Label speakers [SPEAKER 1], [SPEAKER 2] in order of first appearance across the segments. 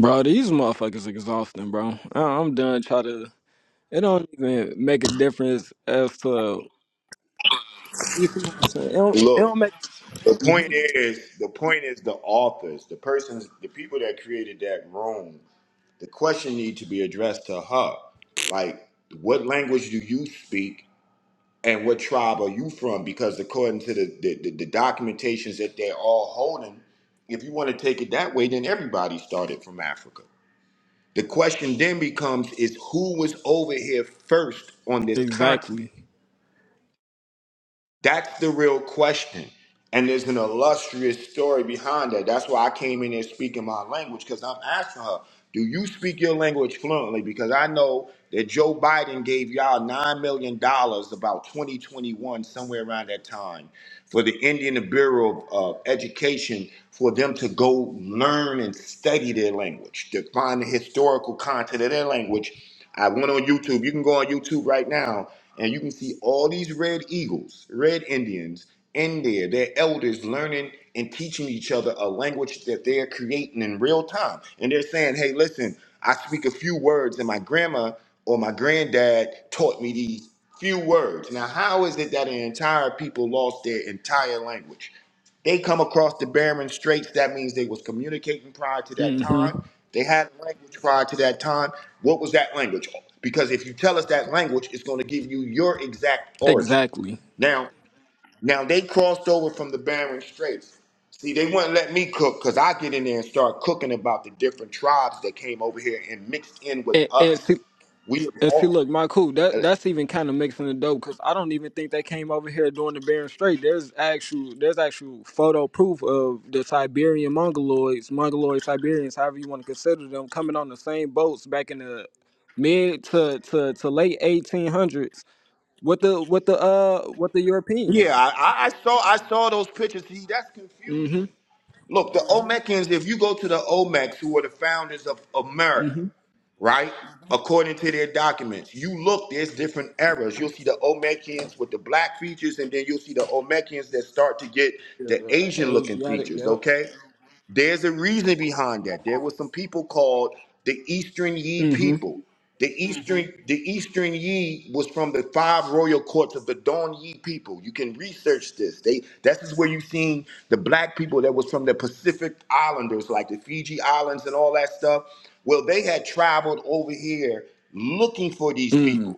[SPEAKER 1] Bro, these motherfuckers exhausting, bro. I- I'm done trying to. It don't even make a difference as to you see what I'm saying. It don't, it
[SPEAKER 2] Look,
[SPEAKER 1] don't make
[SPEAKER 2] the point
[SPEAKER 1] Mhm.
[SPEAKER 2] is, the point is the authors, the persons, the people that created that room. The question need to be addressed to her. Like, what language do you speak, and what tribe are you from? Because according to the the, the, the documentations that they're all holding, if you want to take it that way, then everybody started from Africa. The question then becomes: Is who was over here first on this continent?
[SPEAKER 1] exactly,
[SPEAKER 2] That's the real question. And there's an illustrious story behind that. That's why I came in there speaking my language because I'm asking her, do you speak your language fluently? Because I know that Joe Biden gave y'all $9 million dollars about 2021, somewhere around that time, for the Indian Bureau of uh, Education for them to go learn and study their language, to find the historical content of their language I went on YouTube. You can go on YouTube right now and you can see all these red eagles, red Indians in there, their elders learning and teaching each other a language that they're creating in real time. And they're saying, hey, listen, I speak a few words and my grandma or my granddad taught me these few words. Now, how is it that an entire people lost their entire language? They come across the Bering Straits. That means they was communicating prior to that
[SPEAKER 1] hmm
[SPEAKER 2] time. They had a language prior to that time. What was that language? Because if you tell us that language, it's going to give you your exact origin.
[SPEAKER 1] exactly.
[SPEAKER 2] Now, now they crossed over from the Bering Straits. See, they wouldn't let me cook because I get in there and start cooking about the different tribes that came over here and mixed in with
[SPEAKER 1] And, and
[SPEAKER 2] us.
[SPEAKER 1] see,
[SPEAKER 2] We
[SPEAKER 1] and see,
[SPEAKER 2] all,
[SPEAKER 1] look, my cool.
[SPEAKER 2] uh,
[SPEAKER 1] That that's even kind of mixing the dope because I don't even think they came over here doing the Bering Strait. There's actual, there's actual photo proof of the Siberian Mongoloids, Mongoloid Siberians, however you want to consider them, coming on the same boats back in the mid to to to late 1800s with the with the uh with the
[SPEAKER 2] yeah,
[SPEAKER 1] Europeans.
[SPEAKER 2] I, I I saw I saw those pictures. See, that's confusion.
[SPEAKER 1] Mm-hmm.
[SPEAKER 2] Look, the Olmecans, if you go to the Olmecs, who are the founders of America,
[SPEAKER 1] Mm-hmm.
[SPEAKER 2] right? According to their documents, you look, there's different eras. You'll see the Olmecans with the black features, and then you'll see the Olmecans that start to get
[SPEAKER 1] Yeah,
[SPEAKER 2] the
[SPEAKER 1] the
[SPEAKER 2] Asian looking
[SPEAKER 1] Asiatic,
[SPEAKER 2] features,
[SPEAKER 1] yep.
[SPEAKER 2] okay? There's a reason behind that. There were some people called the Eastern Yi
[SPEAKER 1] Mm-hmm.
[SPEAKER 2] people. The hmm Eastern Mhm. the Eastern Yi was from the five royal courts of the Don Yi people. You can research this. They this is where you seen the black people that was from the Pacific Islanders, like the Fiji Islands and all that stuff. Well, they had traveled over here looking for these people.
[SPEAKER 1] Mm.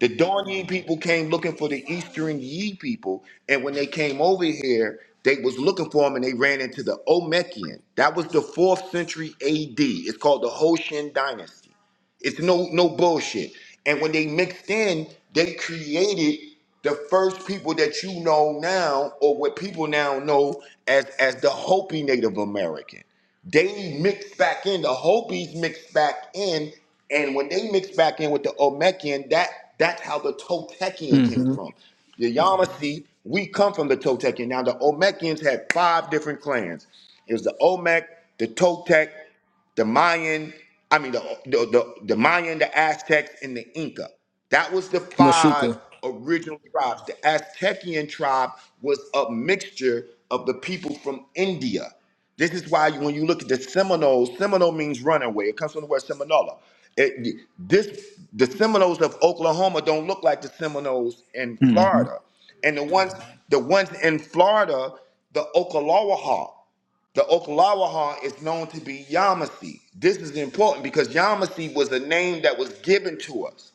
[SPEAKER 2] The Dawn Ye people came looking for the Eastern Ye people, and when they came over here, they was looking for them, and they ran into the Omekian. That was the fourth century A.D. It's called the Hoshin Dynasty. It's no no bullshit. And when they mixed in, they created the first people that you know now, or what people now know as as the Hopi Native American. They mixed back in, the Hopis mixed back in, and when they mixed back in with the Olmecian, that that's how the Toltecian came
[SPEAKER 1] Mm-hmm.
[SPEAKER 2] from. The Yamasee, we come from the Toltecian. Now the Olmecians had five different clans. It was the Olmec, the Toltec the Mayan, I mean the the, the, the Mayan, the Aztecs, and the Inca. That was the five
[SPEAKER 1] Mashika.
[SPEAKER 2] original tribes. The Aztecian tribe was a mixture of the people from India. This is why you- when you look at the Seminoles, Seminole means runaway. It comes from the word Seminola. It, this the Seminoles of Oklahoma don't look like the Seminoles in
[SPEAKER 1] Mm-hmm.
[SPEAKER 2] Florida, and the ones the ones in Florida, the Okalawaha. The Oklawaha is known to be Yamasee. This is important because Yamasee was a name that was given to us.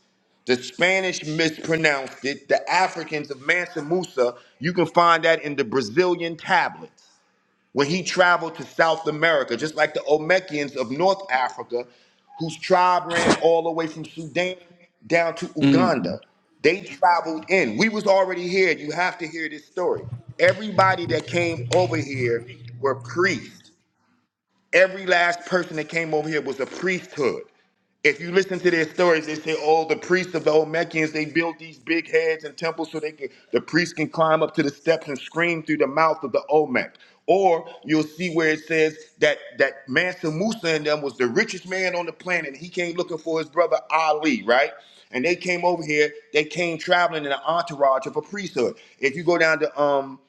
[SPEAKER 2] The Spanish mispronounced it. The Africans of Mansa Musa, you can find that in the Brazilian tablets when he traveled to South America, just like the Olmecans of North Africa, whose tribe ran all the way from Sudan down to
[SPEAKER 1] Mm-hmm.
[SPEAKER 2] Uganda. They traveled in. We was already here. You have to hear this story. Everybody that came over here were priests every last person that came over here was a priesthood. If you listen to their stories, they say, "Oh, the priests of the Olmekians, they built these big heads and temples so they can the priests can climb up to the steps and scream through the mouth of the Olmec." Or you'll see where it says that that Mansa Musa and them was the richest man on the planet. And He came looking for his brother Ali, right? And they came over here. They came traveling in an entourage of a priesthood. If you go down to um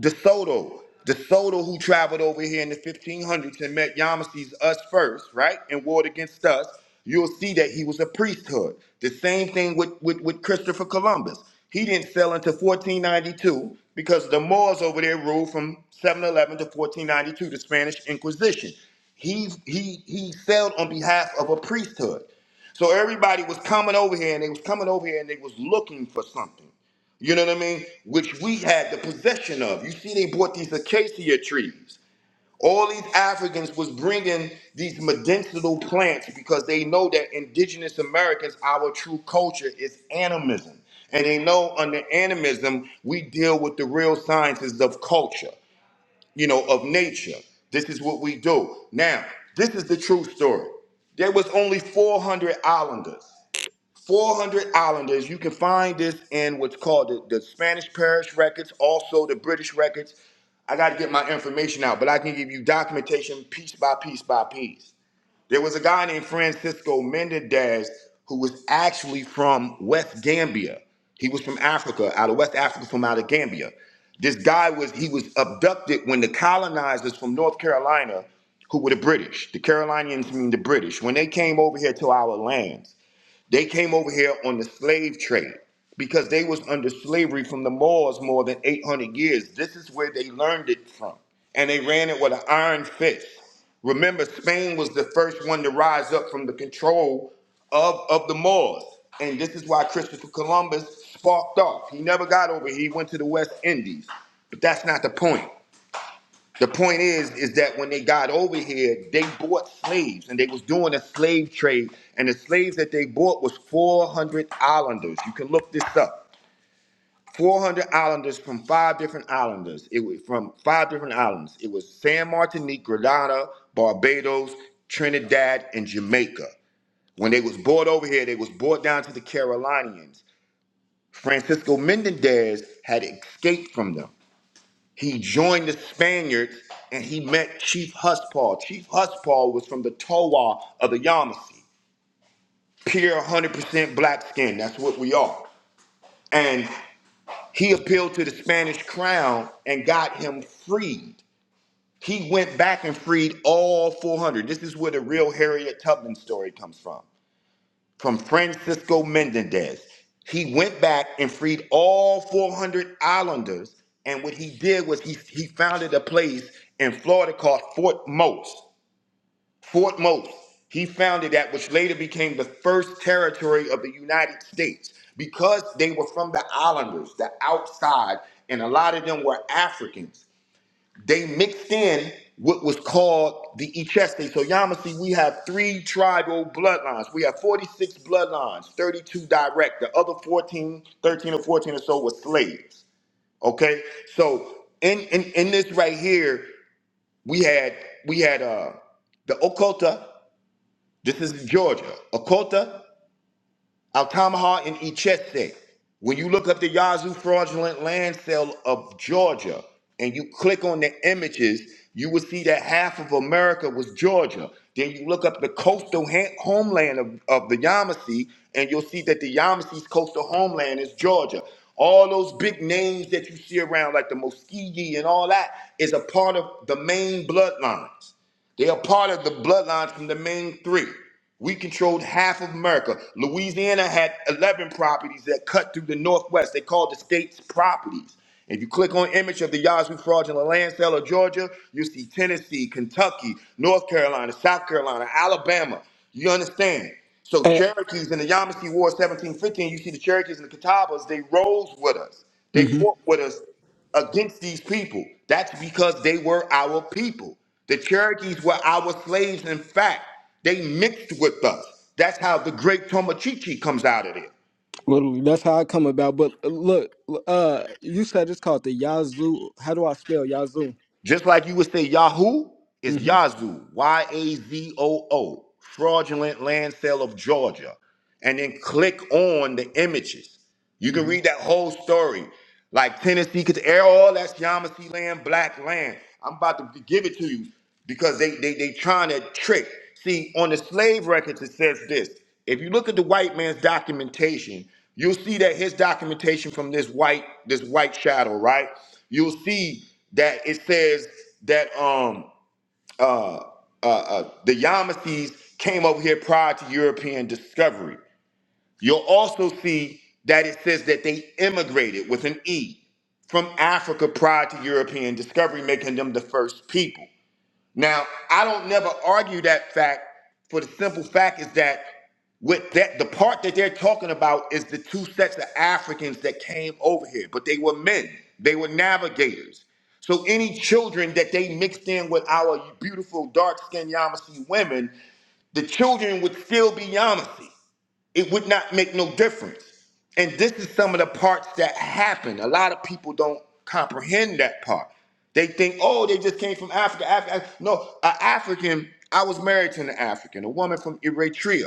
[SPEAKER 2] DeSoto, DeSoto, who traveled over here in the 1500s and met Yamase's Us First, right, and warred against us, you'll see that he was a priesthood. The same thing with, with, with Christopher Columbus. He didn't sail until 1492 because the Moors over there ruled from 711 to 1492, the Spanish Inquisition. He, he, he sailed on behalf of a priesthood. So everybody was coming over here and they was coming over here and they was looking for something. You know what I mean? Which we had the possession of. You see, they brought these acacia trees. All these Africans was bringing these medicinal plants because they know that indigenous Americans, our true culture is animism. And they know under animism, we deal with the real sciences of culture, you know, of nature. This is what we do. Now, this is the true story. There was only 400 islanders. 400 islanders. You can find this in what's called the, the Spanish Parish records, also the British records. I got to get my information out, but I can give you documentation piece by piece by piece. There was a guy named Francisco Mendez who was actually from West Gambia. He was from Africa, out of West Africa, from out of Gambia. This guy was he was abducted when the colonizers from North Carolina, who were the British, the Carolinians mean the British, when they came over here to our lands they came over here on the slave trade because they was under slavery from the Moors more than 800 years. This is where they learned it from. And they ran it with an iron fist. Remember, Spain was the first one to rise up from the control of, of the Moors. And this is why Christopher Columbus sparked off. He never got over here. He went to the West Indies. But that's not the point. The point is, is that when they got over here, they bought slaves and they was doing a slave trade. And the slaves that they bought was 400 islanders. You can look this up. 400 islanders from five different islanders. It was from five different islands. It was San Martinique, Grenada, Barbados, Trinidad, and Jamaica. When they was brought over here, they was brought down to the Carolinians. Francisco Mendez had escaped from them. He joined the Spaniards and he met Chief Huspaul. Chief Huspaul was from the Towa of the Yamasee, pure 100% black skin. That's what we are. And he appealed to the Spanish crown and got him freed. He went back and freed all 400. This is where the real Harriet Tubman story comes from. from Francisco Mendendez. He went back and freed all 400 islanders. And what he did was he, he founded a place in Florida called Fort Most. Fort Most. He founded that, which later became the first territory of the United States because they were from the islanders, the outside, and a lot of them were Africans. They mixed in what was called the Echeste. So Yamasee, we have three tribal bloodlines. We have 46 bloodlines, 32 direct. The other 14, 13 or 14 or so were slaves. Okay? So in in, in this right here, we had we had uh the Okota. This is Georgia. Okota, Altamaha and Echese. When you look up the Yazoo fraudulent land sale of Georgia and you click on the images, you will see that half of America was Georgia. Then you look up the coastal ha- homeland of, of the Yamasee, and you'll see that the Yamasee's coastal homeland is Georgia. All those big names that you see around, like the Muskegee and all that, is a part of the main bloodlines. They are part of the bloodlines from the main three. We controlled half of America. Louisiana had 11 properties that cut through the Northwest. They called the state's properties. If you click on image of the Yazoo fraudulent land sale of Georgia, you see Tennessee, Kentucky, North Carolina, South Carolina, Alabama. You understand? So Cherokees in the Yamasee War 1715, you see the Cherokees and the Catawbas, they rose with us. They
[SPEAKER 1] mm-hmm.
[SPEAKER 2] fought with us against these people. That's because they were our people. The Cherokees were our slaves. In fact, they mixed with us. That's how the great Tomachichi comes out of there.
[SPEAKER 1] Well, that's how I come about. But uh, look, uh, you said it's called the Yazoo. How do I spell Yazoo?
[SPEAKER 2] Just like you would say Yahoo is
[SPEAKER 1] Mm-hmm.
[SPEAKER 2] Yazoo, Y A Z O O, fraudulent land sale of Georgia. And then click on the images. You can
[SPEAKER 1] Mm-hmm.
[SPEAKER 2] read that whole story. Like Tennessee, because all that's Yamasee land, black land. I'm about to give it to you. because they they they trying to trick. See, on the slave records, it says this. If you look at the white man's documentation, you'll see that his documentation from this white this white shadow, right? You'll see that it says that um uh uh, uh the Yamasees came over here prior to European discovery. You'll also see that it says that they immigrated with an E from Africa prior to European discovery, making them the first people. Now, I don't never argue that fact for the simple fact is that with that the part that they're talking about is the two sets of Africans that came over here, but they were men. They were navigators. So any children that they mixed in with our beautiful dark-skinned Yamasee women, the children would still be Yamasee. It would not make no difference. And this is some of the parts that happen. A lot of people don't comprehend that part. They think, oh, they just came from Africa. Africa. Af- No, an African, I was married to an African, a woman from Eritrea.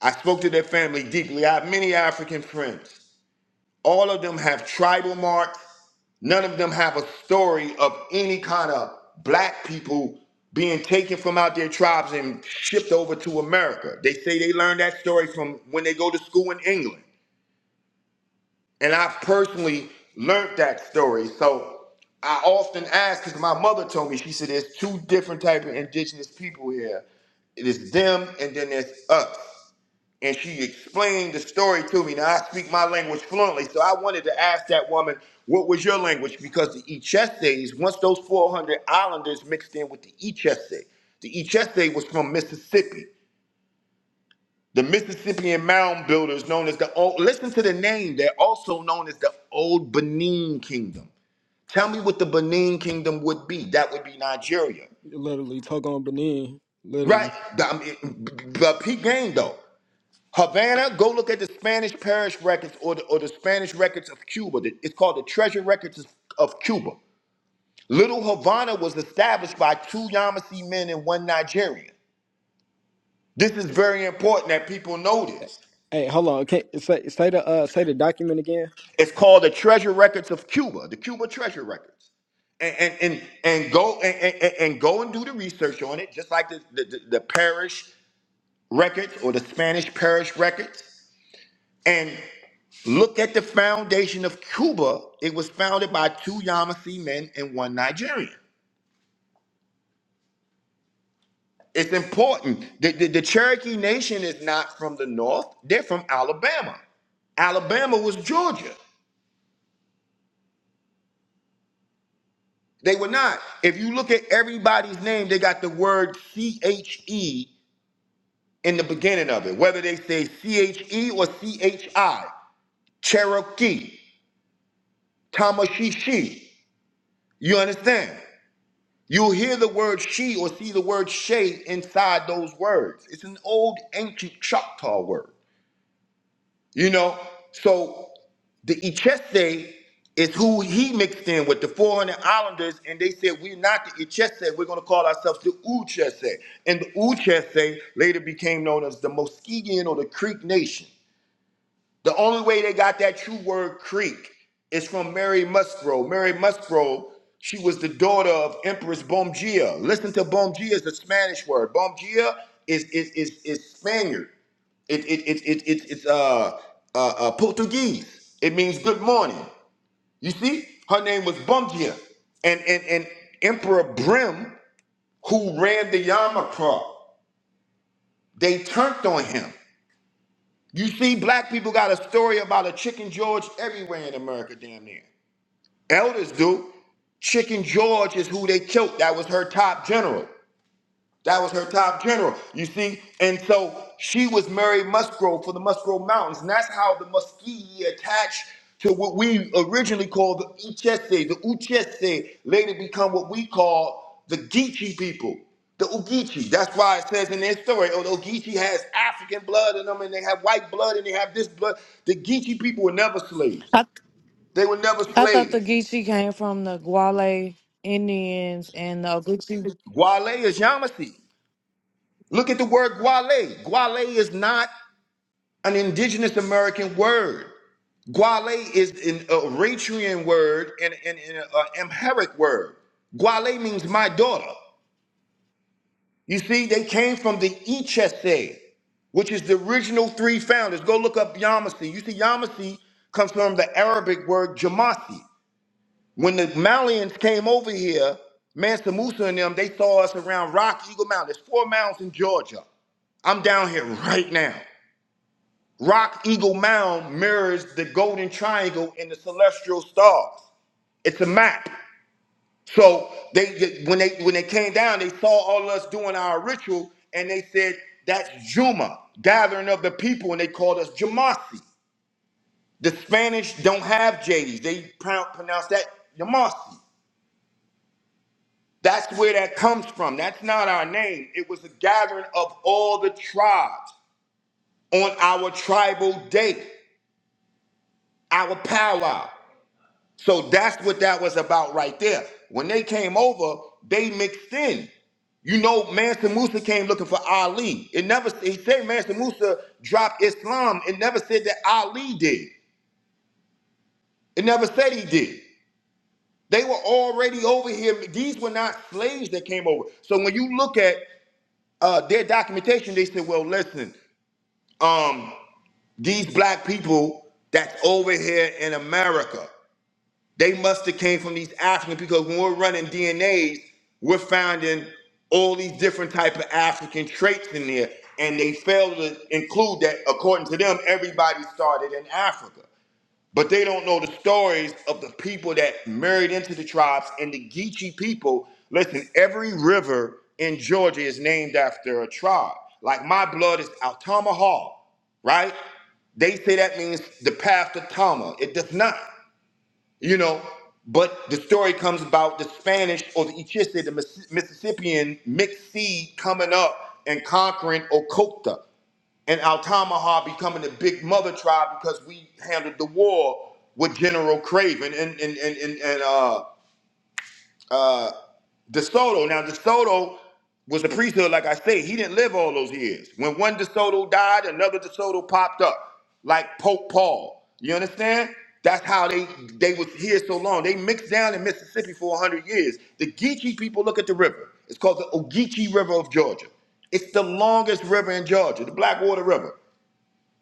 [SPEAKER 2] I spoke to their family deeply. I have many African friends. All of them have tribal marks. None of them have a story of any kind of black people being taken from out their tribes and shipped over to America. They say they learned that story from when they go to school in England. And I've personally learned that story. So I often ask, because my mother told me, she said, there's two different type of indigenous people here. It is them and then there's us and she explained the story to me. Now I speak my language fluently, so I wanted to ask that woman, "What was your language?" Because the Echese, once those 400 islanders mixed in with the Echese, the Echese was from Mississippi. The Mississippian mound builders, known as the old, listen to the name. They're also known as the Old Benin Kingdom. Tell me what the Benin Kingdom would be. That would be Nigeria,
[SPEAKER 1] Literally, talk on Benin.
[SPEAKER 2] right?
[SPEAKER 1] Literally.
[SPEAKER 2] The- I mean, b- b- but P game though. Havana, go look at the Spanish parish records or the, or the Spanish records of Cuba. The- It's called the Treasure Records of of Cuba. Little Havana was established by two Yamasee men and one Nigerian. This is very important that people know this.
[SPEAKER 1] Hey, hold on. Can say say the uh say the document again?
[SPEAKER 2] It's called the Treasure Records of Cuba, the Cuba Treasure Records. And and and, and go and, and, and and go and do the research on it, just like the, the, the the parish records or the Spanish parish records. And look at the foundation of Cuba. It was founded by two Yamasee men and one Nigerian. It's important. The, the, the Cherokee Nation is not from the North, they're from Alabama. Alabama was Georgia. They were not. If you look at everybody's name, they got the word C H E in the beginning of it, whether they say C H E or C H I, Cherokee, Tamashishi. You understand? You'll hear the word she or see the word she inside those words. It's an old ancient Choctaw word, you know? So the Ichese is who he mixed in with the 400 Islanders, and they said, We're not the Ichese, we're going to call ourselves the Uchese. And the Uchese later became known as the Muskegon or the Creek Nation. The only way they got that true word Creek is from Mary Musgrove. Mary Musgrove, she was the daughter of Empress Bomgia. Listen to Bomgia is a Spanish word. Bomgia is is is, is Spaniard. It it it it, it it's uh, uh uh Portuguese. It means good morning. You see, her name was Bomgia, and and and Emperor Brim, who ran the Yama they turned on him. You see, black people got a story about a Chicken George everywhere in America, damn near. Elders do. Chicken George is who they killed. That was her top general. That was her top general, you see? And so she was Mary Musgrove for the Musgrove Mountains. And that's how the Muskegee attached to what we originally called the Uchese. The Uchese later become what we call the Geechee people, the Ogeechee. That's why it says in their story, oh, the Ogeechee has African blood in them and they have white blood and they have this blood. The Geechee people were never slaves.
[SPEAKER 3] I
[SPEAKER 2] They were never
[SPEAKER 3] I thought the
[SPEAKER 2] slaves.
[SPEAKER 3] Geechee came from the Guale Indians and the Gucci.
[SPEAKER 2] Gwale is Yamasee. Look at the word Gwale. Gwale is not an indigenous American word. Gwale is an Eritrean word and an Amharic word. Gwale means my daughter. You see, they came from the Ichese, which is the original three founders. Go look up Yamasi. You see, Yamasi comes from the Arabic word Jamasi. When the Malians came over here, Mansa Musa and them, they saw us around Rock Eagle Mountain. There's four mountains in Georgia. I'm down here right now. Rock Eagle Mound mirrors the golden triangle in the celestial stars. It's a map. So they when they when they came down, they saw all of us doing our ritual, and they said that's Juma, gathering of the people, and they called us Jamasi. The Spanish don't have J's; they pro- pronounce that Jamasi. That's where that comes from. That's not our name. It was a gathering of all the tribes on our tribal day, our powwow. So that's what that was about right there. When they came over, they mixed in. You know, Mansa Musa came looking for Ali. It never he said Mansa Musa dropped Islam. It never said that Ali did. It never said he did. They were already over here. These were not slaves that came over. So when you look at uh, their documentation, they said, "Well, listen, um, these black people that's over here in America." They must have came from these Africans because when we're running DNAs, we're finding all these different type of African traits in there, and they fail to include that. According to them, everybody started in Africa, but they don't know the stories of the people that married into the tribes and the Geechee people. Listen, every river in Georgia is named after a tribe. Like my blood is Altamaha, right? They say that means the path to Tama. It does not you know. But the story comes about the Spanish or the Ichiste, the Miss- Mississippian mixed seed coming up and conquering Okota and Altamaha becoming the big mother tribe because we handled the war with General Craven and and and and, and uh, uh, DeSoto, now DeSoto was the priesthood, like I say. He didn't live all those years. When one DeSoto died, another DeSoto popped up, like Pope Paul. You understand? That's how they they was here so long. They mixed down in Mississippi for 100 years. The Geechee people look at the river. It's called the Ogeechee River of Georgia. It's the longest river in Georgia, the Blackwater River.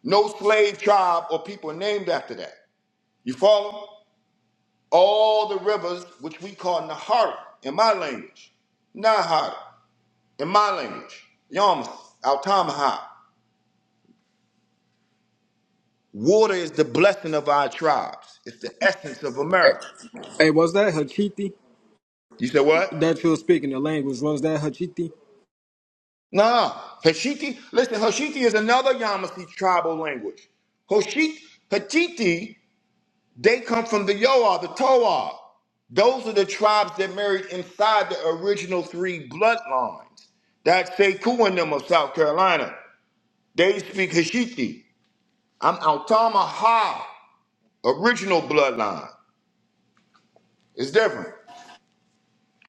[SPEAKER 2] No slave tribe or people named after that. You follow? All the rivers, which we call Nahara in my language, Nahara in my language, Yom, Altamaha. Water is the blessing of our tribes. It's the essence of America.
[SPEAKER 1] Hey, was that Hachiti
[SPEAKER 2] You said what?
[SPEAKER 1] that you were speaking the language? Was that Hachiti?
[SPEAKER 2] Nah. Hashiti, listen, Hashiti is another Yamasee tribal language. Hoshit, Hachiti, they come from the Yoa, the Toa. Those are the tribes that married inside the original three bloodlines. That's Sekou and them of South Carolina. They speak Hashiti. I'm Altamaha, original bloodline. It's different.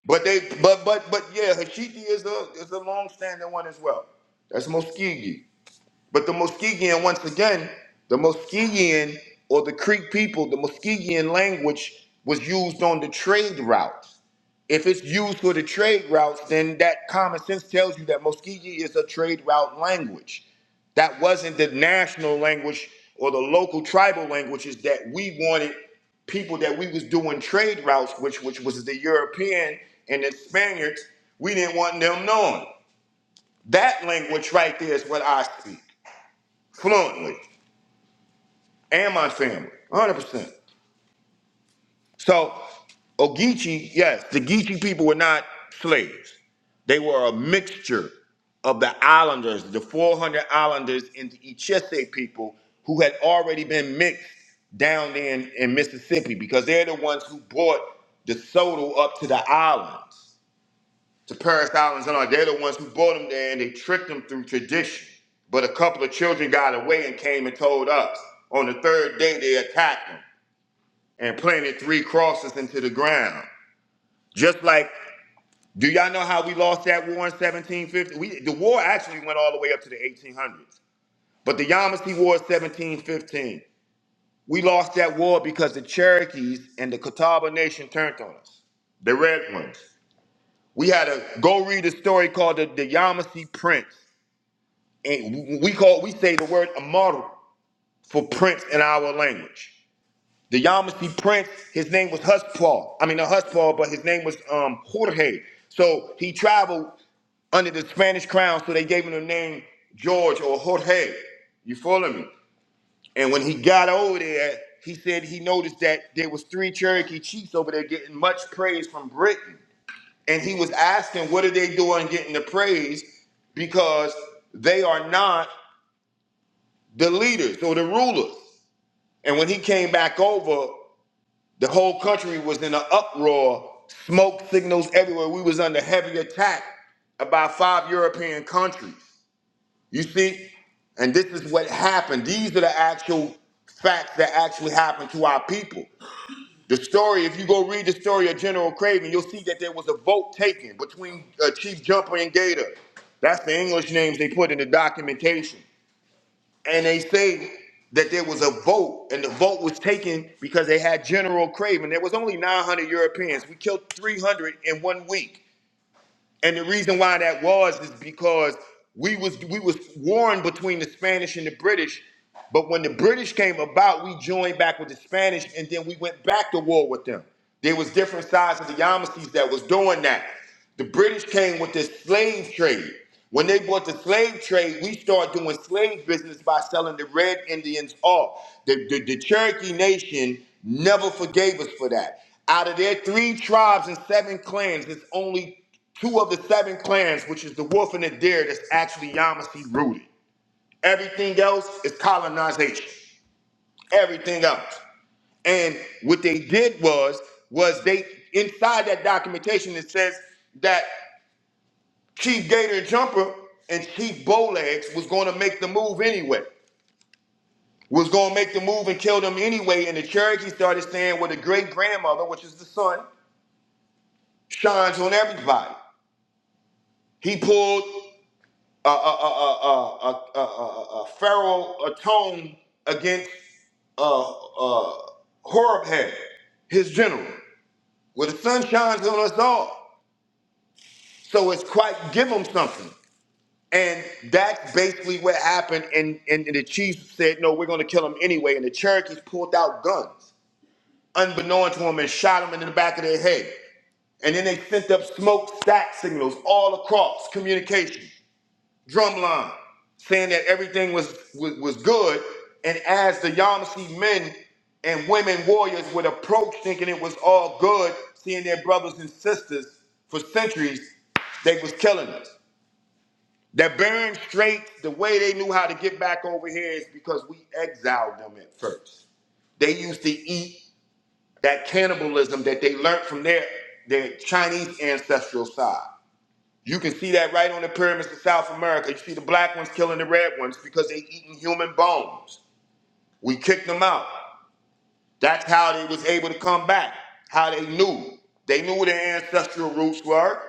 [SPEAKER 2] But they but but but yeah, Hashiki is the is the long standing one as well. That's Muskegee. But the Muskegean, once again, the Muskegean or the Creek people, the Muskegean language was used on the trade route. If it's used for the trade routes, then that common sense tells you that Muskegee is a trade route language. That wasn't the national language or the local tribal languages that we wanted people that we was doing trade routes, which which was the European and the Spaniards, we didn't want them knowing. That language right there is what I speak fluently and my family, 100%. So Ogeechee, yes, the Geechee people were not slaves. They were a mixture of the islanders, the 400 islanders and the Echese people who had already been mixed down there in, in Mississippi because they're the ones who brought the soda up to the islands, to Paris Islands and all. They're the ones who brought them there and they tricked them through tradition. But a couple of children got away and came and told us. On the third day, they attacked them and planted three crosses into the ground. Just like, do y'all know how we lost that war in 1750? We, the war actually went all the way up to the 1800s, but the Yamasee War is 1715. We lost that war because the Cherokees and the Catawba Nation turned on us, the red ones. We had a go read a story called the, the Yamasee Prince, and we we call we say the word immortal for prince in our language. The Yamasee prince, his name was Huspaul. I mean, not Huspaul, but his name was um, Jorge. So he traveled under the Spanish crown, so they gave him the name George or Jorge. You follow me? And when he got over there, he said he noticed that there was three Cherokee chiefs over there getting much praise from Britain. And he was asking, what are they doing getting the praise? Because they are not the leaders or the rulers. And when he came back over, The whole country was in an uproar, smoke signals everywhere. We was under heavy attack by five European countries. You see? And this is what happened. These are the actual facts that actually happened to our people. The story, if you go read the story of General Craven, you'll see that there was a vote taken between uh, Chief Jumper and Gator. That's the English names they put in the documentation and they say that there was a vote, and the vote was taken because they had General Craven. There was only 900 Europeans. We killed 300 in one week. And the reason why that was is because we was we was warring between the Spanish and the British. But when the British came about, we joined back with the Spanish, and then we went back to war with them. There was different sides of the Yamasees that was doing that. The British came with this slave trade. When they bought the slave trade, we started doing slave business by selling the red Indians off. The, the, the Cherokee Nation never forgave us for that. Out of their three tribes and seven clans, it's only two of the seven clans, which is the wolf and the deer, that's actually Yamasee rooted. Everything else is colonization. Everything else. And what they did was, was they inside that documentation it says that Chief Gator Jumper and Chief Bowlegs was going to make the move anyway. Was going to make the move and kill them anyway. And the Cherokee started saying, "Well, the great grandmother, which is the son, shines on everybody." He pulled. a, a, a, a, a, a, a, pharaoh atoned against uh, uh, Horeb had, his general. Well, the sun shines on us all. So it's quite give them something. And that's basically what happened. And, and, and the chiefs said, no, we're going to kill him anyway. And the Cherokees pulled out guns, unbeknown to them, and shot him in the back of their head. And then they sent up smoke stack signals all across communication. drumline saying that everything was was, was good and as the Yamasee men and women warriors would approach thinking it was all good seeing their brothers and sisters for centuries they was killing us that Bering Strait, the way they knew how to get back over here is because we exiled them at first. They used to eat that cannibalism that they learned from their, their Chinese ancestral side. You can see that right on the pyramids of South America. You see the black ones killing the red ones because they eating human bones. We kicked them out. That's how they was able to come back. How they knew. They knew where their ancestral roots were.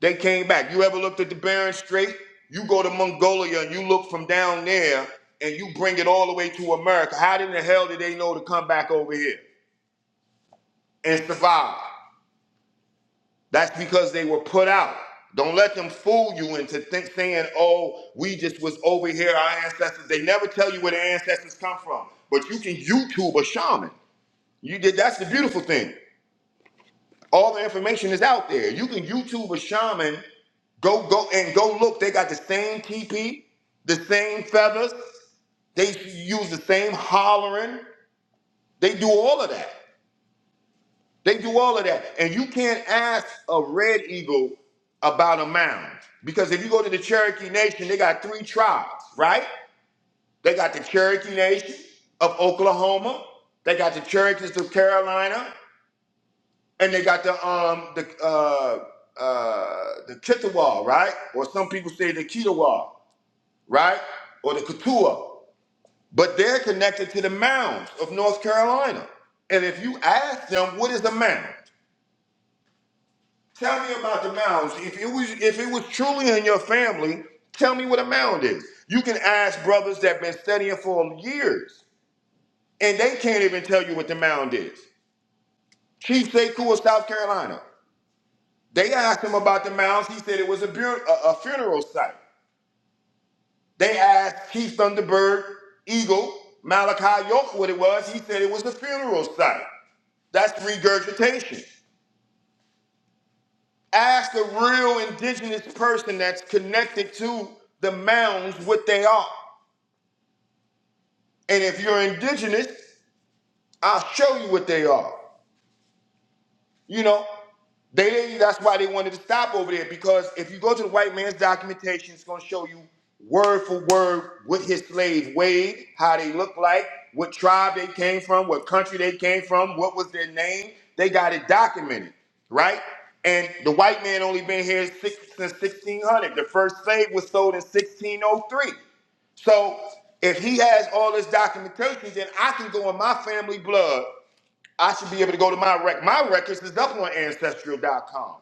[SPEAKER 2] They came back. You ever looked at the Bering Strait? You go to Mongolia and you look from down there and you bring it all the way to America. How in the hell did they know to come back over here and survive? That's because they were put out. Don't let them fool you into think, saying, oh, we just was over here, our ancestors. They never tell you where their ancestors come from. But you can YouTube a shaman. You did that's the beautiful thing. All the information is out there. You can YouTube a shaman, go go and go look. They got the same teepee, the same feathers, they use the same hollering. They do all of that. They do all of that. And you can't ask a red eagle about a mound. Because if you go to the Cherokee Nation, they got three tribes, right? They got the Cherokee Nation of Oklahoma, they got the Cherokees of Carolina, and they got the um the uh uh the Kittiwah, right? Or some people say the Kittiwah, right? Or the Katua. But they're connected to the mounds of North Carolina. And if you ask them, what is a mound? Tell me about the mounds. If it was if it was truly in your family, tell me what a mound is. You can ask brothers that been studying for years, and they can't even tell you what the mound is. Chief Sekou of South Carolina. They asked him about the mounds. He said it was a, bu- a, a funeral site. They asked Chief Thunderbird Eagle Malachi York what it was. He said it was a funeral site. That's regurgitation. Ask a real indigenous person that's connected to the mounds what they are. And if you're indigenous, I'll show you what they are. You know, they they- that's why they wanted to stop over there because if you go to the white man's documentation, it's going to show you word for word what his slaves weighed, how they looked like, what tribe they came from, what country they came from, what was their name. They got it documented, right? And the white man only been here six, since 1600. The first slave was sold in 1603. So if he has all this documentation, then I can go in my family blood I should be able to go to my rec. My records is up on ancestral.com.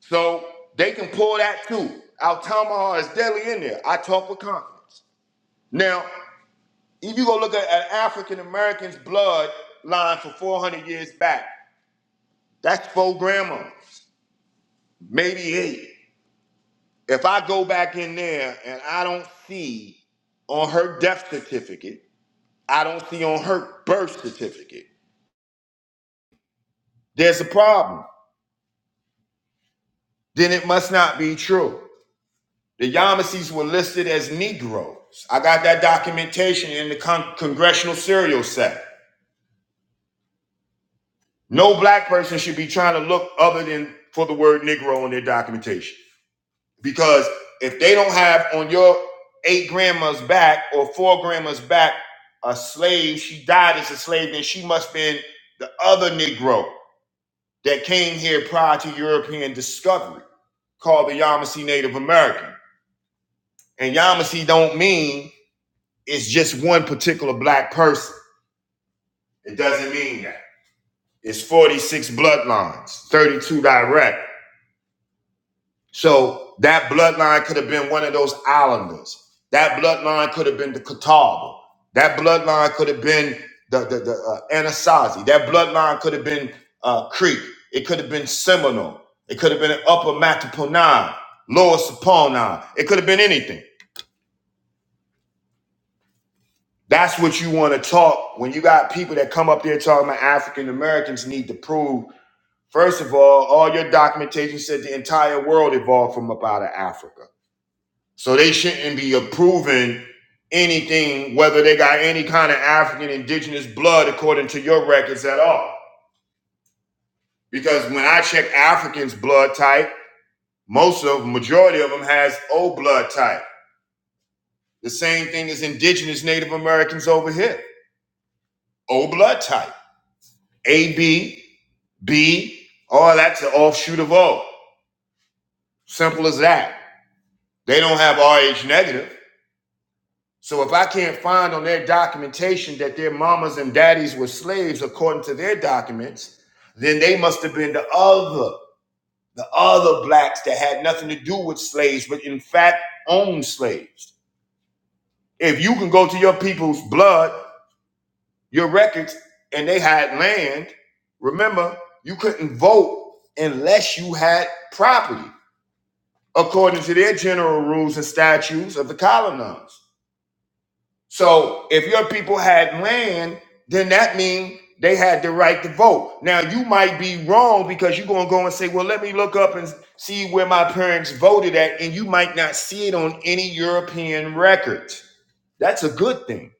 [SPEAKER 2] So they can pull that too. Our Tamaha is deadly in there. I talk with confidence. Now, if you go look at an African American's blood line for 400 years back, that's four grandmas, maybe eight. If I go back in there and I don't see on her death certificate, I don't see on her birth certificate, there's a problem. Then it must not be true. The Yamasees were listed as Negroes. I got that documentation in the con- Congressional Serial Set. No black person should be trying to look other than for the word Negro in their documentation. Because if they don't have on your eight grandma's back or four grandma's back a slave, she died as a slave, then she must have been the other Negro that came here prior to European discovery called the Yamasee Native American. And Yamasee don't mean it's just one particular black person. It doesn't mean that. It's 46 bloodlines, 32 direct. So that bloodline could have been one of those islanders. That bloodline could have been the Catawba. That bloodline could have been the, the, the uh, Anasazi. That bloodline could have been uh, Creek. It could have been Seminole. It could have been Upper Mattaponaw, Lower Saponaw. It could have been anything. That's what you want to talk when you got people that come up there talking about African Americans need to prove. First of all, all your documentation said the entire world evolved from up out of Africa. So they shouldn't be approving anything, whether they got any kind of African indigenous blood according to your records at all. Because when I check Africans' blood type, most of them, majority of them has O blood type. The same thing as indigenous Native Americans over here. O blood type. AB B, all that's an offshoot of O. Simple as that. They don't have RH negative. So if I can't find on their documentation that their mamas and daddies were slaves according to their documents, then they must have been the other, the other blacks that had nothing to do with slaves, but in fact owned slaves. If you can go to your people's blood, your records, and they had land, remember, you couldn't vote unless you had property. according to their general rules and statutes of the colonies. So if your people had land, then that means they had the right to vote. Now you might be wrong because you're gonna go and say, well, let me look up and see where my parents voted at, and you might not see it on any European records. That's a good thing.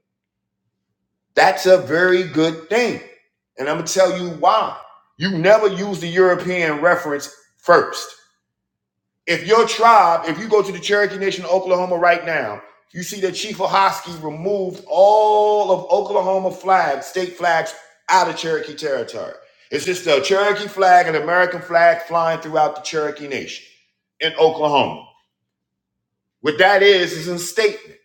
[SPEAKER 2] That's a very good thing. And I'm gonna tell you why. You never use the European reference first. If your tribe, if you go to the Cherokee Nation of Oklahoma right now, you see that Chief Ohosky removed all of Oklahoma flags, state flags, out of Cherokee territory. It's just the Cherokee flag and American flag flying throughout the Cherokee Nation in Oklahoma. What that is is a statement.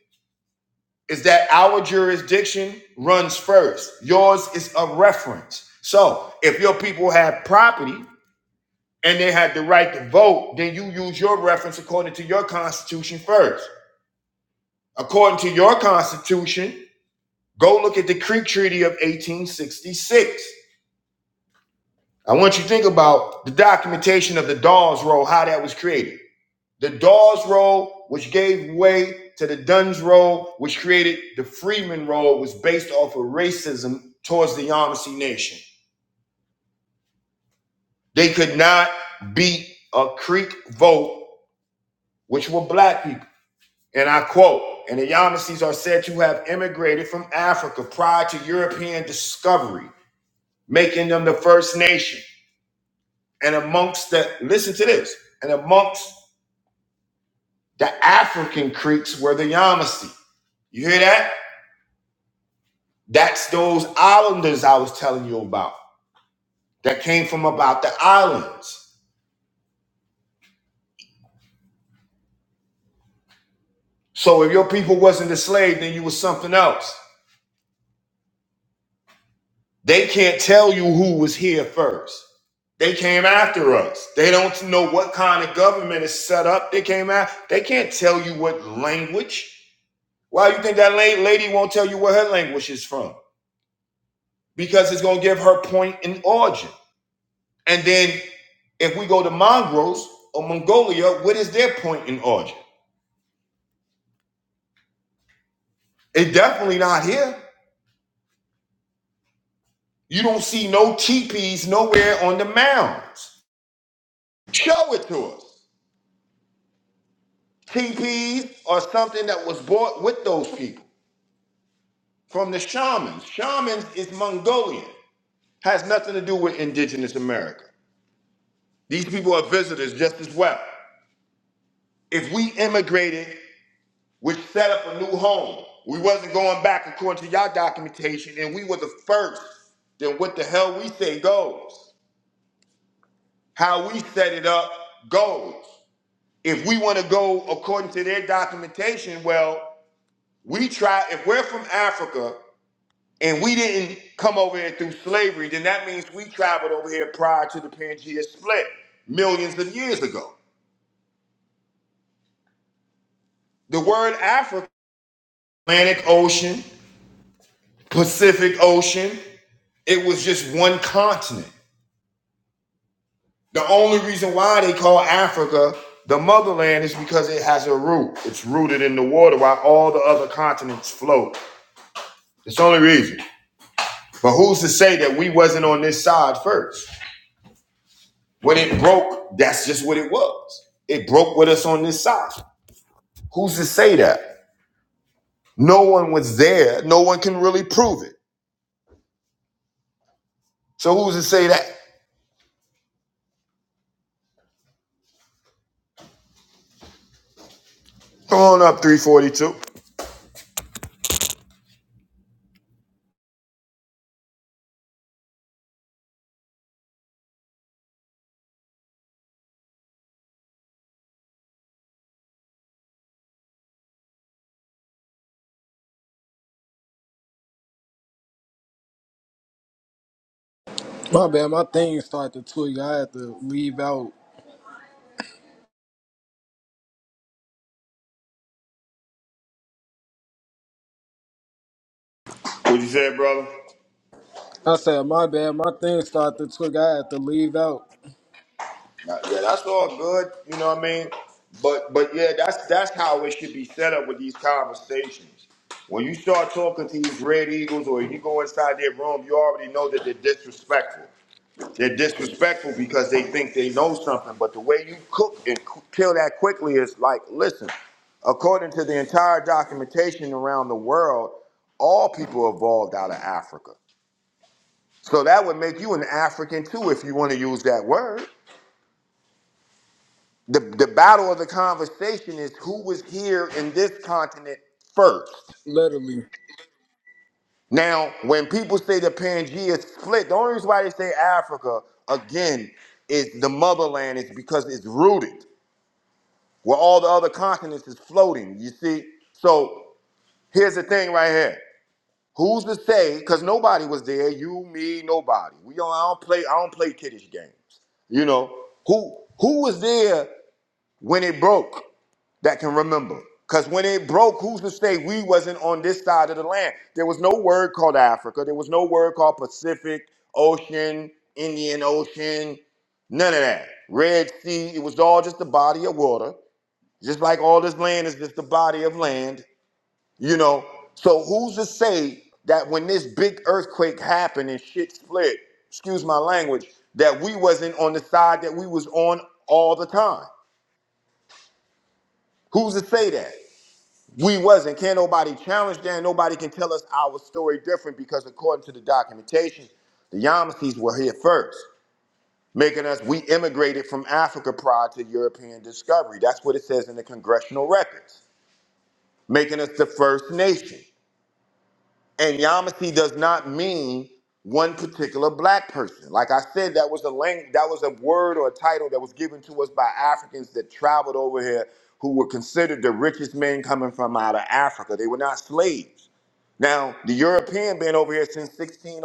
[SPEAKER 2] Is that our jurisdiction runs first. Yours is a reference. So if your people have property and they had the right to vote, then you use your reference according to your constitution first. According to your Constitution, go look at the Creek Treaty of 1866. I want you to think about the documentation of the Dawes Roll, how that was created. The Dawes Roll, which gave way to the Dunn's Roll, which created the Freeman Roll, was based off of racism towards the Yamasee Nation. They could not beat a Creek vote, which were black people. And I quote, and the Yamasees are said to have immigrated from Africa prior to European discovery. making them the first nation. And amongst the, listen to this, and amongst the African Creeks were the Yamasee. You hear that? That's those islanders I was telling you about that came from about the islands. So if your people wasn't enslaved, then you was something else. They can't tell you who was here first. They came after us. They don't know what kind of government is set up. They came out. They can't tell you what language. Why you think that lady won't tell you where her language is from? Because it's gonna give her point in origin. And then if we go to Mongrose or Mongolia, what is their point in origin? It's definitely not here. You don't see no teepees nowhere on the mounds. Show it to us. Teepees are something that was bought with those people from the shamans. Shamans is Mongolian, has nothing to do with indigenous America. These people are visitors just as well. If we immigrated which set up a new home. We wasn't going back according to y'all documentation, and we were the first. Then what the hell we say goes. How we set it up goes. If we want to go according to their documentation, well, we try. If we're from Africa and we didn't come over here through slavery, then that means we traveled over here prior to the Pangea split millions of years ago. The word Africa, Atlantic Ocean, Pacific Ocean, it was just one continent. The only reason why they call Africa the motherland is because it has a root. It's rooted in the water while all the other continents float. It's the only reason. But who's to say that we wasn't on this side first? When it broke, that's just what it was. It broke with us on this side. Who's to say that? No one was there. No one can really prove it. So who's to say that? Come on up, 342.
[SPEAKER 1] My bad, my thing started to tweak. I had to leave out.
[SPEAKER 2] What you say, brother?
[SPEAKER 1] I said, my bad, my thing started to tweak. I had to leave out,
[SPEAKER 2] Uh, Yeah, that's all good. You know what I mean? But but yeah, that's that's how it should be set up with these conversations. When you start talking to these Red Eagles or you go inside their room, you already know that they're disrespectful. They're disrespectful because they think they know something. But the way you cook and c- kill that quickly is like, listen, according to the entire documentation around the world, all people evolved out of Africa. So that would make you an African too, if you want to use that word. The, the battle of the conversation is who was here in this continent first.
[SPEAKER 1] literally.
[SPEAKER 2] Now, when people say the Pangea split, the only reason why they say Africa again is the motherland is because it's rooted where all the other continents is floating. You see? So here's the thing right here. Who's to say? Because nobody was there. You, me, nobody. We don't. I don't play. I don't play kiddish games. You know who who was there when it broke? that can remember. Because when it broke, who's to say we wasn't on this side of the land? There was no word called Africa. There was no word called Pacific Ocean, Indian Ocean, none of that. Red Sea, it was all just a body of water. Just like all this land is just a body of land, you know. So who's to say that when this big earthquake happened and shit split, excuse my language, that we wasn't on the side that we was on all the time? Who's to say that? We wasn't. Can't nobody challenge that. Nobody can tell us our story different because according to the documentation, the Yamasees were here first, making us we immigrated from Africa prior to European discovery. That's what it says in the congressional records, making us the first nation. And Yamasee does not mean one particular black person. Like I said, that was a language, that was a word or a title that was given to us by Africans that traveled over here who were considered the richest men coming from out of Africa. They were not slaves. Now, the European been over here since 1600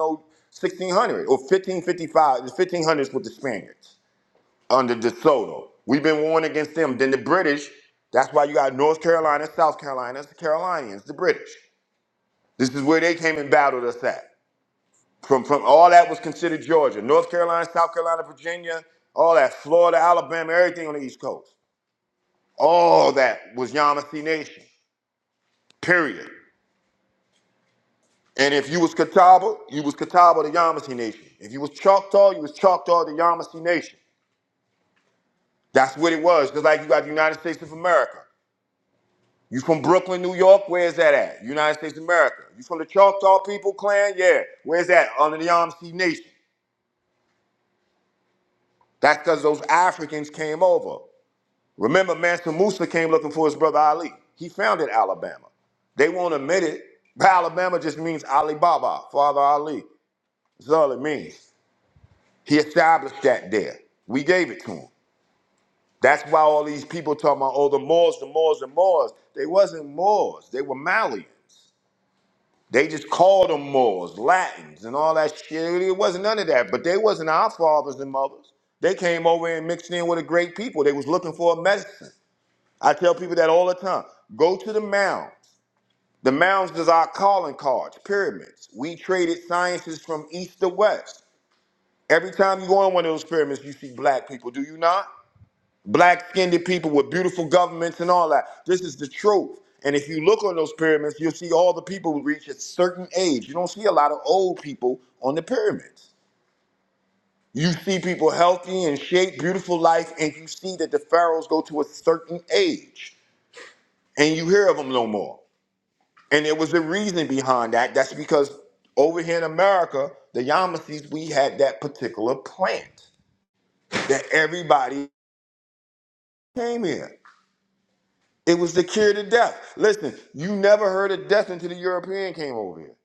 [SPEAKER 2] or 1555. The 1500s with the Spaniards under De Soto. We've been warned against them. Then the British, that's why you got North Carolina, South Carolina, it's the Carolinians, the British. This is where they came and battled us at. From, from all that was considered Georgia, North Carolina, South Carolina, Virginia, all that, Florida, Alabama, everything on the East Coast. All that was Yamasee Nation, period. And if you was Catawba, you was Catawba the Yamasee Nation. If you was Choctaw, you was Choctaw the Yamasee Nation. That's what it was. Just like you got the United States of America. You from Brooklyn, New York? Where's that at? United States of America. You from the Choctaw people clan? Yeah. Where's that? Under the Yamasee Nation. That's because those Africans came over. Remember, Mansa Musa came looking for his brother Ali. He founded Alabama. They won't admit it, but Alabama just means Alibaba, Father Ali. That's all it means. He established that there. We gave it to him. That's why all these people talking about, oh, the Moors, the Moors, the Moors. They wasn't Moors. They were Malians. They just called them Moors, Latins, and all that shit. It wasn't none of that. But they wasn't our fathers and mothers. They came over and mixed in with a great people. They was looking for a medicine. I tell people that all the time. Go to the mounds. The mounds is our calling cards, pyramids. We traded sciences from east to west. Every time you go on one of those pyramids, you see black people. Do you not? black skinned people with beautiful governments and all that. This is the truth. And if you look on those pyramids, you'll see all the people who reach a certain age. You don't see a lot of old people on the pyramids. You see people healthy and shape, beautiful life, and you see that the pharaohs go to a certain age, and you hear of them no more. And there was a reason behind that. That's because over here in America, the Yamasees, we had that particular plant that everybody came here. It was the cure to death. Listen, you never heard of death until the European came over here.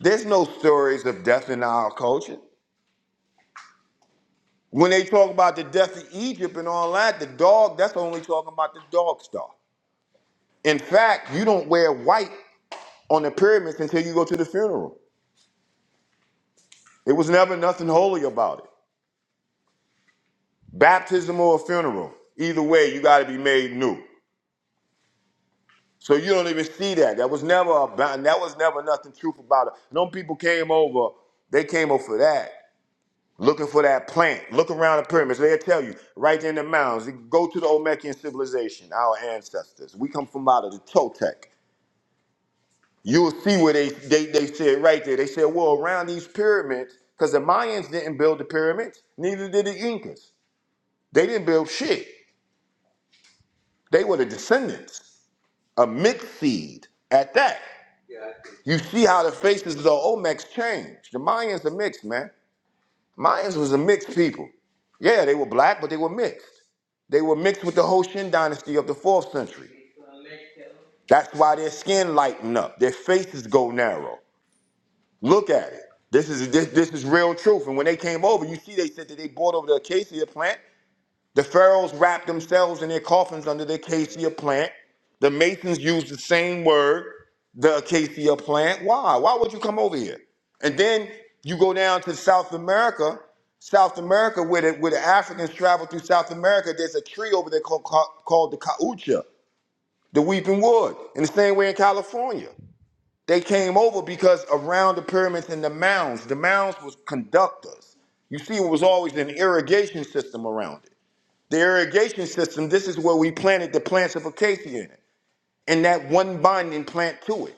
[SPEAKER 2] There's no stories of death in our culture. When they talk about the death of Egypt and all that, the dog, that's only talking about the dog star. In fact, you don't wear white on the pyramids until you go to the funeral. It was never nothing holy about it. Baptism or a funeral. Either way, you gotta be made new. So you don't even see that. That was never about that was never nothing truth about it. No people came over, they came over for that. looking for that plant. Look around the pyramids. They'll tell you right there in the mounds. Go to the Olmecan civilization, our ancestors. We come from out of the Toltec. You'll see where they they, they said right there. They said, well, around these pyramids, because the Mayans didn't build the pyramids, neither did the Incas. They didn't build shit. They were the descendants, a mixed seed at that. You see how the faces of the Olmecs changed. The Mayans are mixed, man. Mayans was a mixed people. Yeah, they were black, but they were mixed. They were mixed with the Hoshin dynasty of the 4th century. That's why their skin lighten up, their faces go narrow. Look at it. This is this, this is real truth. And when they came over, you see they said that they brought over the acacia plant the pharaohs wrapped themselves in their coffins under the acacia plant. The masons used the same word, the acacia plant. Why? Why would you come over here? And then you go down to South America. South America, where the, where the Africans travel through South America, there's a tree over there called, called, called the caucha, the weeping wood. In the same way in California, they came over because around the pyramids and the mounds, the mounds was conductors. You see, it was always an irrigation system around it. The irrigation system, this is where we planted the plants of acacia in it, and that one binding plant to it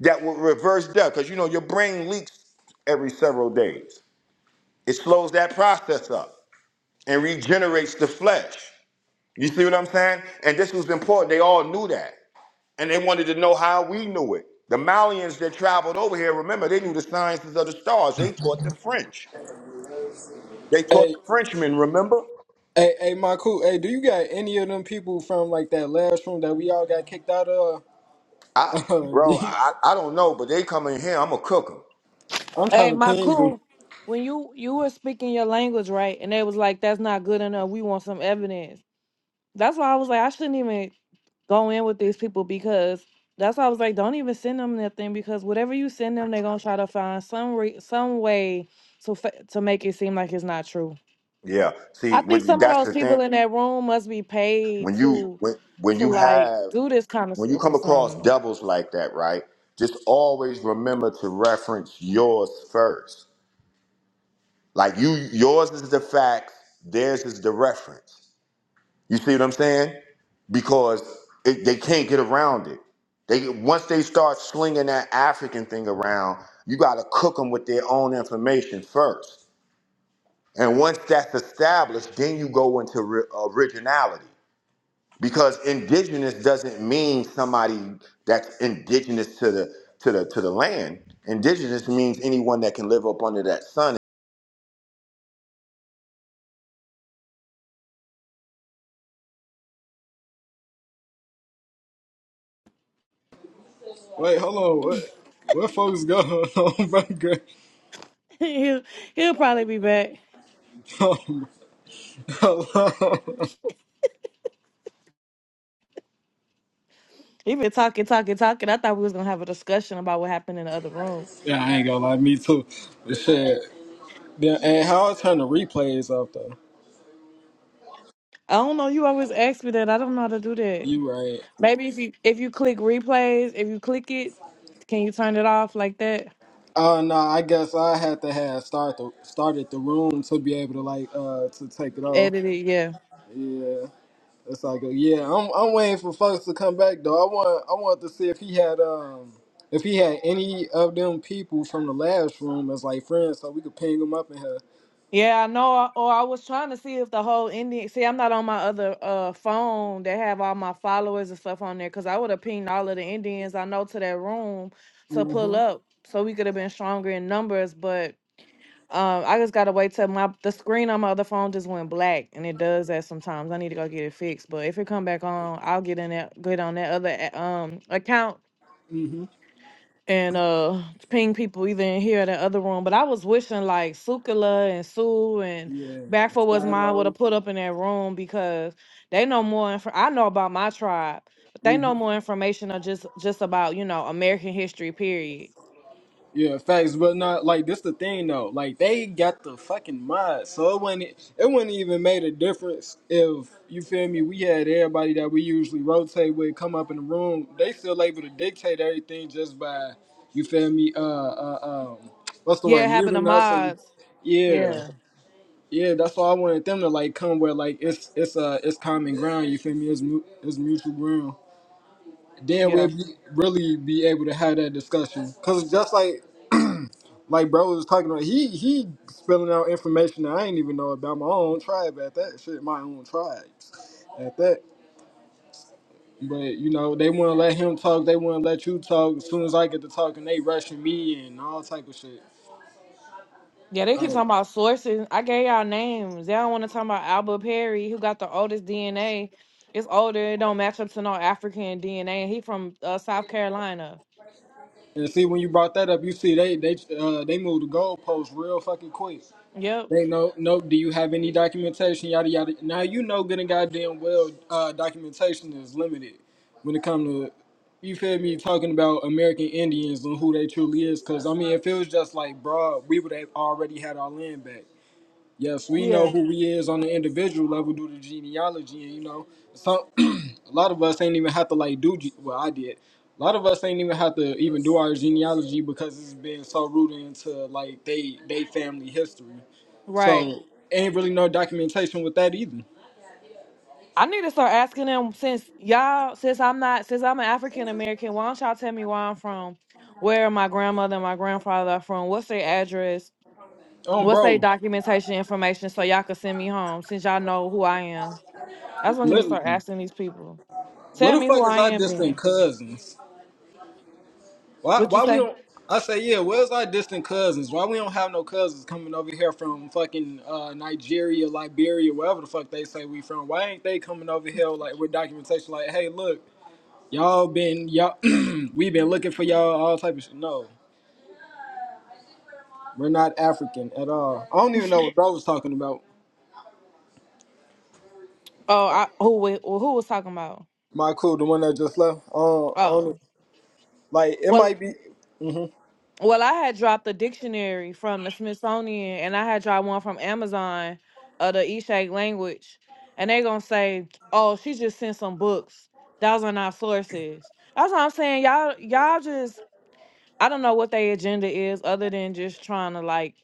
[SPEAKER 2] that will reverse death. Because you know, your brain leaks every several days. It slows that process up and regenerates the flesh. You see what I'm saying? And this was important. They all knew that. And they wanted to know how we knew it. The Malians that traveled over here, remember, they knew the sciences of the stars. They taught the French. They taught
[SPEAKER 1] Hey,
[SPEAKER 2] the Frenchmen, remember?
[SPEAKER 1] hey, hey, my cool. Hey, do you got any of them people from like that last room that we all got kicked out of?
[SPEAKER 2] I,
[SPEAKER 1] Uh, do
[SPEAKER 2] bro,
[SPEAKER 1] you-
[SPEAKER 2] I, I don't know, but they come in here, I'm going to cook 'em.
[SPEAKER 1] I'm trying
[SPEAKER 3] Hey,
[SPEAKER 1] to ping them.
[SPEAKER 3] Maku, when you you were speaking your language right, and they was like, "That's not good enough. We want some evidence." That's why I was like, I shouldn't even go in with these people because that's why I was like, don't even send them nothing because whatever you send them, they're gonna try to find some re- some way to fa- to make it seem like it's not true.
[SPEAKER 2] Yeah.
[SPEAKER 3] I
[SPEAKER 2] See,
[SPEAKER 3] think
[SPEAKER 2] when,
[SPEAKER 3] some of
[SPEAKER 2] that's
[SPEAKER 3] those
[SPEAKER 2] the
[SPEAKER 3] people
[SPEAKER 2] thing.
[SPEAKER 3] in that room must be paid
[SPEAKER 2] When you
[SPEAKER 3] to
[SPEAKER 2] when when
[SPEAKER 3] to
[SPEAKER 2] you
[SPEAKER 3] like
[SPEAKER 2] have
[SPEAKER 3] do this kind of
[SPEAKER 2] when you
[SPEAKER 3] stuff or
[SPEAKER 2] come across
[SPEAKER 3] something.
[SPEAKER 2] devils like that, right? Just always remember to reference yours first. Like you, yours is the facts. Theirs is the reference. You see what I'm saying? Because it, they can't get around it. They once they start slinging that African thing around, you got to cook them with their own information first. And once that's established, then you go into ri- originality. because indigenous doesn't mean somebody that's indigenous to the to the to the land. Indigenous means anyone that can live up under that sun.
[SPEAKER 1] Wait, hold on. What? What folks going on, bro? Girl,
[SPEAKER 3] he'll he'll probably be back.
[SPEAKER 1] Um, hello.
[SPEAKER 3] He been talking, talking, talking. I thought we was gonna have a discussion about what happened in the other room.
[SPEAKER 1] yeah, I ain't gonna lie, me too. But shit. Yeah, and how I turn the replays off though?
[SPEAKER 3] I don't know. You always ask me that. I don't know how to do that.
[SPEAKER 1] You right.
[SPEAKER 3] Maybe if you if you click replays, if you click it, can you turn it off like that?
[SPEAKER 1] Oh no, I guess I had to have start the started the room to be able to like uh to take it off.
[SPEAKER 3] Edit it, yeah.
[SPEAKER 1] Yeah, that's how all go. Yeah, I'm I'm waiting for folks to come back though. I want I want to see if he had um if he had any of them people from the last room as like friends, so we could ping them up in here.
[SPEAKER 3] Yeah, I know. Or I was trying to see if the whole ending. See, I'm not on my other uh phone that have all my followers and stuff on there because I would have pinged all of the Indians I know to that room to pull up, so we could have been stronger in numbers. But Um, I just gotta wait till my the screen on my other phone just went black, and it does that sometimes. I need to go get it fixed. But if it come back on, I'll get in that get on that other a- um account
[SPEAKER 1] Mhm.
[SPEAKER 3] and uh ping people either in here or the other room. But I was wishing like Sukala and Sue and
[SPEAKER 1] Yeah.
[SPEAKER 3] Back for was mine would have
[SPEAKER 1] Shadow.
[SPEAKER 3] put up in that room because they know more. Inf- I know about my tribe, but they know more information or just just about you know American history period.
[SPEAKER 1] Yeah, facts, but not like this. The thing though, like they got the fucking mod, so it wouldn't it wouldn't even made a difference if you feel me. We had everybody that we usually rotate with come up in the room. They still able to dictate everything just by you feel me. Uh, uh um, what's the
[SPEAKER 3] Yeah,
[SPEAKER 1] word?
[SPEAKER 3] having the
[SPEAKER 1] Muting us and
[SPEAKER 3] mods.
[SPEAKER 1] yeah,
[SPEAKER 3] Yeah,
[SPEAKER 1] yeah. That's why I wanted them to like come where like it's it's uh it's common ground. You feel me? It's mu- it's mutual ground. Then
[SPEAKER 3] yeah.
[SPEAKER 1] we'll be, really be able to have that discussion because just like like bro was talking about he he spilling out information that I ain't even know about my own tribe at that shit, my own tribes at that. But you know, they wanna let him talk, they wanna let you talk. As soon as I get to talking, they rushing me and all type of shit.
[SPEAKER 3] Yeah, they keep
[SPEAKER 1] Uh,
[SPEAKER 3] talking about sources. I gave y'all names. They don't want to talk about Albert Perry, who got the oldest DNA. It's older. It don't match up to no African DNA. He from uh, South Carolina.
[SPEAKER 1] and see when you brought that up, you see they they uh they moved the goalposts real fucking quick.
[SPEAKER 3] Yep.
[SPEAKER 1] They know, no, do you have any documentation? Yada yada. Now you know good and goddamn well uh, documentation is limited when it comes to you feel me talking about American Indians and who they truly is. Cause I mean if it was just like broad, we would have already had our land back. Yes, we know
[SPEAKER 3] Yeah.
[SPEAKER 1] who we is on the individual level due to genealogy and you know some a lot of us ain't even have to like do. ge- Well, I did. A lot of us ain't even have to even do our genealogy because it's been so rooted into like they they family history.
[SPEAKER 3] Right.
[SPEAKER 1] So ain't really no documentation with that either.
[SPEAKER 3] I need to start asking them since y'all, since I'm not, since I'm an African American. Why don't y'all tell me where I'm from? Where my grandmother and my grandfather are from? What's their address?
[SPEAKER 1] Oh,
[SPEAKER 3] What's their
[SPEAKER 1] bro,
[SPEAKER 3] documentation information so y'all can send me home? Since y'all know who I am, that's what I need to
[SPEAKER 1] literally,
[SPEAKER 3] start asking these people.
[SPEAKER 1] what
[SPEAKER 3] Tell
[SPEAKER 1] the
[SPEAKER 3] me who
[SPEAKER 1] fuck is
[SPEAKER 3] I
[SPEAKER 1] our
[SPEAKER 3] am, then.
[SPEAKER 1] distant cousins? Why
[SPEAKER 3] What you
[SPEAKER 1] why we
[SPEAKER 3] say?
[SPEAKER 1] don't? I say yeah. Where's our distant cousins? Why we don't have no cousins coming over here from fucking uh, Nigeria, Liberia, wherever the fuck they say we from? Why ain't they coming over here like with documentation? Like, hey, look. Y'all been y'all we been looking for y'all all type of shit. No, we're not African at all. I don't even know what bro was talking about.
[SPEAKER 3] Oh, I, who wa- who was talking about?
[SPEAKER 1] My cool, the one that just left. Uh,
[SPEAKER 3] Oh,
[SPEAKER 1] on like it
[SPEAKER 3] well,
[SPEAKER 1] might be
[SPEAKER 3] well, I had dropped a dictionary from the Smithsonian, and I had dropped one from Amazon of the Ishak language, and they gonna say, "Oh, she just sent some books. Those are not sources." That's what I'm saying. Y'all, y'all just I don't know what their agenda is, other than just trying to like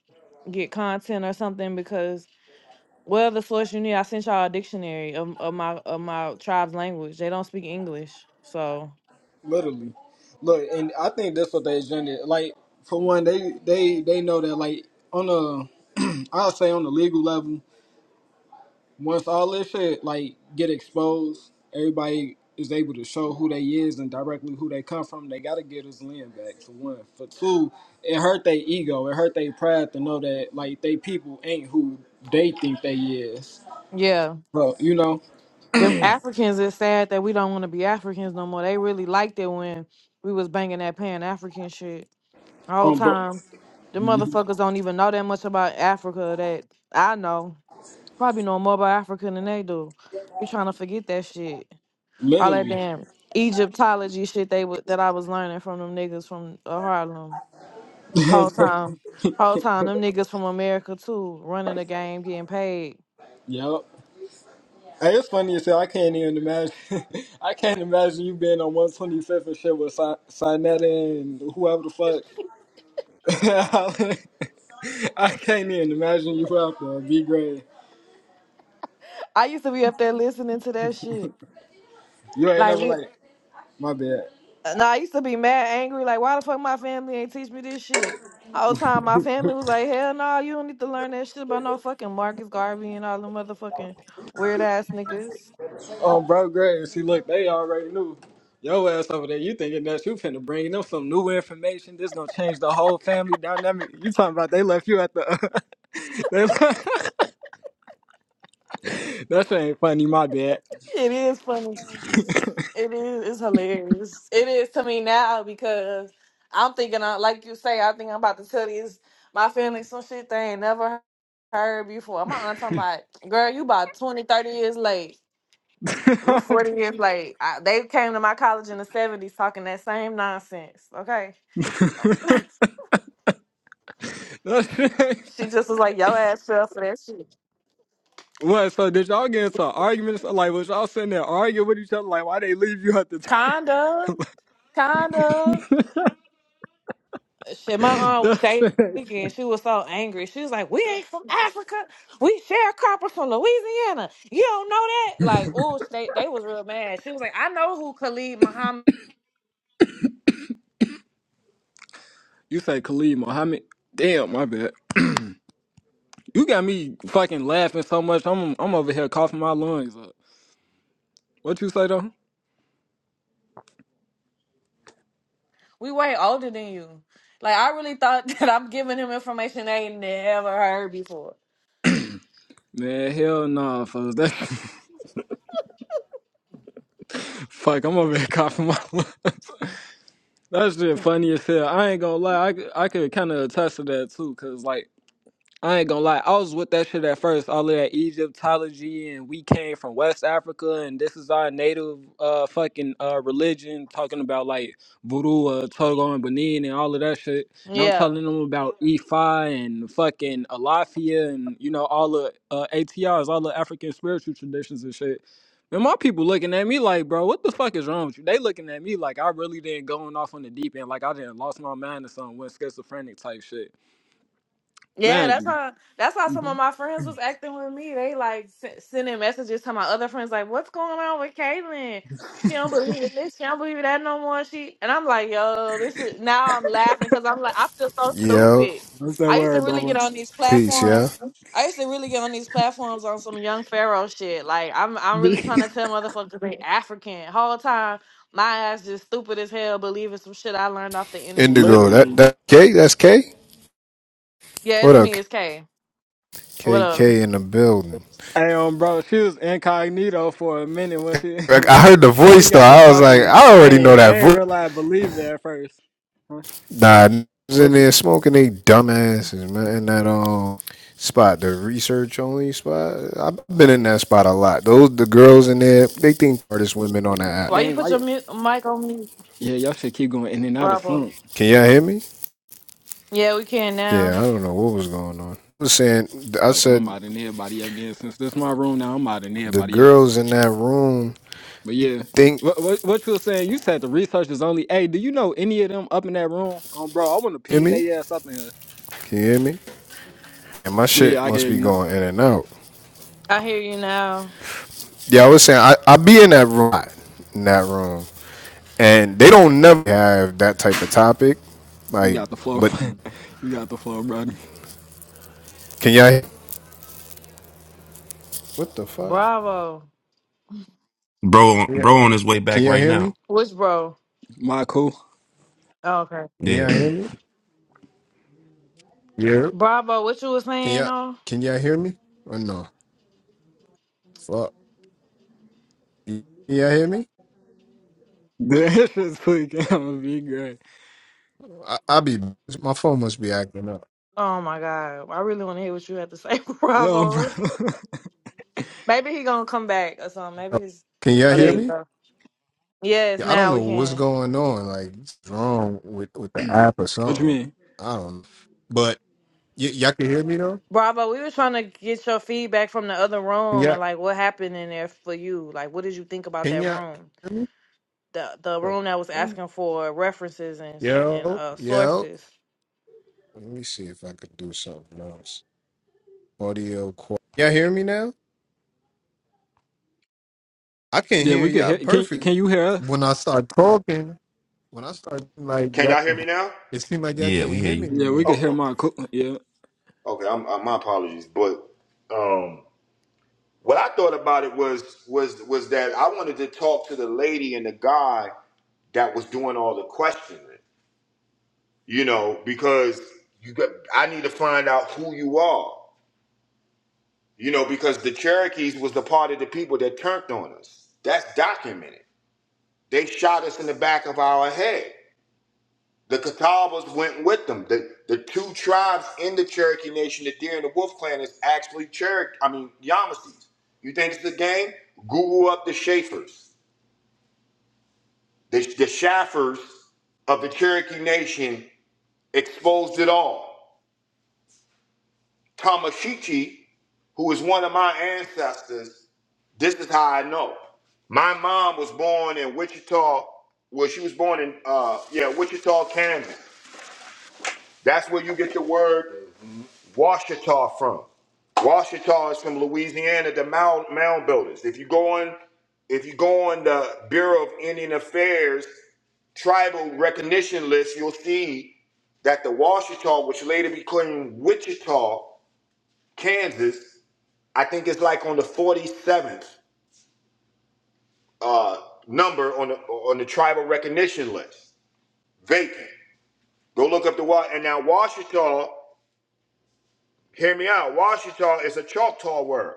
[SPEAKER 3] get content or something. Because well, the source you need, I sent y'all a dictionary of, of my of my tribe's language. They don't speak English, so.
[SPEAKER 1] literally. Look, and I think that's what they agenda. Like for one, they they they know that like on a I'll say on the legal level. once all this shit like get exposed, everybody is able to show who they is and directly who they come from. They gotta get his land back for one. For two, it hurt their ego. It hurt their pride to know that like they people ain't who they think they is.
[SPEAKER 3] Yeah,
[SPEAKER 1] Bro, you know,
[SPEAKER 3] them Africans. It's sad that we don't want to be Africans no more. They really liked it when we was banging that Pan African shit the whole
[SPEAKER 1] um, bro,
[SPEAKER 3] time. The motherfuckers don't even know that much about Africa. That I know, probably know more about Africa than they do. We trying to forget that shit. All that
[SPEAKER 1] literally,
[SPEAKER 3] damn Egyptology shit they wa- that I was learning from them niggas from uh, Harlem. Whole time, whole time, them niggas from America too, running the game, getting paid.
[SPEAKER 1] yep. Hey, it's funny as hell. I can't even imagine. I can't imagine you being on 125th and shit with Sinetta and whoever the fuck. I can't even imagine you out there, B grade.
[SPEAKER 3] I used to be up there listening to that shit.
[SPEAKER 1] You ain't
[SPEAKER 3] Like,
[SPEAKER 1] never
[SPEAKER 3] re-
[SPEAKER 1] like, my bad.
[SPEAKER 3] No, I used to be mad, angry, like why the fuck my family ain't teach me this shit. All the time, my family was like, "Hell no, you don't need to learn that shit about no fucking Marcus Garvey and all the motherfucking weird ass niggas."
[SPEAKER 1] Um, bro, grade. See, look, they already knew. Your ass over there, you thinking that you finna bring them some new information? This gonna change the whole family dynamic. You talking about they left you at the? they left, that shit ain't funny. My bad.
[SPEAKER 3] It is funny. It is. It's hilarious. It is to me now because I'm thinking, I, like you say, I think I'm about to tell these my family some shit they ain't never heard before. My aunt talking about, girl, you about 20, 30 years late. You 40 years late. I, they came to my college in the 70s talking that same nonsense. Okay.
[SPEAKER 1] That shit
[SPEAKER 3] she
[SPEAKER 1] ain't-
[SPEAKER 3] just was like, yo ass fell for that shit.
[SPEAKER 1] what? So did y'all get into arguments? Like was y'all sitting there arguing with each other? Like why they leave you at the?
[SPEAKER 3] Kind of. Kind of. Shit, my aunt was
[SPEAKER 1] that shit.
[SPEAKER 3] shaking. She was so angry. She was like, we ain't from Africa. We sharecroppers from Louisiana. You don't know that? Like, oh, they, they was real mad. She was like, I know who Khalid Muhammad.
[SPEAKER 1] You say Khalid Muhammad? Damn, my bad. You got me fucking laughing so much. I'm I'm over here coughing my lungs up. What you say though?
[SPEAKER 3] We way older than you. Like, I really thought that I'm giving him information they never heard before.
[SPEAKER 1] Man, hell nah, folks. That fuck, I'm over here coughing my lungs. That's shit funny as hell. I ain't gonna lie. I, c- I could kind of attest to that too, cause like I ain't gonna lie, I was with that shit at first, all of that Egyptology and we came from West Africa and this is our native uh fucking uh religion, talking about like voodoo, uh, Togo and Benin and all of that shit. And I'm
[SPEAKER 3] Yeah.
[SPEAKER 1] telling them about Ifa and fucking Alafia and you know, all the uh ATRs, all the African spiritual traditions and shit. And my people looking at me like, bro, what the fuck is wrong with you? They looking at me like I really didn't going off on the deep end, like I didn't lost my mind or something, went schizophrenic type shit.
[SPEAKER 3] Yeah, that's
[SPEAKER 1] Man,
[SPEAKER 3] how that's how some of my friends was acting with me. They like s- sending messages to my other friends, like, "What's going on with Caitlyn? She don't believe in this. She don't believe in that no more." She and I'm like, "Yo, this is." Now I'm laughing because I'm like, I feel so
[SPEAKER 4] Yo,
[SPEAKER 3] stupid. I used to really get on these
[SPEAKER 4] peace, yeah.
[SPEAKER 3] platforms. I used to really get on these platforms on some young pharaoh shit. Like I'm, I'm really trying to tell motherfuckers they African. Whole time, my ass just stupid as hell, believing some shit I learned off the internet.
[SPEAKER 4] Indigo, that
[SPEAKER 1] Literally.
[SPEAKER 4] that K, that's K.
[SPEAKER 3] Yeah, it's
[SPEAKER 4] What up,
[SPEAKER 3] me. It's K. What
[SPEAKER 4] K?
[SPEAKER 3] up?
[SPEAKER 4] K in the building.
[SPEAKER 1] Hey, um, bro, she was incognito for a minute when she
[SPEAKER 4] Like, I heard the
[SPEAKER 1] when she
[SPEAKER 4] voice though.
[SPEAKER 1] got to
[SPEAKER 4] I was like,
[SPEAKER 1] talking.
[SPEAKER 4] I
[SPEAKER 1] I
[SPEAKER 4] already know
[SPEAKER 1] ain't
[SPEAKER 4] that
[SPEAKER 1] I ain't
[SPEAKER 4] voice.
[SPEAKER 1] realize believe it at first. Huh?
[SPEAKER 4] Nah, n- was in
[SPEAKER 1] What you,
[SPEAKER 4] there smoking they dumbasses, man. In that um spot, the research only spot. I've been in that spot a lot. Those the girls in there, they think artist women on that app.
[SPEAKER 3] Why you
[SPEAKER 1] dang, why
[SPEAKER 3] put your
[SPEAKER 1] you?
[SPEAKER 3] mu- mic on mute?
[SPEAKER 1] Yeah, y'all should keep going in and out of
[SPEAKER 3] Bravo.
[SPEAKER 1] slump.
[SPEAKER 4] Can y'all hear me?
[SPEAKER 3] Yeah, we can
[SPEAKER 4] Yeah,
[SPEAKER 3] now.
[SPEAKER 4] I don't know what was going on. I was saying, I
[SPEAKER 1] Fucking, I'm
[SPEAKER 4] said
[SPEAKER 1] out in everybody up then. Since this my room now, I'm out in
[SPEAKER 4] the
[SPEAKER 1] everybody up.
[SPEAKER 4] girls in that room
[SPEAKER 1] But yeah,
[SPEAKER 4] think.
[SPEAKER 1] what what what you was saying? You said the research is only. Hey, do you know any of them up in that room? Um, bro, I want to
[SPEAKER 4] Hear
[SPEAKER 1] ping
[SPEAKER 4] me?
[SPEAKER 1] their ass up in here.
[SPEAKER 4] Can you hear me? And my
[SPEAKER 1] Yeah, yeah,
[SPEAKER 4] shit
[SPEAKER 1] I can.
[SPEAKER 4] must
[SPEAKER 1] hear
[SPEAKER 4] be
[SPEAKER 1] You know,
[SPEAKER 4] going in and out.
[SPEAKER 3] I hear you now.
[SPEAKER 4] Yeah, I was saying I, I be in that room in that room. And they don't never have that type of topic.
[SPEAKER 1] you
[SPEAKER 4] Like
[SPEAKER 1] got the floor.
[SPEAKER 4] but
[SPEAKER 1] you got the floor, brother.
[SPEAKER 4] can y'all what the fuck?
[SPEAKER 3] Bravo.
[SPEAKER 5] Bro,
[SPEAKER 4] Yeah.
[SPEAKER 5] bro, on his way
[SPEAKER 4] Can
[SPEAKER 5] back
[SPEAKER 4] y'all
[SPEAKER 5] right
[SPEAKER 4] hear me?
[SPEAKER 5] now.
[SPEAKER 3] Which bro?
[SPEAKER 1] My cool.
[SPEAKER 3] Oh, okay.
[SPEAKER 4] Can y'all
[SPEAKER 5] Yeah,
[SPEAKER 4] hear me? Yeah.
[SPEAKER 3] Bravo. What you was
[SPEAKER 4] Can
[SPEAKER 3] saying
[SPEAKER 4] y'all
[SPEAKER 3] though?
[SPEAKER 4] can y'all hear me? Or no? Fuck. Can y'all hear me?
[SPEAKER 1] That shit's quick. I'm gonna be great.
[SPEAKER 4] I, I be my phone must be acting up.
[SPEAKER 3] Oh my god. I really want to hear what you have to say.
[SPEAKER 1] No, bro.
[SPEAKER 3] Bravo. Maybe he gonna come back or something. Maybe he's.
[SPEAKER 4] Can
[SPEAKER 3] Oh,
[SPEAKER 4] y'all
[SPEAKER 3] there
[SPEAKER 4] hear
[SPEAKER 1] yeah.
[SPEAKER 3] you
[SPEAKER 4] me?
[SPEAKER 3] go. Yes,
[SPEAKER 4] Yeah, I don't
[SPEAKER 3] now
[SPEAKER 4] know
[SPEAKER 3] we
[SPEAKER 4] what's
[SPEAKER 3] can.
[SPEAKER 4] going on. Like, what's wrong with, with the app or
[SPEAKER 1] What you
[SPEAKER 4] something?
[SPEAKER 1] mean?
[SPEAKER 4] I don't know. But y- y'all can hear me though?
[SPEAKER 3] Bravo. We were trying to get your feedback from the other
[SPEAKER 4] Can
[SPEAKER 3] room
[SPEAKER 4] y'all,
[SPEAKER 3] and like what happened in there for you. Like, what did you think about
[SPEAKER 4] can
[SPEAKER 3] that
[SPEAKER 4] y'all
[SPEAKER 3] room?
[SPEAKER 4] hear me?
[SPEAKER 3] The the
[SPEAKER 4] The
[SPEAKER 3] room that was
[SPEAKER 4] fuck?
[SPEAKER 3] asking for references and s- and
[SPEAKER 4] Yo,
[SPEAKER 3] uh
[SPEAKER 4] yo.
[SPEAKER 3] sources.
[SPEAKER 4] Let me see if I could do something else. Audio. qu- Y'all hear me now? I can
[SPEAKER 1] Yeah,
[SPEAKER 4] hear
[SPEAKER 1] we could
[SPEAKER 4] y'all
[SPEAKER 1] hear. Can
[SPEAKER 4] perfect.
[SPEAKER 1] Can you hear us?
[SPEAKER 4] When I start talking, when I start like
[SPEAKER 2] Can y'all
[SPEAKER 4] that,
[SPEAKER 2] hear me now?
[SPEAKER 4] it seems like y'all
[SPEAKER 5] yeah, we
[SPEAKER 4] can't
[SPEAKER 5] hear
[SPEAKER 4] hear me
[SPEAKER 5] you.
[SPEAKER 1] Yeah, we
[SPEAKER 4] anymore.
[SPEAKER 1] could
[SPEAKER 2] Okay.
[SPEAKER 1] hear my cook. Yeah.
[SPEAKER 2] Okay. I'm, i my apologies, but um, what I thought about it was was was that I wanted to talk to the lady and the guy that was doing all the questioning. You know, because you got I need to find out who you are. You know, because the Cherokees was the part of the people that turned on us. That's documented They shot us in the back of our head. The Catawbas went with them. The, the two tribes in the Cherokee Nation, the Deer and the Wolf Clan, is actually Cherokee. I mean, Yamasees. You think it's a game? Google up the Schaefer's. The, the Shaffers of the Cherokee Nation exposed it all. Tamashichi, who is one of my ancestors, this is how I know. My mom was born in Wichita. Well, she was born in uh, yeah, Wichita, Kansas. That's where you get the word Washita from. Washita is from Louisiana, the mound, mound builders. If you go on, if you go on the Bureau of Indian Affairs tribal recognition list, you'll see that the Washita, which later became Wichita, Kansas, I think it's like on the 47th uh, number on the on the tribal recognition list. Vacant. Go look up the what. And now Washita, hear me out. Washita is a Choctaw word.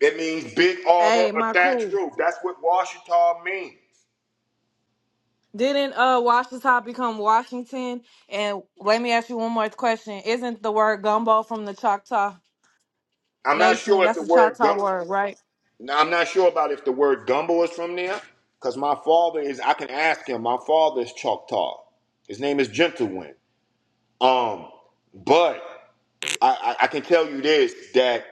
[SPEAKER 2] It means big arbor
[SPEAKER 3] Hey,
[SPEAKER 2] or
[SPEAKER 3] my
[SPEAKER 2] thatched
[SPEAKER 3] cool.
[SPEAKER 2] roof. That's what Washita means.
[SPEAKER 3] Didn't uh Washington become Washington? And let me ask you one more question. Isn't the word gumbo from the Choctaw
[SPEAKER 2] I'm not
[SPEAKER 3] Nation?
[SPEAKER 2] sure if
[SPEAKER 3] That's
[SPEAKER 2] the
[SPEAKER 3] a
[SPEAKER 2] word
[SPEAKER 3] Choctaw
[SPEAKER 2] gum-
[SPEAKER 3] word, right?
[SPEAKER 2] now, I'm not sure about if the word gumbo is from there, because my father is. I can ask him. My father is Choctaw. His name is Gentlewind. Um, but I, I, I can tell you this that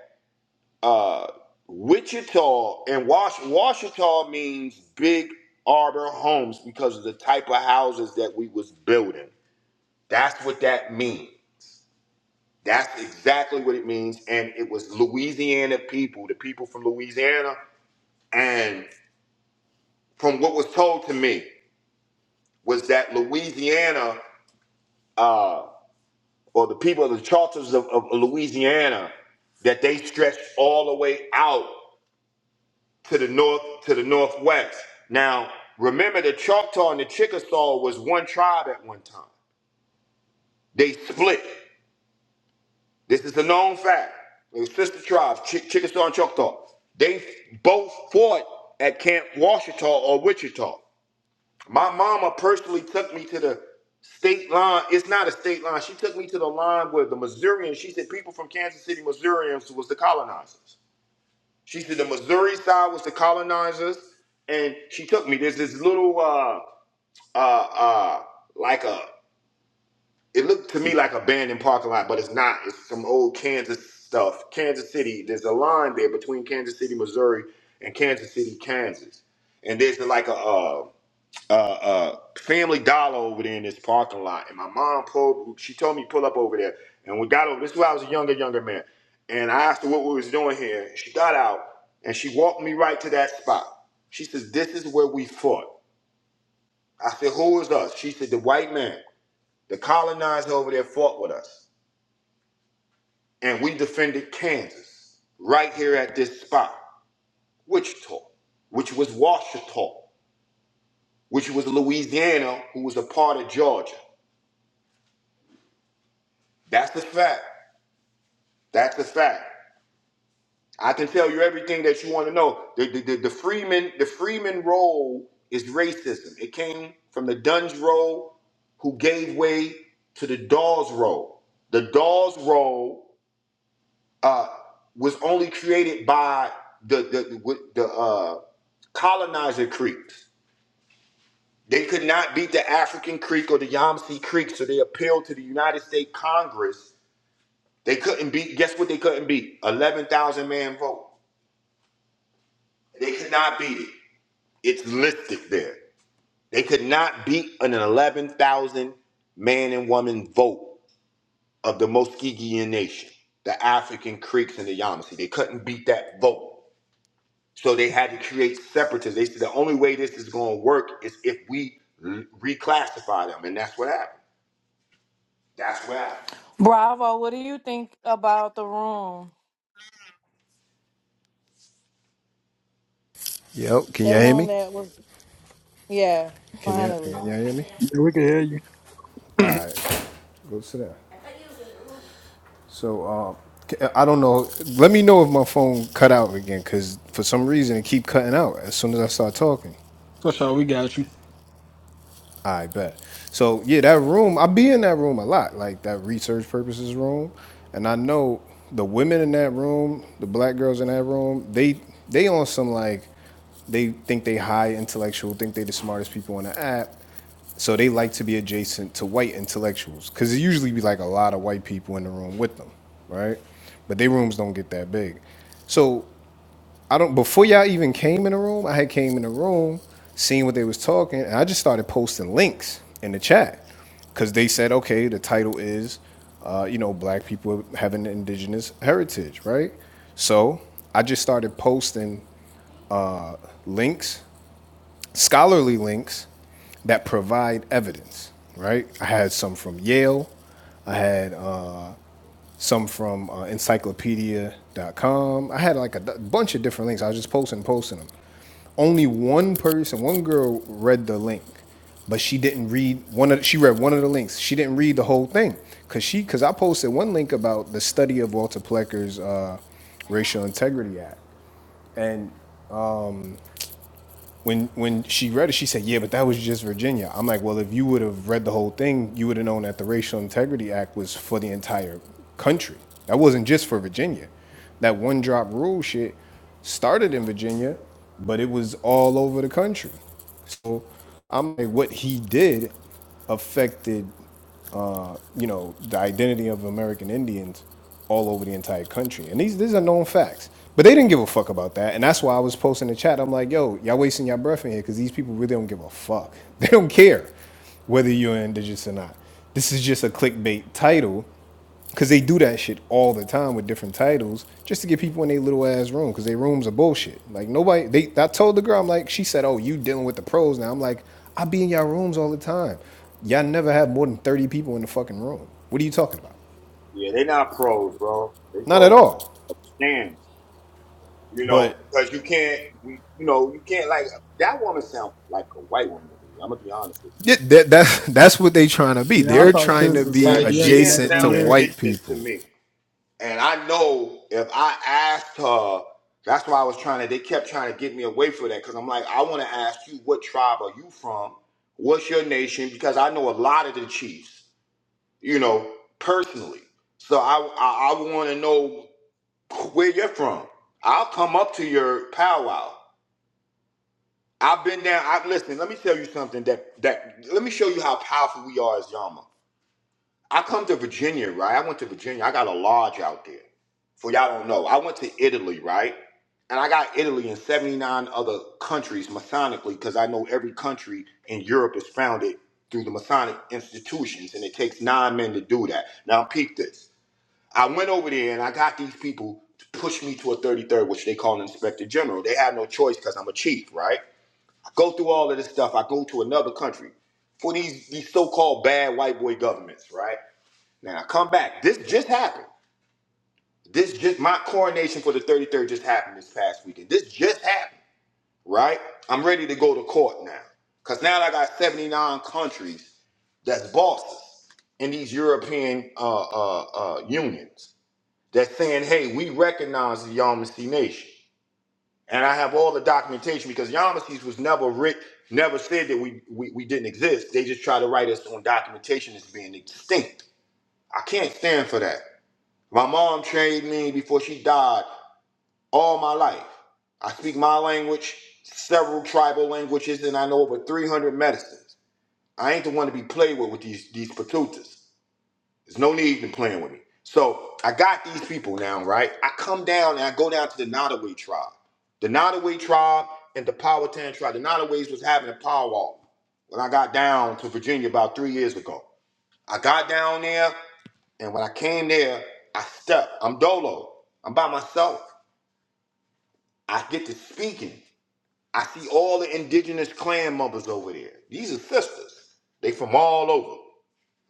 [SPEAKER 2] uh, Wichita and Wash Washita means big arbor homes because of the type of houses that we was building. That's what that means. That's exactly what it means. And it was Louisiana people, the people from Louisiana. And from what was told to me, was that Louisiana, uh, or the people of the charters of, of Louisiana, that they stretched all the way out to the north, to the northwest. Now, remember the Choctaw and the Chickasaw was one tribe at one time. They split. This is a known fact. It was sister tribes, Ch- Chickasaw and Choctaw, they both fought at Camp Washita or Wichita. My mama personally took me to the state line. It's not a state line. She took me to the line where the Missourians, she said people from Kansas City, Missourians was the colonizers. She said the Missouri side was the colonizers. And she took me. There's this little uh uh uh like a it looked to me like abandoned parking lot, but it's not. It's some old Kansas stuff. Kansas City. There's a line there between Kansas City, Missouri, and Kansas City, Kansas. And there's like a uh, uh, uh, Family Dollar over there in this parking lot. And my mom pulled. She told me pull up over there. And we got over. This is when I was a younger, younger man. And I asked her what we was doing here. She got out and she walked me right to that spot. She says, "This is where we fought." I said, "Who was us?" She said, "The white man. The colonizer over there fought with us." and we defended Kansas right here at this spot, Wichita, which was Washita, which was Louisiana, who was a part of Georgia. That's a fact. That's a fact. I can tell you everything that you want to know. The, the, the, the Freeman the Freeman role is racism. It came from the Dunn's role, who gave way to the Dawes role. The Dawes role uh, was only created by the the the uh, colonizer Creeks. They could not beat the African Creek or the Yamsee Creek, so they appealed to the United States Congress. They couldn't beat. Guess what? They couldn't beat eleven thousand man vote. They could not beat it. It's listed there. They could not beat an eleven thousand man and woman vote of the Muskegean Nation, the African Creeks and the Yamasee. They couldn't beat that vote. So they had to create separatists. They said the only way this is going to work is if we l- reclassify them, and that's what happened. That's what happened.
[SPEAKER 3] Bravo, what do you think about the room?
[SPEAKER 4] Yo, can
[SPEAKER 3] That
[SPEAKER 4] y'all hear
[SPEAKER 3] room
[SPEAKER 4] me?
[SPEAKER 3] that was yeah,
[SPEAKER 4] Can y'all, can y'all
[SPEAKER 3] finally.
[SPEAKER 4] hear me?
[SPEAKER 1] Yeah, we could hear you.
[SPEAKER 4] All right, go sit down. So, um, c- I don't know. Let me know if my phone cut out again, because for some reason it keep cutting out as soon as I start talking.
[SPEAKER 1] For sure, we got you.
[SPEAKER 4] I bet. So yeah, that room, I be in that room a lot, like that research purposes room, and I know the women in that room, the black girls in that room, they they on some like they think they high intellectual, think they the smartest people on the app, so they like to be adjacent to white intellectuals because it usually be like a lot of white people in the room with them, right? But their rooms don't get that big, so I don't before y'all even came in the room, I had came in the room, seen what they was talking, and I just started posting links in the chat. Cause they said, okay, the title is uh, you know, black people having an indigenous heritage, right? So I just started posting links, scholarly links that provide evidence, right? I had some from Yale, I had uh, some from uh, encyclopedia.com. I had like a bunch of different links. I was just posting, and posting them. Only one person, one girl read the link, but she didn't read one of. the, She read one of the links. She didn't read the whole thing because she because I posted one link about the study of Walter Plecker's uh, Racial Integrity Act, and when when she read it, she said, "Yeah, but that was just Virginia." I'm like, "Well, if you would have read the whole thing, you would have known that the Racial Integrity Act was for the entire country. That wasn't just for Virginia. That one drop rule shit started in Virginia, but it was all over the country. So I'm like, what he did affected uh, you know, the identity of American Indians all over the entire country. And these these are known facts. But they didn't give a fuck about that. And that's why I was posting in the chat. I'm like, yo, y'all wasting your breath in here because these people really don't give a fuck. They don't care whether you're indigenous or not. This is just a clickbait title Cause they do that shit all the time with different titles, just to get people in their little ass room. Cause their rooms are bullshit. Like nobody, they. I told the girl, I'm like, she said, "Oh, you dealing with the pros now?" I'm like, I be in y'all rooms all the time. Y'all never have more than thirty people in the fucking room. What are you talking about?
[SPEAKER 2] Yeah, they're not pros, bro. They
[SPEAKER 4] Not at
[SPEAKER 2] pros
[SPEAKER 4] all.
[SPEAKER 2] of scams, you know,
[SPEAKER 4] But
[SPEAKER 2] because you can't, we, you know, you can't like that woman sound like a white woman to me. I'm gonna be honest with
[SPEAKER 4] yeah, that, that that's what they trying to be.
[SPEAKER 1] Yeah, I
[SPEAKER 4] They're
[SPEAKER 1] thought she
[SPEAKER 4] trying
[SPEAKER 1] was
[SPEAKER 4] to
[SPEAKER 1] a
[SPEAKER 2] you.
[SPEAKER 4] be
[SPEAKER 2] Yeah, she
[SPEAKER 1] Siberian
[SPEAKER 2] didn't
[SPEAKER 1] Native
[SPEAKER 4] adjacent to
[SPEAKER 2] sound
[SPEAKER 1] American.
[SPEAKER 4] white
[SPEAKER 2] indigenous to
[SPEAKER 4] people.
[SPEAKER 2] me. And I know if I asked her, that's why I was trying to, they kept trying to get me away from that because I'm like, I want to ask you, what tribe are you from? What's your nation? Because I know a lot of the chiefs, you know, personally. So I, I, I want to know where you're from. I'll come up to your powwow. I've been down. I, listen, let me tell you something that, that, let me show you how powerful we are as Yama. I come to Virginia, right? I went to Virginia. I got a lodge out there. For y'all don't know, I went to Italy, right? And I got Italy and 79 other countries Masonically because I know every country in Europe is founded through the Masonic institutions, and it takes nine men to do that. Now, peep this. I went over there and I got these people to push me to a 33rd, which they call an inspector general. They had no choice because I'm a chief, right? I go through all of this stuff. I go to another country for these, these so called bad white boy governments, right? Now I come back. This just happened. This just my coronation for the 33rd just happened this past weekend. This just happened, right? I'm ready to go to court now. Cause now I got 79 countries that's bosses in these European uh, uh, uh, unions that's saying, hey, we recognize the Yamasee Nation. And I have all the documentation because Yamasees was never writ, never said that we, we, we didn't exist. They just try to write us on documentation as being extinct. I can't stand for that. My mom trained me before she died all my life. I speak my language, several tribal languages, and I know over 300 medicines. I ain't the one to be played with with these, these patutas. There's no need in playing with me. So I got these people now, right? I come down and I go down to the Nottoway tribe. The Nottoway tribe and the Powhatan tribe. The Nottoways was having a powwow when I got down to Virginia about three years ago. I got down there. And when I came there, I stuck. I'm dolo. I'm by myself. I get to speaking. I see all the indigenous clan members over there. These are sisters. They from all over,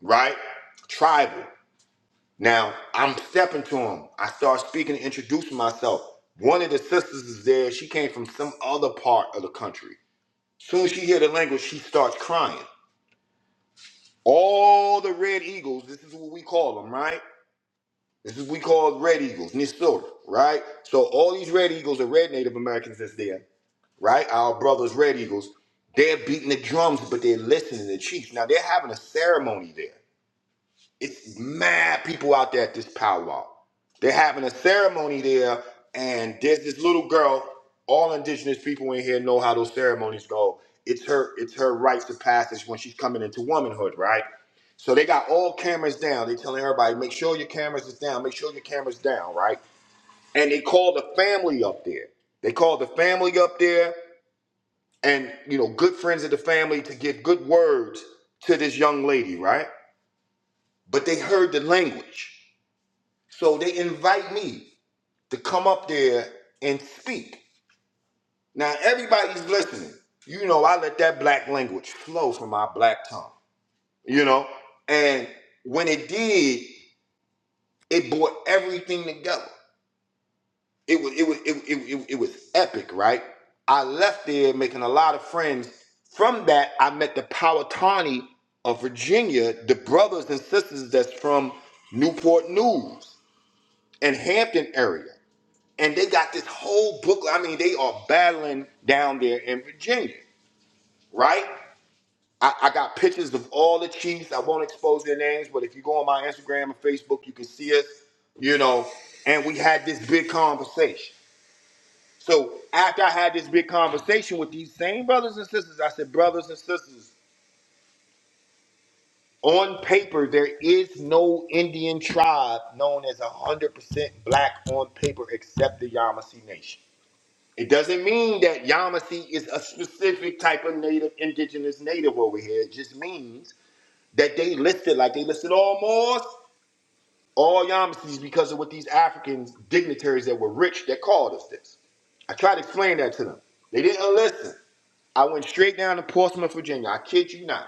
[SPEAKER 2] right? Tribal. Now I'm stepping to them. I start speaking and introducing myself. One of the sisters is there. She came from some other part of the country. Soon as she hear the language, she starts crying. All the red eagles, this is what we call them, right? This is we call red eagles, Nisor, right? So all these red eagles are red Native Americans that's there, right? Our brothers, red eagles, they're beating the drums, but they're listening to the chiefs. Now they're having a ceremony there. It's mad people out there at this powwow. They're having a ceremony there, and there's this little girl. All indigenous people in here know how those ceremonies go. It's her, it's her rites of passage when she's coming into womanhood, right? So they got all cameras down. They telling everybody, make sure your cameras is down. Make sure your cameras down, right? And they call the family up there. They call the family up there, and you know, good friends of the family to give good words to this young lady, right? But they heard the language. So they invite me to come up there and speak. Now everybody's listening. You know, I let that black language flow from my black tongue, you know? And when it did, it brought everything together. It was it was it, it, it, it was epic, right? I left there making a lot of friends. From that, I met the Powhatani of Virginia, the brothers and sisters that's from Newport News and Hampton area. and they got this whole book. I mean, they are battling down there in Virginia, right? I, I got pictures of all the chiefs. I won't expose their names, but if you go on my Instagram and Facebook, you can see us, you know. And we had this big conversation. So after I had this big conversation with these same brothers and sisters, I said, brothers and sisters, on paper, there is no Indian tribe known as 100% black on paper except the Yamasee Nation. It doesn't mean that Yamasee is a specific type of native, indigenous native over here. It just means that they listed, like they listed all Moors, all Yamasees because of what these Africans, dignitaries that were rich, that called us this. I tried to explain that to them. They didn't listen. I went straight down to Portsmouth, Virginia. I kid you not.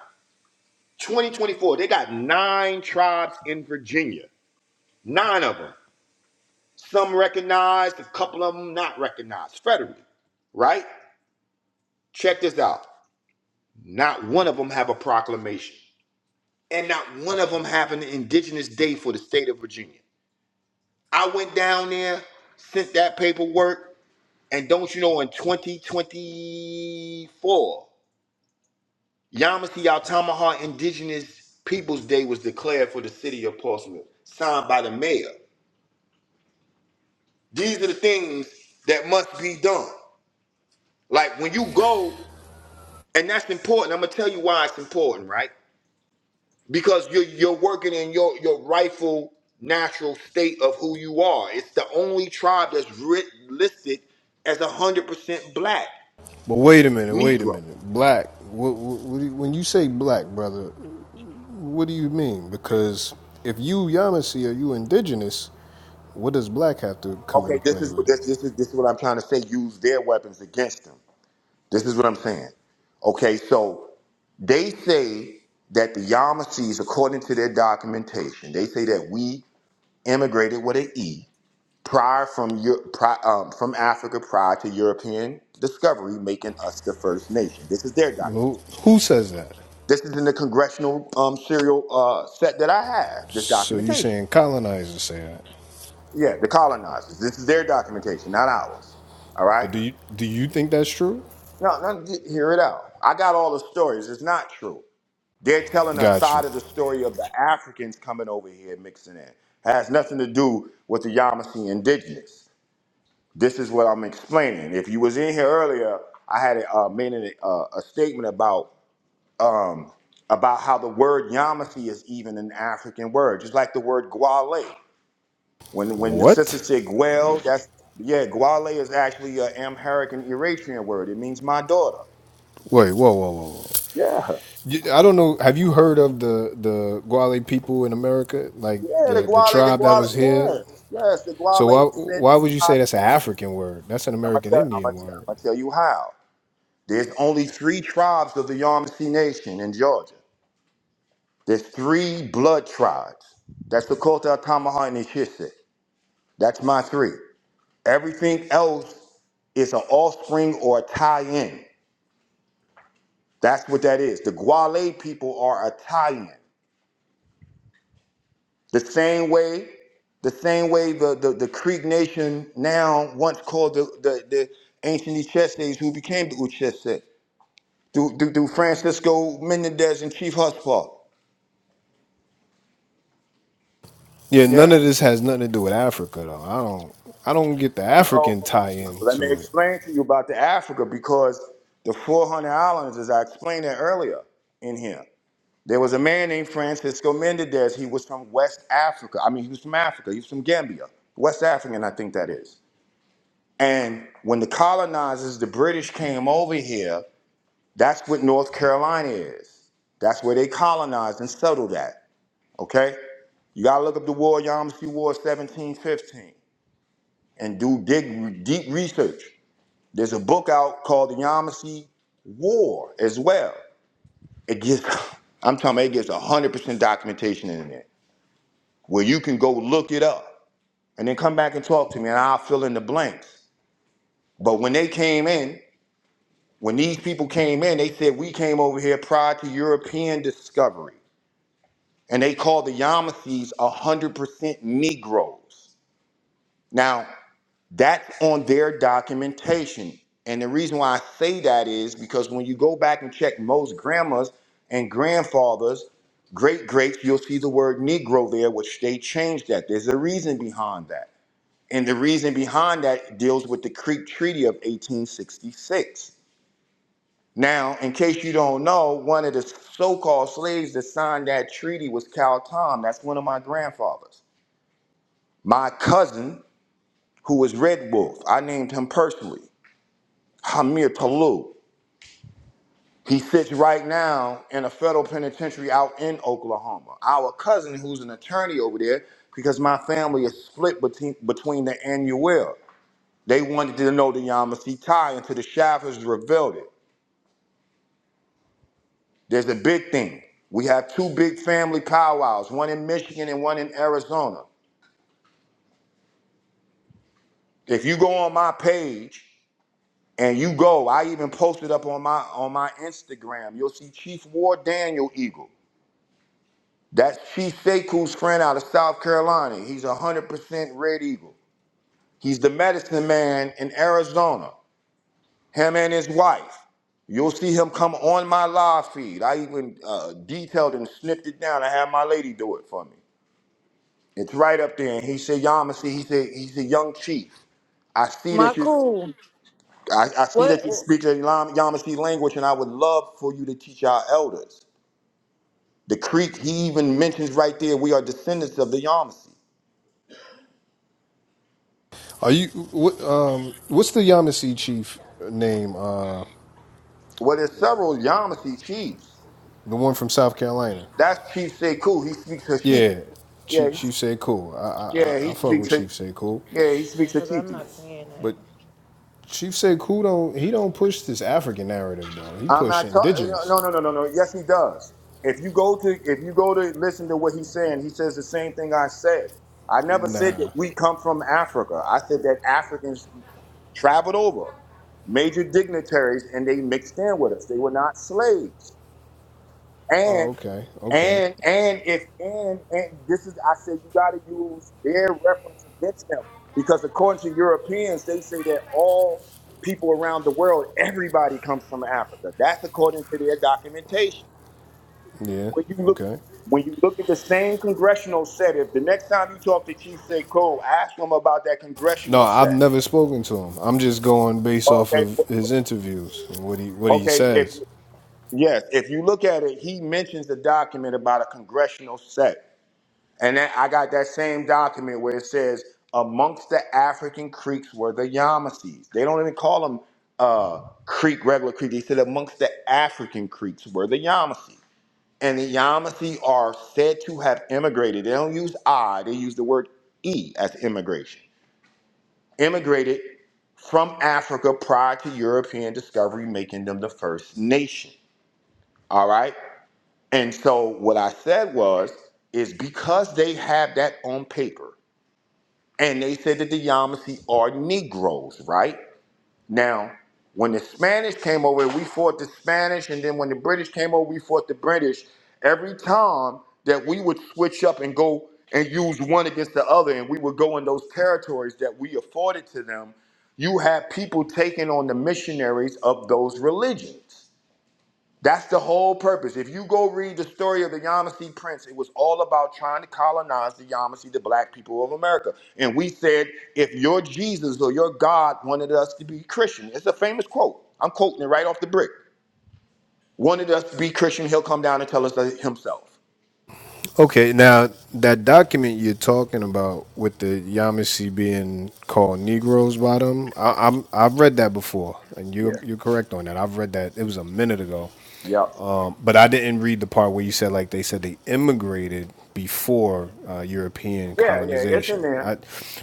[SPEAKER 2] 2024, they got nine tribes in Virginia. Nine of them. Some recognized, a couple of them not recognized federally, right? Check this out. Not one of them have a proclamation, and not one of them have an Indigenous Day for the state of Virginia. I went down there, sent that paperwork, and don't you know, in 2024, Yamasee Altamaha Indigenous Peoples Day was declared for the city of Portsmouth, signed by the mayor. These are the things that must be done. Like when you go, and that's important. I'm gonna tell you why it's important, right? because you're you're working in your your rightful natural state of who you are. It's the only tribe that's writ, listed as a hundred percent black
[SPEAKER 4] But wait a minute, wait a
[SPEAKER 2] Negro.
[SPEAKER 4] minute. Black. What, what, what do you- when you say black, brother, What do you mean? Because if you Yamasee or you indigenous, what does black have to come into
[SPEAKER 2] Okay, this
[SPEAKER 4] play
[SPEAKER 2] is what
[SPEAKER 4] with it?
[SPEAKER 2] this this is this is what I'm trying to say. Use their weapons against them. This is what I'm saying. Okay, so they say that the Yamasees, according to their documentation, they say that we immigrated with an E prior from Eu- pri um, from Africa prior to European discovery, making us the first nation. This is their document.
[SPEAKER 4] Well, who says that?
[SPEAKER 2] This is in the congressional um, serial uh, set that I have. This
[SPEAKER 4] So you
[SPEAKER 2] documentation.
[SPEAKER 4] saying colonizers say that?
[SPEAKER 2] Yeah, the colonizers. This is their documentation, not ours. All right.
[SPEAKER 4] But do you do you think that's true?
[SPEAKER 2] No, no, he- hear it out. I got all the stories. It's not true. They're telling a
[SPEAKER 4] Got you.
[SPEAKER 2] side of the story of the Africans coming over here, mixing in. Has nothing to do with the Yamasee indigenous. This is what I'm explaining. If you was in here earlier, I had uh, made a, a, a statement about um, about how the word Yamasi is even an African word, just like the word Gwale. When when the sister
[SPEAKER 4] What?
[SPEAKER 2] said Gwel, that's yeah, Gwale is actually an Amharic and Eritrean word. It means my daughter.
[SPEAKER 4] Wait, whoa, whoa, whoa, whoa.
[SPEAKER 2] Yeah,
[SPEAKER 4] You, I don't know. Have you heard of the the Gwale people in America? Like
[SPEAKER 2] yeah, the
[SPEAKER 4] the the
[SPEAKER 2] Gwale, the
[SPEAKER 4] tribe that
[SPEAKER 2] Gwale,
[SPEAKER 4] was here.
[SPEAKER 2] yes, yes, the
[SPEAKER 4] So
[SPEAKER 2] Gwale
[SPEAKER 4] why
[SPEAKER 2] is said to
[SPEAKER 4] why
[SPEAKER 2] be
[SPEAKER 4] would you
[SPEAKER 2] tied
[SPEAKER 4] say that's
[SPEAKER 2] to
[SPEAKER 4] an
[SPEAKER 2] Yamasi.
[SPEAKER 4] African word? That's an
[SPEAKER 2] I'm gonna
[SPEAKER 4] American
[SPEAKER 2] tell, I'm gonna
[SPEAKER 4] Indian
[SPEAKER 2] tell,
[SPEAKER 4] word.
[SPEAKER 2] I'm gonna tell you how. There's only three tribes of the Yamasee Nation in Georgia. There's three blood tribes. That's the cult of Tamaha and Ishise. That's my three. Everything else is an offspring or a tie-in. That's what that is. The Gwale people are a tie-in. The same way, the same way the, the, the Creek Nation now once called the, the, the ancient Ishises who became the Uchese. Through, through, through Francisco Menendez and Chief Huspah.
[SPEAKER 4] Yeah, none
[SPEAKER 2] Yeah.
[SPEAKER 4] of this has nothing to do with Africa though. I don't I don't get the
[SPEAKER 2] Well,
[SPEAKER 4] African tie in
[SPEAKER 2] let me
[SPEAKER 4] to it.
[SPEAKER 2] explain to you about the Africa because the 400 islands, as I explained it earlier in here, there was a man named Francisco Mendez. He was from West Africa. I mean, he was from Africa. He was from Gambia, West African, I think that is. And when the colonizers, the British came over here, that's what North Carolina is. That's where they colonized and settled at. Okay? You gotta look up the war, Yamasee War 1715, and do dig deep research. There's a book out called The Yamasee War as well. It gets, I'm talking about it gets 100% documentation in it where you can go look it up and then come back and talk to me and I'll fill in the blanks. But when they came in, when these people came in, they said, We came over here prior to European discovery. And they called the Yamasees 100% Negroes. Now, That's on their documentation. And the reason why I say that is because when you go back and check most grandmas and grandfathers, great greats, you'll see the word Negro there, which they changed that. There's a reason behind that. And the reason behind that deals with the Creek Treaty of 1866. Now, in case you don't know, one of the so called slaves that signed that treaty was Cal Tom. That's one of my grandfathers. My cousin, who was Red Wolf, I named him personally. Hamir Talou. He sits right now in a federal penitentiary out in Oklahoma. Our cousin, who's an attorney over there, because my family is split between, between the Annuel. They wanted to know the Yamasee tie until the Shaffers revealed it. There's a big thing. We have two big family powwows, one in Michigan and one in Arizona. If you go on my page and you go, I even posted up on my on my Instagram, you'll see Chief War Daniel Eagle. That's Chief Sekou's friend out of South Carolina. He's a 100% Red Eagle. He's the medicine man in Arizona, him and his wife. You'll see him come on my live feed. I even uh, detailed and snipped it down. I had my lady do it for me. It's right up there. And he said, Yamasi, he said, he's a young chief. I see
[SPEAKER 3] My
[SPEAKER 2] that you
[SPEAKER 3] cool.
[SPEAKER 2] I, I see
[SPEAKER 3] What
[SPEAKER 2] that you speak a Yam- Yamasee language, and I would love for you to teach our elders. The Creek, he even mentions right there, we are descendants of the Yamasee.
[SPEAKER 4] Are you what um what's the Yamasee chief name? Uh
[SPEAKER 2] Well, there's several Yamasi chiefs.
[SPEAKER 4] the one from South Carolina.
[SPEAKER 2] That's Chief Sekou. He speaks Hashiti.
[SPEAKER 4] Yeah.
[SPEAKER 2] Yeah,
[SPEAKER 4] Chief,
[SPEAKER 2] he,
[SPEAKER 4] chief said cool. I,
[SPEAKER 2] yeah,
[SPEAKER 4] I
[SPEAKER 2] he
[SPEAKER 4] I fuck
[SPEAKER 2] speaks.
[SPEAKER 4] with
[SPEAKER 2] Ha-
[SPEAKER 4] Chief said cool.
[SPEAKER 2] Yeah, he speaks
[SPEAKER 3] because I'm
[SPEAKER 2] Hashiti.
[SPEAKER 3] not saying
[SPEAKER 4] But
[SPEAKER 3] that.
[SPEAKER 4] Chief said cool don't he don't push this African narrative though. He
[SPEAKER 2] I'm
[SPEAKER 4] push
[SPEAKER 2] not talking.
[SPEAKER 4] indigenous.
[SPEAKER 2] No, no, no, no, no. no. Yes, he does. If you go to, if you go to listen to what he's saying, he says the same thing I said. I never said that
[SPEAKER 4] Nah.
[SPEAKER 2] we come from Africa. I said that Africans traveled over, major dignitaries, and they mixed in with us. They were not slaves.
[SPEAKER 4] Oh,
[SPEAKER 2] And
[SPEAKER 4] okay. Okay.
[SPEAKER 2] And and if and and this is I said you got to use their reference against them because according to Europeans they say that all people around the world everybody comes from Africa. That's according to their documentation.
[SPEAKER 4] Yeah.
[SPEAKER 2] When you look
[SPEAKER 4] Okay.
[SPEAKER 2] when you look at the same congressional set, if the next time you talk to Chief Seiko, ask him about that
[SPEAKER 4] No,
[SPEAKER 2] congressional
[SPEAKER 4] I've
[SPEAKER 2] set.
[SPEAKER 4] never spoken to him. I'm just going based off
[SPEAKER 2] Okay, wh-
[SPEAKER 4] of his interviews and what he what
[SPEAKER 2] wh-
[SPEAKER 4] he
[SPEAKER 2] okay. If
[SPEAKER 4] says.
[SPEAKER 2] yes, if you look at it, he mentions the document about a congressional set. And then I got that same document where it says amongst the African creeks were the Yamasees. They don't even call them uh, creek, regular creek. They said amongst the African creeks were the Yamasee. And the Yamasee are said to have immigrated. They don't use I, they use the word E as immigration. Immigrated from Africa prior to European discovery, making them the first nation. All right. And so what I said was, is because they have that on paper and they said that the Yamasee are Negroes, right? Now, when the Spanish came over, we fought the Spanish, and then when the British came over, we fought the British. Every time that we would switch up and go and use one against the other, and we would go in those territories that we afforded to them, you had people taking on the missionaries of those religions. That's the whole purpose. If you go read the story of the Yamasee Prince, it was all about trying to colonize the Yamasee, the black people of America. And we said, if your Jesus or your God wanted us to be Christian, it's a famous quote. I'm quoting it right off the brick. Wanted us to be Christian, he'll come down and tell us that himself.
[SPEAKER 4] Okay, now that document you're talking about with the Yamasi being called Negroes by them, I, I'm I've read that before, and you
[SPEAKER 2] Yeah.
[SPEAKER 4] you're you're correct on that. I've read that. It was a minute ago.
[SPEAKER 2] Yep.
[SPEAKER 4] But I didn't read the part where you said like they said they immigrated before uh, European
[SPEAKER 2] Yeah, yeah, it's in
[SPEAKER 4] colonization.
[SPEAKER 2] there.
[SPEAKER 4] I,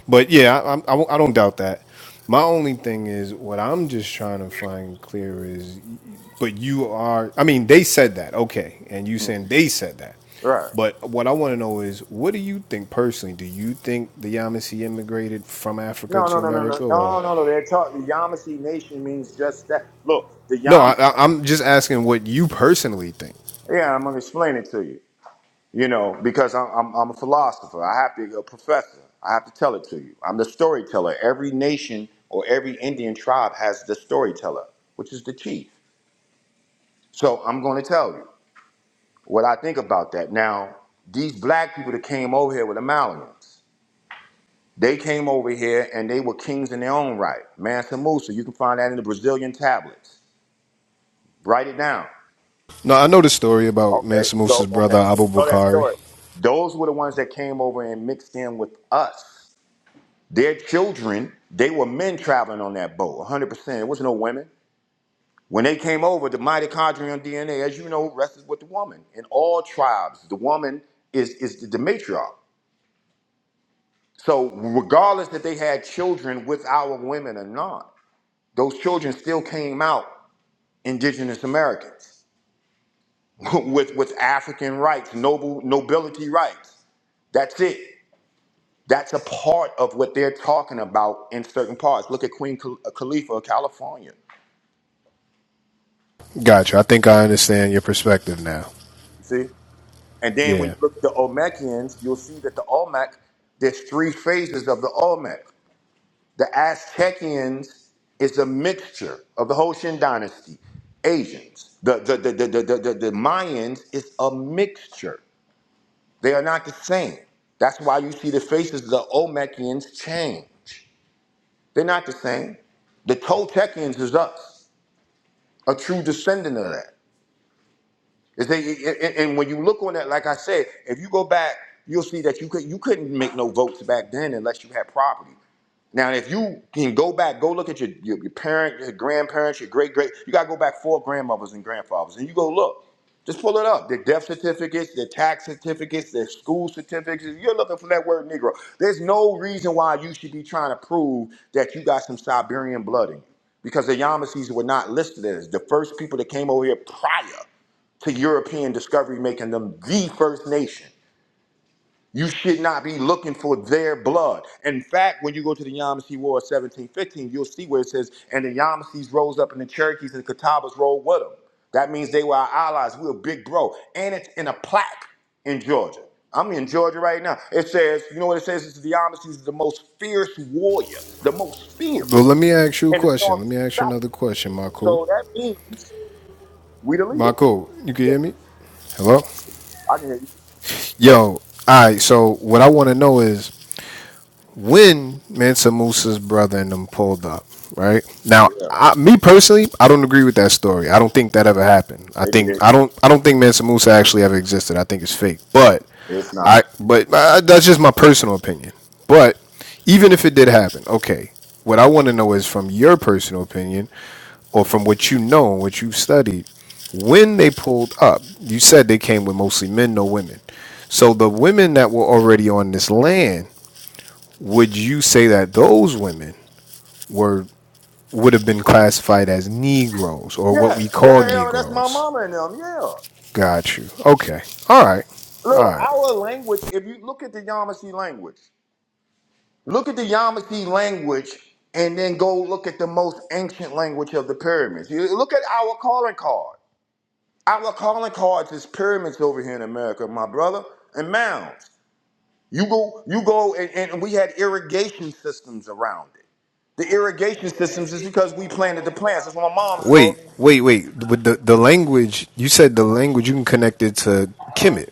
[SPEAKER 4] but yeah, I, I, I don't doubt that. My only thing is what I'm just trying to find clear is, but you are. I mean, they said that, okay, and you
[SPEAKER 2] Mm,
[SPEAKER 4] saying they said that.
[SPEAKER 2] Right.
[SPEAKER 4] But what I want to know is, what do you think personally? Do you think the Yamasi immigrated from Africa
[SPEAKER 2] No, no,
[SPEAKER 4] to
[SPEAKER 2] no, no, no,
[SPEAKER 4] America, or
[SPEAKER 2] no, no, no. They're talking. The Yamasee Nation means just that. Look, the
[SPEAKER 4] no? I,
[SPEAKER 2] Yam.
[SPEAKER 4] I, I'm just asking what you personally think.
[SPEAKER 2] Yeah, I'm gonna explain it to you. You know, because I'm, I'm, I'm a philosopher. I have to be a professor. I have to tell it to you. I'm the storyteller. Every nation or every Indian tribe has the storyteller, which is the chief. So I'm going to tell you what I think about that. Now, these black people that came over here with the Malians, they came over here and they were kings in their own right. Mansa Musa, you can find that in the Brazilian tablets. Write it down.
[SPEAKER 4] No, I know the story about
[SPEAKER 2] Okay,
[SPEAKER 4] Mansa Musa's
[SPEAKER 2] so okay,
[SPEAKER 4] brother
[SPEAKER 2] so
[SPEAKER 4] Abu
[SPEAKER 2] you know that
[SPEAKER 4] Bakari.
[SPEAKER 2] story. Those were the ones that came over and mixed in with us. Their children, they were men traveling on that boat, 100%. It was no women. When they came over, the mitochondrial DNA, as you know, rested with the woman. In all tribes, the woman is, is the matriarch. So, regardless that they had children with our women or not, those children still came out indigenous Americans with, with African rights, noble nobility rights. That's it. That's a part of what they're talking about in certain parts. Look at Queen Khal- Khalifa of California.
[SPEAKER 4] Gotcha. I think I understand your perspective now.
[SPEAKER 2] You see? And then when you
[SPEAKER 4] Yeah.
[SPEAKER 2] look at the Olmecans, you'll see that the Olmec, there's three phases of the Olmec. The Aztecians is a mixture of the Hoshin dynasty, Asians. The, the, the, the, the, the, the, the Mayans is a mixture. They are not the same. That's why you see the faces of the Olmecians change. They're not the same. The Toltecians is us, a true descendant of that. Is that, and and when you look on that, like I said, if you go back, you'll see that you could you couldn't make no votes back then unless you had property. Now, if you can go back, go look at your your, your parent, your grandparents, your great great. You gotta go back four grandmothers and grandfathers, and you go look. Just pull it up. Their death certificates, their tax certificates, their school certificates. You're looking for that word Negro. There's no reason why you should be trying to prove that you got some Siberian blood in you, because the Yamasees were not listed as the first people that came over here prior to European discovery, making them the first nation. You should not be looking for their blood. In fact, when you go to the Yamasee War of 1715, you'll see where it says, and the Yamasees rose up and the Cherokees and the Catawbas rolled with them. That means they were our allies. We were big bro. And it's in a plaque in Georgia. I'm in Georgia right now. It says, you know what it says? It's the Yamasees are the most fierce warriors, the most fierce
[SPEAKER 4] Well, let me ask you a
[SPEAKER 2] in the
[SPEAKER 4] question. Let
[SPEAKER 2] storms
[SPEAKER 4] me
[SPEAKER 2] of
[SPEAKER 4] ask
[SPEAKER 2] the
[SPEAKER 4] you
[SPEAKER 2] South.
[SPEAKER 4] another question, Marco.
[SPEAKER 2] So that means we the leaders.
[SPEAKER 4] Marco, you can
[SPEAKER 2] Yes,
[SPEAKER 4] hear
[SPEAKER 2] sir.
[SPEAKER 4] me? Hello?
[SPEAKER 2] I can hear you.
[SPEAKER 4] Yo,
[SPEAKER 2] Hold
[SPEAKER 4] all right. So, what I want to know is when Mansa Musa's brother and them pulled up, right? Now,
[SPEAKER 2] on.
[SPEAKER 4] I, me personally, I don't agree with that story. I don't think that ever happened. I
[SPEAKER 2] It did.
[SPEAKER 4] think I don't I don't think Mansa Musa actually ever existed. I think it's fake. But
[SPEAKER 2] It's
[SPEAKER 4] I
[SPEAKER 2] not.
[SPEAKER 4] but uh, that's just my personal opinion. But even if it did happen, okay. What I want to know is from your personal opinion or from what you know and what you've studied, when they pulled up, you said they came with mostly men, no women. So the women that were already on this land would you say that those women were would have been classified as Negroes or what we
[SPEAKER 2] Yes. Yeah,
[SPEAKER 4] call
[SPEAKER 2] yeah, yeah, that's my
[SPEAKER 4] Negroes?
[SPEAKER 2] mama and them. Yeah.
[SPEAKER 4] Got you. Okay. All right. All
[SPEAKER 2] Look,
[SPEAKER 4] right.
[SPEAKER 2] our language, if you look at the Yamasee language, look at the Yamasee language and then go look at the most ancient language of the pyramids. You look at our calling card. Our calling cards is pyramids over here in America, my brother, and mounds. You go, you go, and, and we had irrigation systems around it. The irrigation systems is because we planted the plants. That's my mom's
[SPEAKER 4] Wait.
[SPEAKER 2] story.
[SPEAKER 4] Wait. Wait. With the the language you said the language you can connect it to Kemet,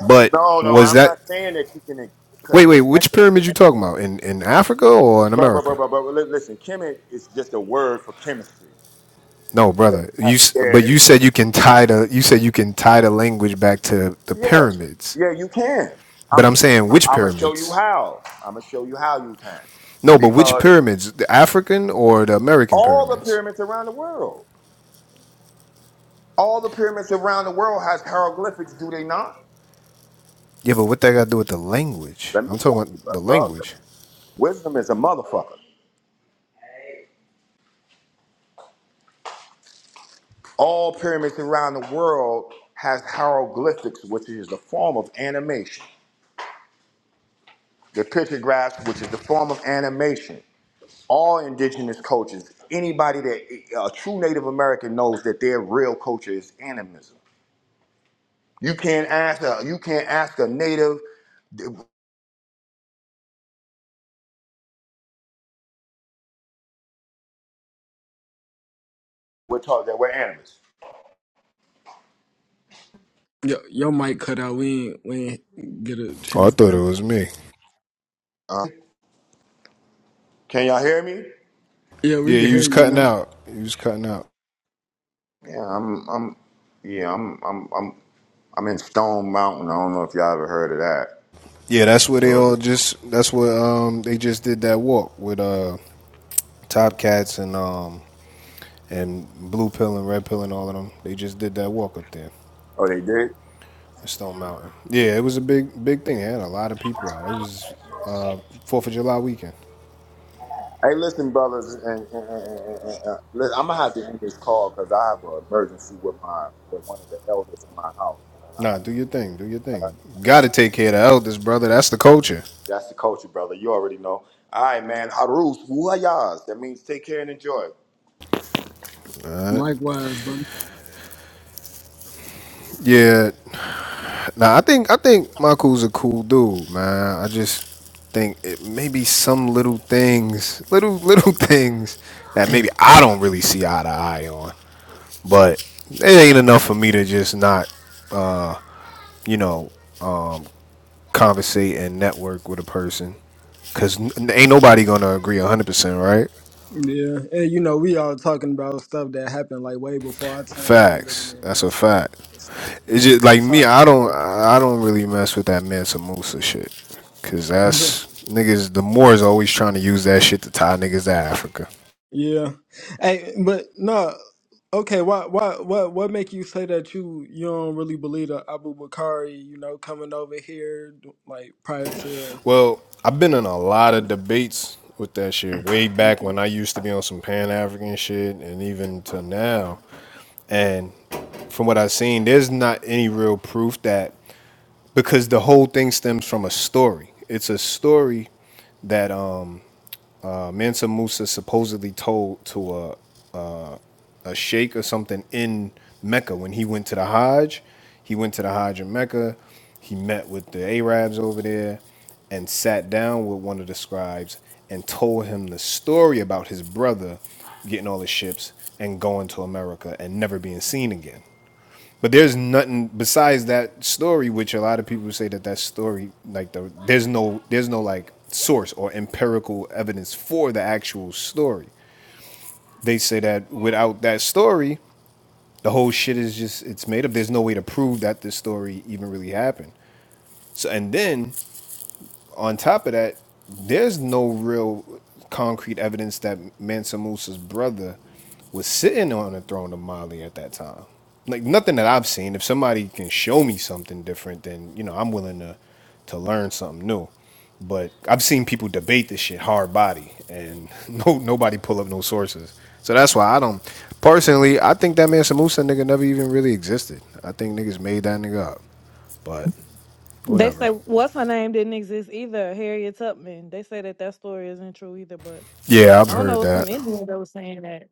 [SPEAKER 4] but
[SPEAKER 2] No, no,
[SPEAKER 4] was
[SPEAKER 2] I'm not
[SPEAKER 4] that
[SPEAKER 2] saying that you can uh, co-
[SPEAKER 4] wait wait which
[SPEAKER 2] connect it to
[SPEAKER 4] pyramid you
[SPEAKER 2] chemistry.
[SPEAKER 4] talking about in in Africa or in
[SPEAKER 2] Bro, bro, bro,
[SPEAKER 4] America?
[SPEAKER 2] bro, bro. li- Listen, chemi is just a word for chemistry.
[SPEAKER 4] No,
[SPEAKER 2] Yeah,
[SPEAKER 4] brother. You s-
[SPEAKER 2] yeah,
[SPEAKER 4] but you
[SPEAKER 2] it's-
[SPEAKER 4] said
[SPEAKER 2] it's-
[SPEAKER 4] you can tie the you said you can tie the language back to the
[SPEAKER 2] yeah.
[SPEAKER 4] pyramids.
[SPEAKER 2] Yeah, You can. I'm
[SPEAKER 4] But I'm
[SPEAKER 2] gonna show you.
[SPEAKER 4] saying which
[SPEAKER 2] I'm gonna show
[SPEAKER 4] pyramids?
[SPEAKER 2] you how. I'm gonna show you how you can,
[SPEAKER 4] No, but which
[SPEAKER 2] because
[SPEAKER 4] pyramids? The African or the American
[SPEAKER 2] all the
[SPEAKER 4] pyramids?
[SPEAKER 2] pyramids around the world, all the pyramids around the world has hieroglyphics, do they not?
[SPEAKER 4] Yeah, but what that got to do with the language?
[SPEAKER 2] Let me
[SPEAKER 4] I'm
[SPEAKER 2] show
[SPEAKER 4] talking
[SPEAKER 2] you,
[SPEAKER 4] about
[SPEAKER 2] bro.
[SPEAKER 4] the
[SPEAKER 2] bro
[SPEAKER 4] language.
[SPEAKER 2] listen. Wisdom is a motherfucker. All pyramids around the world has hieroglyphics, which is a form of animation. the pictographs, which is the form of animation. All indigenous cultures, anybody that a true Native American knows that their real culture is animism. You can't ask a you can't ask a Native. We're taught that we're animists.
[SPEAKER 1] Yo, your mic cut out. We ain't we ain't get a
[SPEAKER 4] Oh, I
[SPEAKER 1] chance.
[SPEAKER 4] thought it was me.
[SPEAKER 2] Uh, can y'all hear me?
[SPEAKER 1] Yeah, we
[SPEAKER 4] Yeah,
[SPEAKER 1] can
[SPEAKER 4] you
[SPEAKER 1] hear
[SPEAKER 4] was
[SPEAKER 1] you
[SPEAKER 4] cutting
[SPEAKER 1] now.
[SPEAKER 4] out. You was cutting out.
[SPEAKER 2] Yeah, I'm I'm yeah I'm I'm I'm I'm in Stone Mountain. I don't know if y'all ever heard of that,
[SPEAKER 4] Yeah, that's where they all
[SPEAKER 2] Georgia.
[SPEAKER 4] just. That's where um they just did that walk with uh Top Cats and um and Blue Pill and Red Pill and all of them. They just did that walk up there,
[SPEAKER 2] Oh, they did.
[SPEAKER 4] Stone Mountain. Yeah, it was a big big thing. It had a lot of people out. It was uh Fourth of July weekend.
[SPEAKER 2] Hey, listen, brothers, and, and, and, and, and listen, I'm gonna have to end this call because I have an emergency with my with one of the elders in my house, and I
[SPEAKER 4] Nah,
[SPEAKER 2] have
[SPEAKER 4] do your
[SPEAKER 2] to,
[SPEAKER 4] thing. Do your thing. Got to take care of the elders, brother. That's the culture.
[SPEAKER 2] that's the culture, brother. You already know. All right, man. Harus wuhayas. That means take care and enjoy.
[SPEAKER 1] Likewise, brother.
[SPEAKER 4] Yeah. Nah, I think I think Michael's a cool dude, man. I just think it maybe some little things, little little things that maybe I don't really see eye to eye on, but it ain't enough for me to just not, uh, you know, conversate and network with a person. Cause n- ain't nobody gonna agree 100%, right?
[SPEAKER 1] Yeah, and you know we all talking about stuff that happened like way before our time that we living
[SPEAKER 4] Facts.
[SPEAKER 1] in
[SPEAKER 4] That's
[SPEAKER 1] now.
[SPEAKER 4] a
[SPEAKER 1] So
[SPEAKER 4] fact.
[SPEAKER 1] it's like
[SPEAKER 4] It's just like
[SPEAKER 1] it's
[SPEAKER 4] me.
[SPEAKER 1] hard.
[SPEAKER 4] I don't. I don't really mess with that Mansa Musa shit, cause that's niggas. The Moors always trying to use that shit to tie niggas to Africa.
[SPEAKER 1] Yeah. Hey, but no. Okay, why why what what make you say that you you don't really believe the Abu Bakari, you know, coming over here like prior to
[SPEAKER 4] Well, I've been in a lot of
[SPEAKER 1] 'cause-
[SPEAKER 4] debates with that shit way back
[SPEAKER 1] Mhm.
[SPEAKER 4] when I used to be on some Pan African shit, and even to now. And from what I've seen, there's not any real proof that because the whole thing stems from a story. It's a story that um uh, Mansa Musa supposedly told to a uh, a sheikh or something in Mecca when he went to the Hajj. He went to the Hajj in Mecca. He met with the Arabs over there and sat down with one of the scribes and told him the story about his brother getting all his ships and going to America and never being seen again. But there's nothing besides that story, which a lot of people say that that story, like the there's no there's no like source or empirical evidence for the actual story. They say that without that story, the whole shit is just it's made up. There's no way to prove that this story even really happened. So and then on top of that, there's no real concrete evidence that Mansa Musa's brother was sitting on the throne of Mali at that time. Like nothing that I've seen. If somebody can show me something different, then you know I'm willing to to learn something new. But I've seen people debate this shit hard body, and no nobody pull up no sources. So that's why I don't. Personally, I think that Mansa Musa nigga never even really existed. I think niggas made that nigga up. But
[SPEAKER 3] They say
[SPEAKER 4] whatever.
[SPEAKER 3] what's her name didn't exist either, Harriet Tubman. They say that that story isn't true either, but
[SPEAKER 4] Yeah, I've
[SPEAKER 3] I don't
[SPEAKER 4] heard
[SPEAKER 3] know it's some
[SPEAKER 4] that.
[SPEAKER 3] Indian that was saying that.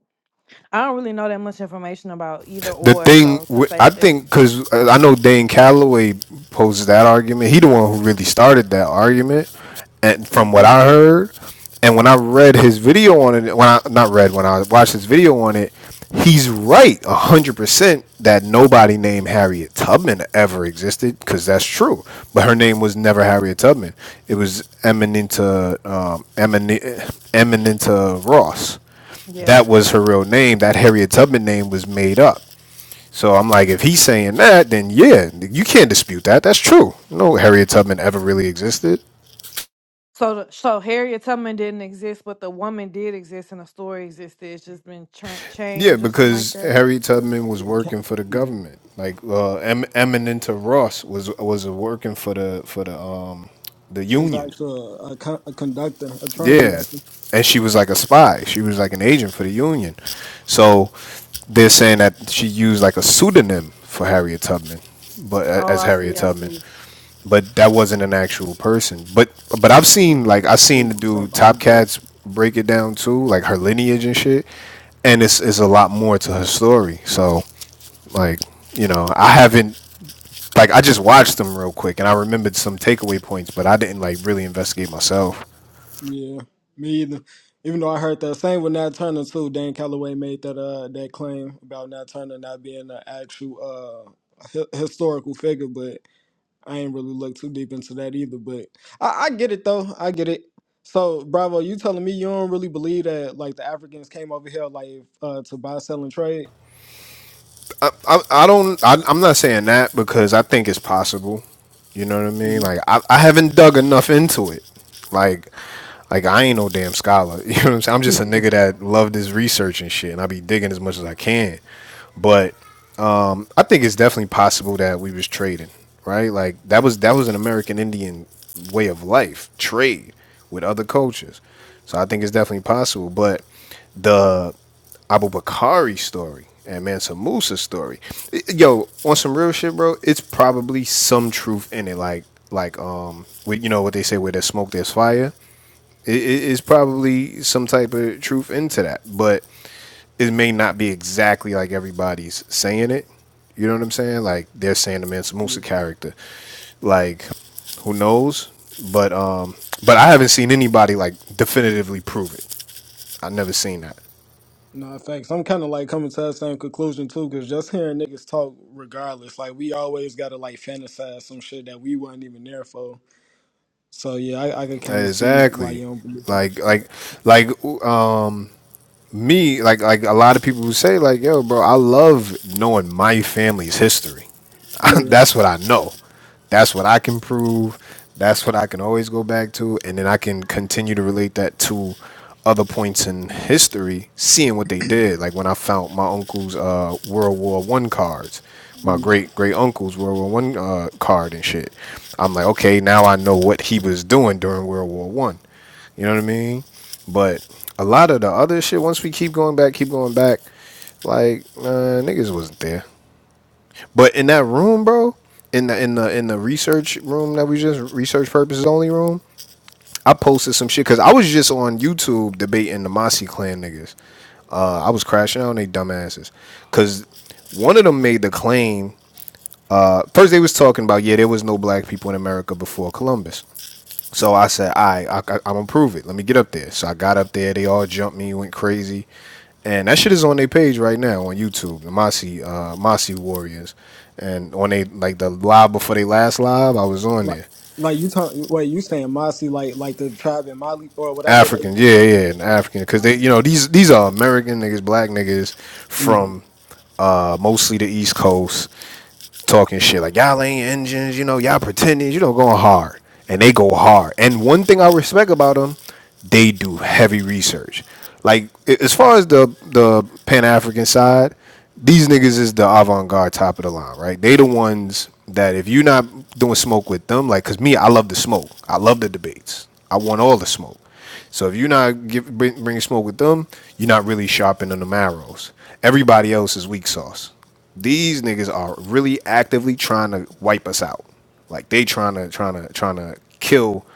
[SPEAKER 3] I don't really know that much information about either
[SPEAKER 4] The
[SPEAKER 3] or,
[SPEAKER 4] thing
[SPEAKER 3] so to
[SPEAKER 4] wi-
[SPEAKER 3] say
[SPEAKER 4] I
[SPEAKER 3] if they're
[SPEAKER 4] think because I know Dane Calloway poses that argument. He the one who really started that argument, and
[SPEAKER 1] yeah,
[SPEAKER 4] from what
[SPEAKER 1] he
[SPEAKER 4] I
[SPEAKER 1] did.
[SPEAKER 4] heard, and when I read his video on it, when I not read when I watched his video on it, he's right a hundred percent that nobody named Harriet Tubman ever existed because that's true. But her name was never Harriet Tubman. It was Eminenta um, Eminenta, Eminenta Ross.
[SPEAKER 3] yeah.
[SPEAKER 4] That was her real name. That Harriet Tubman name was made up. So I'm like, if he's saying that, then yeah, you can't dispute that. That's true. No Harriet Tubman ever really existed.
[SPEAKER 3] So the- so Harriet Tubman didn't exist, but the woman did exist and the story existed. It's just been tra-
[SPEAKER 4] Yeah,
[SPEAKER 3] changed or something like
[SPEAKER 4] because
[SPEAKER 3] that.
[SPEAKER 4] Harriet Tubman was working for the government. Like uh, em- Eminenta Ross was was working for the for the um the
[SPEAKER 1] She's
[SPEAKER 4] union.
[SPEAKER 1] actually a, a, con- a conductor, a train
[SPEAKER 4] Yeah,
[SPEAKER 1] conductor.
[SPEAKER 4] and she was like a spy. She was like an agent for the union. So they're saying that she used like a pseudonym for Harriet Tubman, but a-
[SPEAKER 3] Oh,
[SPEAKER 4] as
[SPEAKER 3] I see,
[SPEAKER 4] Harriet
[SPEAKER 3] I
[SPEAKER 4] Tubman.
[SPEAKER 3] see.
[SPEAKER 4] but that wasn't an actual person. But but I've seen
[SPEAKER 1] Um,
[SPEAKER 4] like
[SPEAKER 1] like a
[SPEAKER 4] I've seen the
[SPEAKER 1] spook sat
[SPEAKER 4] dude
[SPEAKER 1] by the
[SPEAKER 4] Top
[SPEAKER 1] door.
[SPEAKER 4] Cats break it down too, like her lineage and shit. And it's it's a lot more to her story. So like you know I haven't like I just watched them real quick and I remembered some takeaway points, but I didn't like really investigate myself.
[SPEAKER 1] Yeah, me either. Even though I heard that same with Nat Turner too. Dan Calloway made that uh that claim about Nat Turner not being an actual uh hi- historical figure, but I ain't really looked too deep into that either, but I, I get it though. I get it. So, Bravo, you telling me you don't really believe that like the Africans came over here like uh, to buy, sell, and trade?
[SPEAKER 4] I, I, I don't. I, I'm not saying that because I think it's possible. You know what I mean?
[SPEAKER 1] Mm-hmm.
[SPEAKER 4] Like I, I haven't dug enough into it. Like, like I ain't no damn scholar. You know what I'm saying? I'm just a nigga that love this research and shit, and I be digging as much as I can. But I think it's definitely possible that we was trading, right? Like that was that was an American Indian way of life, trade with other cultures. So I think it's definitely possible. But the Abubakari story and Mansa Musa story, yo, on some real shit, bro, it's probably some truth in it. Like like um, with, you know what they say, where there's smoke, there's fire. It is probably some type of truth into that, but it may not be exactly like everybody's saying it. You know what I'm saying? Like they're saying the Mansa Musa character. Like who knows? But um, but I haven't seen anybody like definitively prove it. I've never seen that
[SPEAKER 1] No, facts. I'm kind of like coming to that same conclusion too, because just hearing niggas talk, regardless, like we always gotta like fantasize some shit that we wasn't even there for. So yeah, I, I could kind of see why
[SPEAKER 4] exactly.
[SPEAKER 1] you don't believe in.
[SPEAKER 4] Like like like um me like like a lot of people who say like yo bro I love knowing my family's history.
[SPEAKER 1] Yeah.
[SPEAKER 4] that's what I know. That's what I can prove. That's what I can always go back to. And then I can continue to relate that to other points in history, seeing what they did. Like when I found my uncle's uh, World War One cards, my
[SPEAKER 1] Mm.
[SPEAKER 4] great great uncle's World War One uh, card and shit. I'm like, okay, now I know what he was doing during World War One. You know what I mean? But a lot of the other shit, once we keep going back, keep going back, like, uh, niggas wasn't there. But in that room, bro, in the in the in the research room that we just research purposes only room, I posted some shit because I was just on YouTube debating the Mossy Clan niggas. Uh, I was crashing out on they dumbasses because one of them made the claim. Uh, first, they was talking about yeah, there was no black people in America before Columbus. So I said, all right, I, I, I'm gonna prove it. Let me get up there. So I got up there. They all jumped me, went crazy and that shit is on their page right now on YouTube, the Mossy uh, Mossy Warriors, and on they like the live before they last live, I was on
[SPEAKER 1] Like,
[SPEAKER 4] there,
[SPEAKER 1] like you talk. Wait, you saying Mossy like like the tribe in Mali or whatever they.
[SPEAKER 4] African, yeah, yeah, an African, because they,
[SPEAKER 1] Mossy.
[SPEAKER 4] you know, these these are American niggas, black niggas
[SPEAKER 1] Mhm.
[SPEAKER 4] from uh, mostly the East Coast, talking shit like y'all ain't engines, you know, y'all pretending, you know, going hard, and they go hard. And one thing I respect about them, they do heavy research. Like as far as the the Pan African side, these niggas is the avant garde, top of the line, right? They the ones that if you're not doing smoke with them, like, cause me, I love the smoke, I love the debates, I want all the smoke. So if you're not give, bring, bringing smoke with them, you're not really sharpening them arrows. Everybody else is weak sauce. These niggas are really actively trying to wipe us out. Like they trying to trying to trying to kill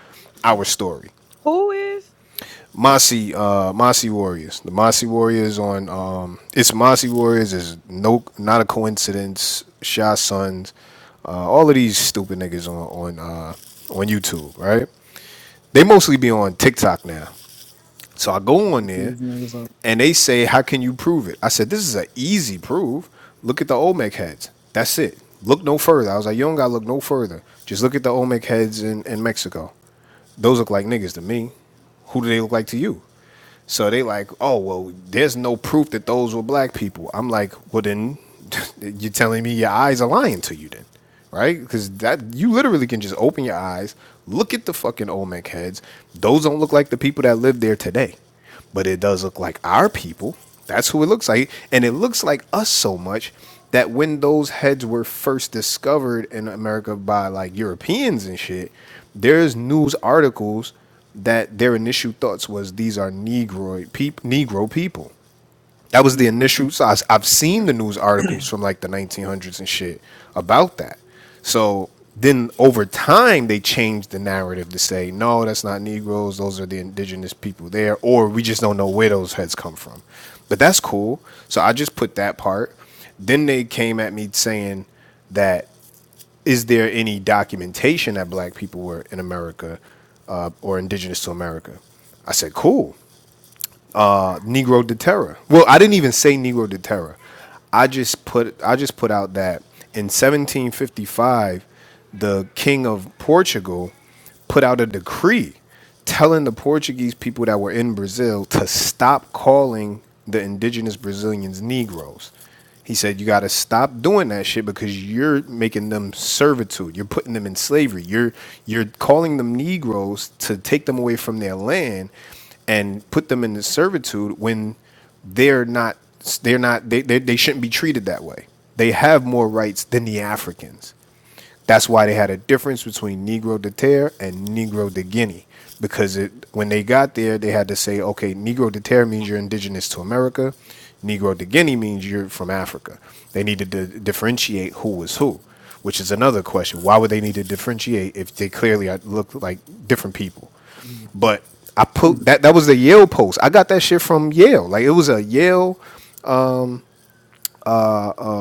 [SPEAKER 4] our story.
[SPEAKER 3] Who is
[SPEAKER 4] Mossy uh Mossy Warriors. The Mossy Warriors on um it's Mossy Warriors is no not a coincidence. Shy Sons, uh, all of these stupid niggas on on uh on YouTube, right? They mostly be on TikTok now. So I go on there
[SPEAKER 1] These niggas are
[SPEAKER 4] and they say, How can you prove it? I said, This is an easy proof. Look at the Olmec heads. That's it. Look no further. I was like, You don't gotta look no further. Just look at the Olmec heads in, in Mexico. Those look like niggas to me. Who do they look like to you? So they like, oh well, there's no proof that those were black people. I'm like, well then, you're telling me your eyes are lying to you then, right? Because that you literally can just open your eyes, look at the fucking Olmec heads. Those don't look like the people that live there today, but it does look like our people. That's who it looks like, and it looks like us so much that when those heads were first discovered in America by like Europeans and shit, there's news articles that their initial thoughts was these are Negroid peop- Negro people. That was the initial. So I, have seen the news articles from like the 1900s and shit about that. So then over time they changed the narrative to say no, that's not Negroes. Those are the indigenous people there, or we just don't know where those heads come from. But that's cool. So I just put that part. Then they came at me saying that is there any documentation that black people were in America uh, or indigenous to America? I said, cool. Uh, Negro Deterra. Well, I didn't even say Negro Deterra. I just put I just put out that in 1755, the king of Portugal put out a decree telling the Portuguese people that were in Brazil to stop calling the indigenous Brazilians Negroes. He said, You got to stop doing that shit because you're making them servitude. You're putting them in slavery. You're, you're calling them Negroes to take them away from their land and put them into servitude when they're not, they're not, they, they, they shouldn't be treated that way. They have more rights than the Africans. That's why they had a difference between Negro de Terre and Negro de Guinea. Because it, when they got there, they had to say, okay, Negro de Terre means you're indigenous to America. Negro de Guinea means you're from Africa. They needed to differentiate who was who, which is another question. Why would they need to differentiate if they clearly are- look like different people?
[SPEAKER 1] Mhm.
[SPEAKER 4] But I put that that was the Yale post. I got that shit from Yale. Like it was a Yale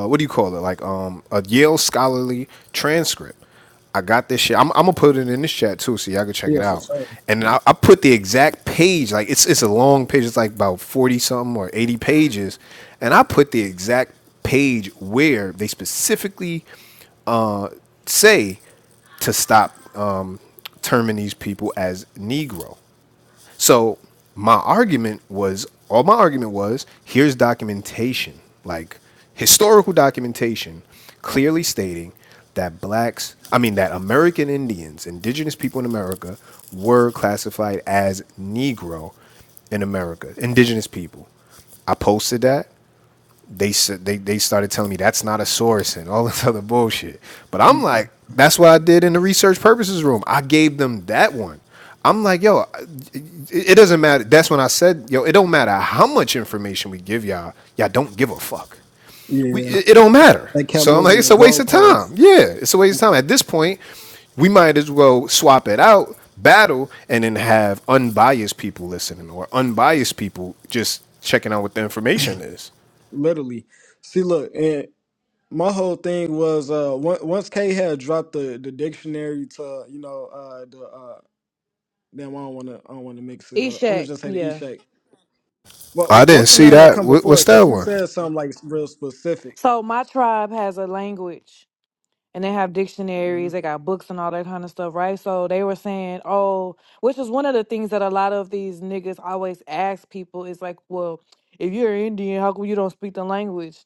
[SPEAKER 4] uh, what do you call it? Like um, a Yale scholarly transcript. I got this shit. I'm, I'm gonna put it in this chat too, so y'all can check it
[SPEAKER 1] Yeah, for
[SPEAKER 4] out.
[SPEAKER 1] sure.
[SPEAKER 4] And I, I put the exact page. Like it's it's a long page. It's like about forty something or eighty pages. And I put the exact page where they specifically say to stop um, terming these people as Negro. So my argument was all my argument was here's documentation, like historical documentation clearly stating that blacks, I mean that American Indians, indigenous people in America were classified as negro in America, indigenous people. I posted that. They said they, they started telling me that's not a source and all this other bullshit. But I'm like, that's what I did in the research purposes room. I gave them that one. I'm like, yo, it, doesn't matter. That's when I said, yo, it don't matter how much information we give y'all, y'all don't give a fuck. We,
[SPEAKER 1] Yeah,
[SPEAKER 4] it, it don't matter.
[SPEAKER 1] they kept
[SPEAKER 4] So I'm like,
[SPEAKER 1] moving the
[SPEAKER 4] it's a waste of time.
[SPEAKER 1] goalposts,
[SPEAKER 4] Yeah, it's a waste of time. At this point, we might as well swap it out, battle, and then have unbiased people listening or unbiased people just checking out what the information is.
[SPEAKER 1] literally. See, look, and my whole thing was uh, on- once K had dropped the, the dictionary to you know uh, the uh, damn, I don't want to I don't want to mix it up. I'm gonna
[SPEAKER 3] Eshak?
[SPEAKER 1] just say the E
[SPEAKER 3] Yeah.
[SPEAKER 1] shake. What
[SPEAKER 4] I
[SPEAKER 1] what-
[SPEAKER 4] didn't
[SPEAKER 1] what's the
[SPEAKER 4] see
[SPEAKER 1] name that
[SPEAKER 4] that.
[SPEAKER 1] come before
[SPEAKER 4] what's
[SPEAKER 1] it?
[SPEAKER 4] that
[SPEAKER 1] Because you
[SPEAKER 4] one?
[SPEAKER 1] said something like real specific.
[SPEAKER 3] So my tribe has a language. and they have
[SPEAKER 1] hmm
[SPEAKER 3] dictionaries, they got books and all that kind of stuff, right? So they were saying, oh, which is one of the things that a lot of these niggas always ask people is like, well, if you're Indian, how come you don't speak the language?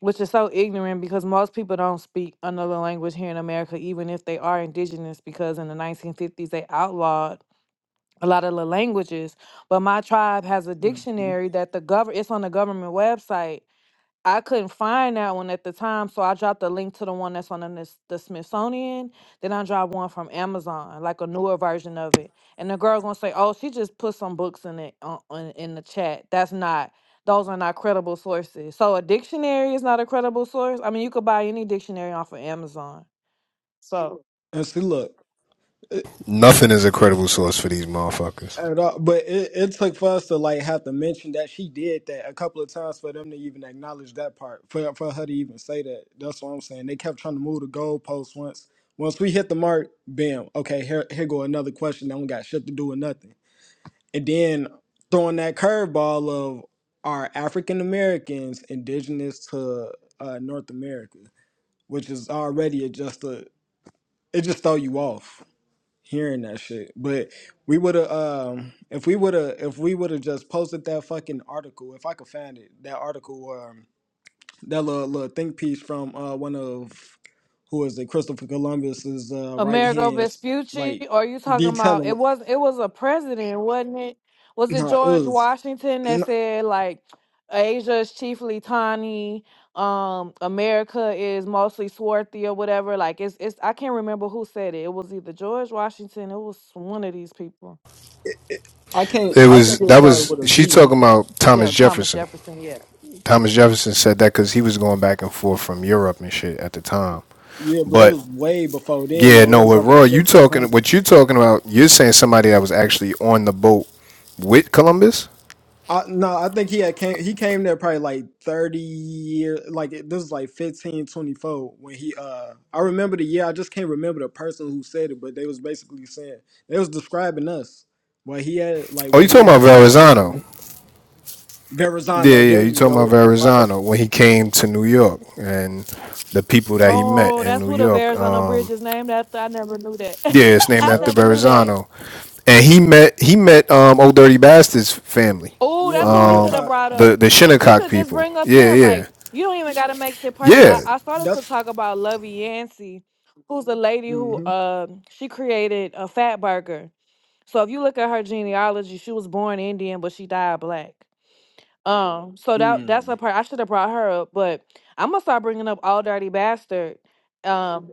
[SPEAKER 3] Which is so ignorant because most people don't speak another language here in America, even if they are indigenous, because in the 1950s they outlawed a lot of the languages. But my tribe has a
[SPEAKER 1] And
[SPEAKER 3] dictionary that the government, it's on the government website I couldn't find that one at the time, so I dropped a link to the one that's on the, Nis- the Smithsonian. Then I dropped one from Amazon, like a newer version of it. And the girl gonna say, "Oh, she just put some books in it on, on, in the chat." That's not; those are not credible sources. So a dictionary is not a credible source. I mean, you could buy any dictionary off of Amazon. So.
[SPEAKER 1] see, look.
[SPEAKER 4] Nothing is a credible source for these motherfuckers.
[SPEAKER 1] at all. But it, it took for us to like have to mention that she did that a couple of times for them to even acknowledge that part. For for her to even say that. That's what I'm saying. They kept trying to move the goalposts once. Once we hit the mark, bam. Okay, here here go another question that we got shit to do with nothing. And then throwing that curveball of our African Americans indigenous to uh, North America, which is already a- just a it just throw you off hearing that shit. But we would have um if we would have if we would have just posted that fucking article, if I could find it, that article um that little little think piece from uh one of who is it, Christopher Columbus's uh right
[SPEAKER 3] Amerigo
[SPEAKER 1] hands,
[SPEAKER 3] Vespucci,
[SPEAKER 1] like
[SPEAKER 3] or are you talking about
[SPEAKER 1] detailing
[SPEAKER 3] it
[SPEAKER 1] what
[SPEAKER 3] was it was a president, wasn't it? Was it
[SPEAKER 1] no, it
[SPEAKER 3] George
[SPEAKER 1] was
[SPEAKER 3] Washington that
[SPEAKER 1] no,
[SPEAKER 3] said like Asia is chiefly tawny, um, America is mostly swarthy or whatever? Like it's it's I can't remember who said it. It was either George Washington, it was one of these people.
[SPEAKER 1] I can't
[SPEAKER 4] It
[SPEAKER 1] I
[SPEAKER 4] was
[SPEAKER 1] think it
[SPEAKER 4] that
[SPEAKER 1] started
[SPEAKER 4] was
[SPEAKER 1] with a
[SPEAKER 4] she
[SPEAKER 1] V.
[SPEAKER 4] talking about Thomas
[SPEAKER 3] Yeah, Thomas
[SPEAKER 4] Jefferson.
[SPEAKER 3] Jefferson, yeah.
[SPEAKER 4] Thomas Jefferson said that because he was going back and forth from Europe and shit at the time.
[SPEAKER 1] Yeah, but it
[SPEAKER 4] But
[SPEAKER 1] was way before then
[SPEAKER 4] yeah,
[SPEAKER 1] though. It
[SPEAKER 4] no,
[SPEAKER 1] was
[SPEAKER 4] with
[SPEAKER 1] up in the
[SPEAKER 4] Roy, you talking
[SPEAKER 1] 1500s.
[SPEAKER 4] what you talking about? You're saying somebody that was actually on the boat with Columbus?
[SPEAKER 1] I, no, I think he had came he came there probably like 30 years like it- this is like 15 24 when he uh I remember the year I just can't remember the person who said it but they was basically saying they was describing us what he had like
[SPEAKER 4] Oh, you
[SPEAKER 1] what he
[SPEAKER 4] talking about
[SPEAKER 1] had uh
[SPEAKER 4] Verrazano?
[SPEAKER 1] document
[SPEAKER 4] Yeah,
[SPEAKER 1] Verrazano
[SPEAKER 4] yeah,
[SPEAKER 1] there
[SPEAKER 4] you
[SPEAKER 1] you
[SPEAKER 4] talking about
[SPEAKER 1] go If I could-
[SPEAKER 4] Verrazano when he came to New York and the people that he met
[SPEAKER 3] Oh,
[SPEAKER 4] in
[SPEAKER 3] that's
[SPEAKER 4] New
[SPEAKER 3] what the
[SPEAKER 4] York.
[SPEAKER 3] Arizona Bridge
[SPEAKER 4] Um,
[SPEAKER 3] is named after. I never knew that.
[SPEAKER 4] yeah, it's named
[SPEAKER 3] I
[SPEAKER 1] yeah
[SPEAKER 4] after
[SPEAKER 3] never knew that.
[SPEAKER 4] Verrazano, and he met he met um, Old Dirty Bastard's family,
[SPEAKER 3] Oh,
[SPEAKER 1] yeah
[SPEAKER 3] that's
[SPEAKER 1] the
[SPEAKER 3] what we should
[SPEAKER 4] um,
[SPEAKER 3] have
[SPEAKER 1] Shinnecock
[SPEAKER 3] brought
[SPEAKER 4] the
[SPEAKER 3] up.
[SPEAKER 4] the
[SPEAKER 3] We
[SPEAKER 4] Shinnecock
[SPEAKER 3] could just
[SPEAKER 4] people.
[SPEAKER 3] bring up
[SPEAKER 4] Yeah,
[SPEAKER 3] them.
[SPEAKER 4] yeah,
[SPEAKER 3] Like, you don't even gotta make shit personal. I,
[SPEAKER 4] yeah.
[SPEAKER 1] that's
[SPEAKER 3] I started to
[SPEAKER 1] that's
[SPEAKER 3] talk about Lovey Yancey, who's a lady who
[SPEAKER 1] mhm
[SPEAKER 3] um she created a fat burger. So if you look at her genealogy, she was born Indian, but she died black. Um, so that that's
[SPEAKER 1] mm,
[SPEAKER 3] a part I should have brought her up, but I'm gonna start bringing up All Dirty Bastard. Um,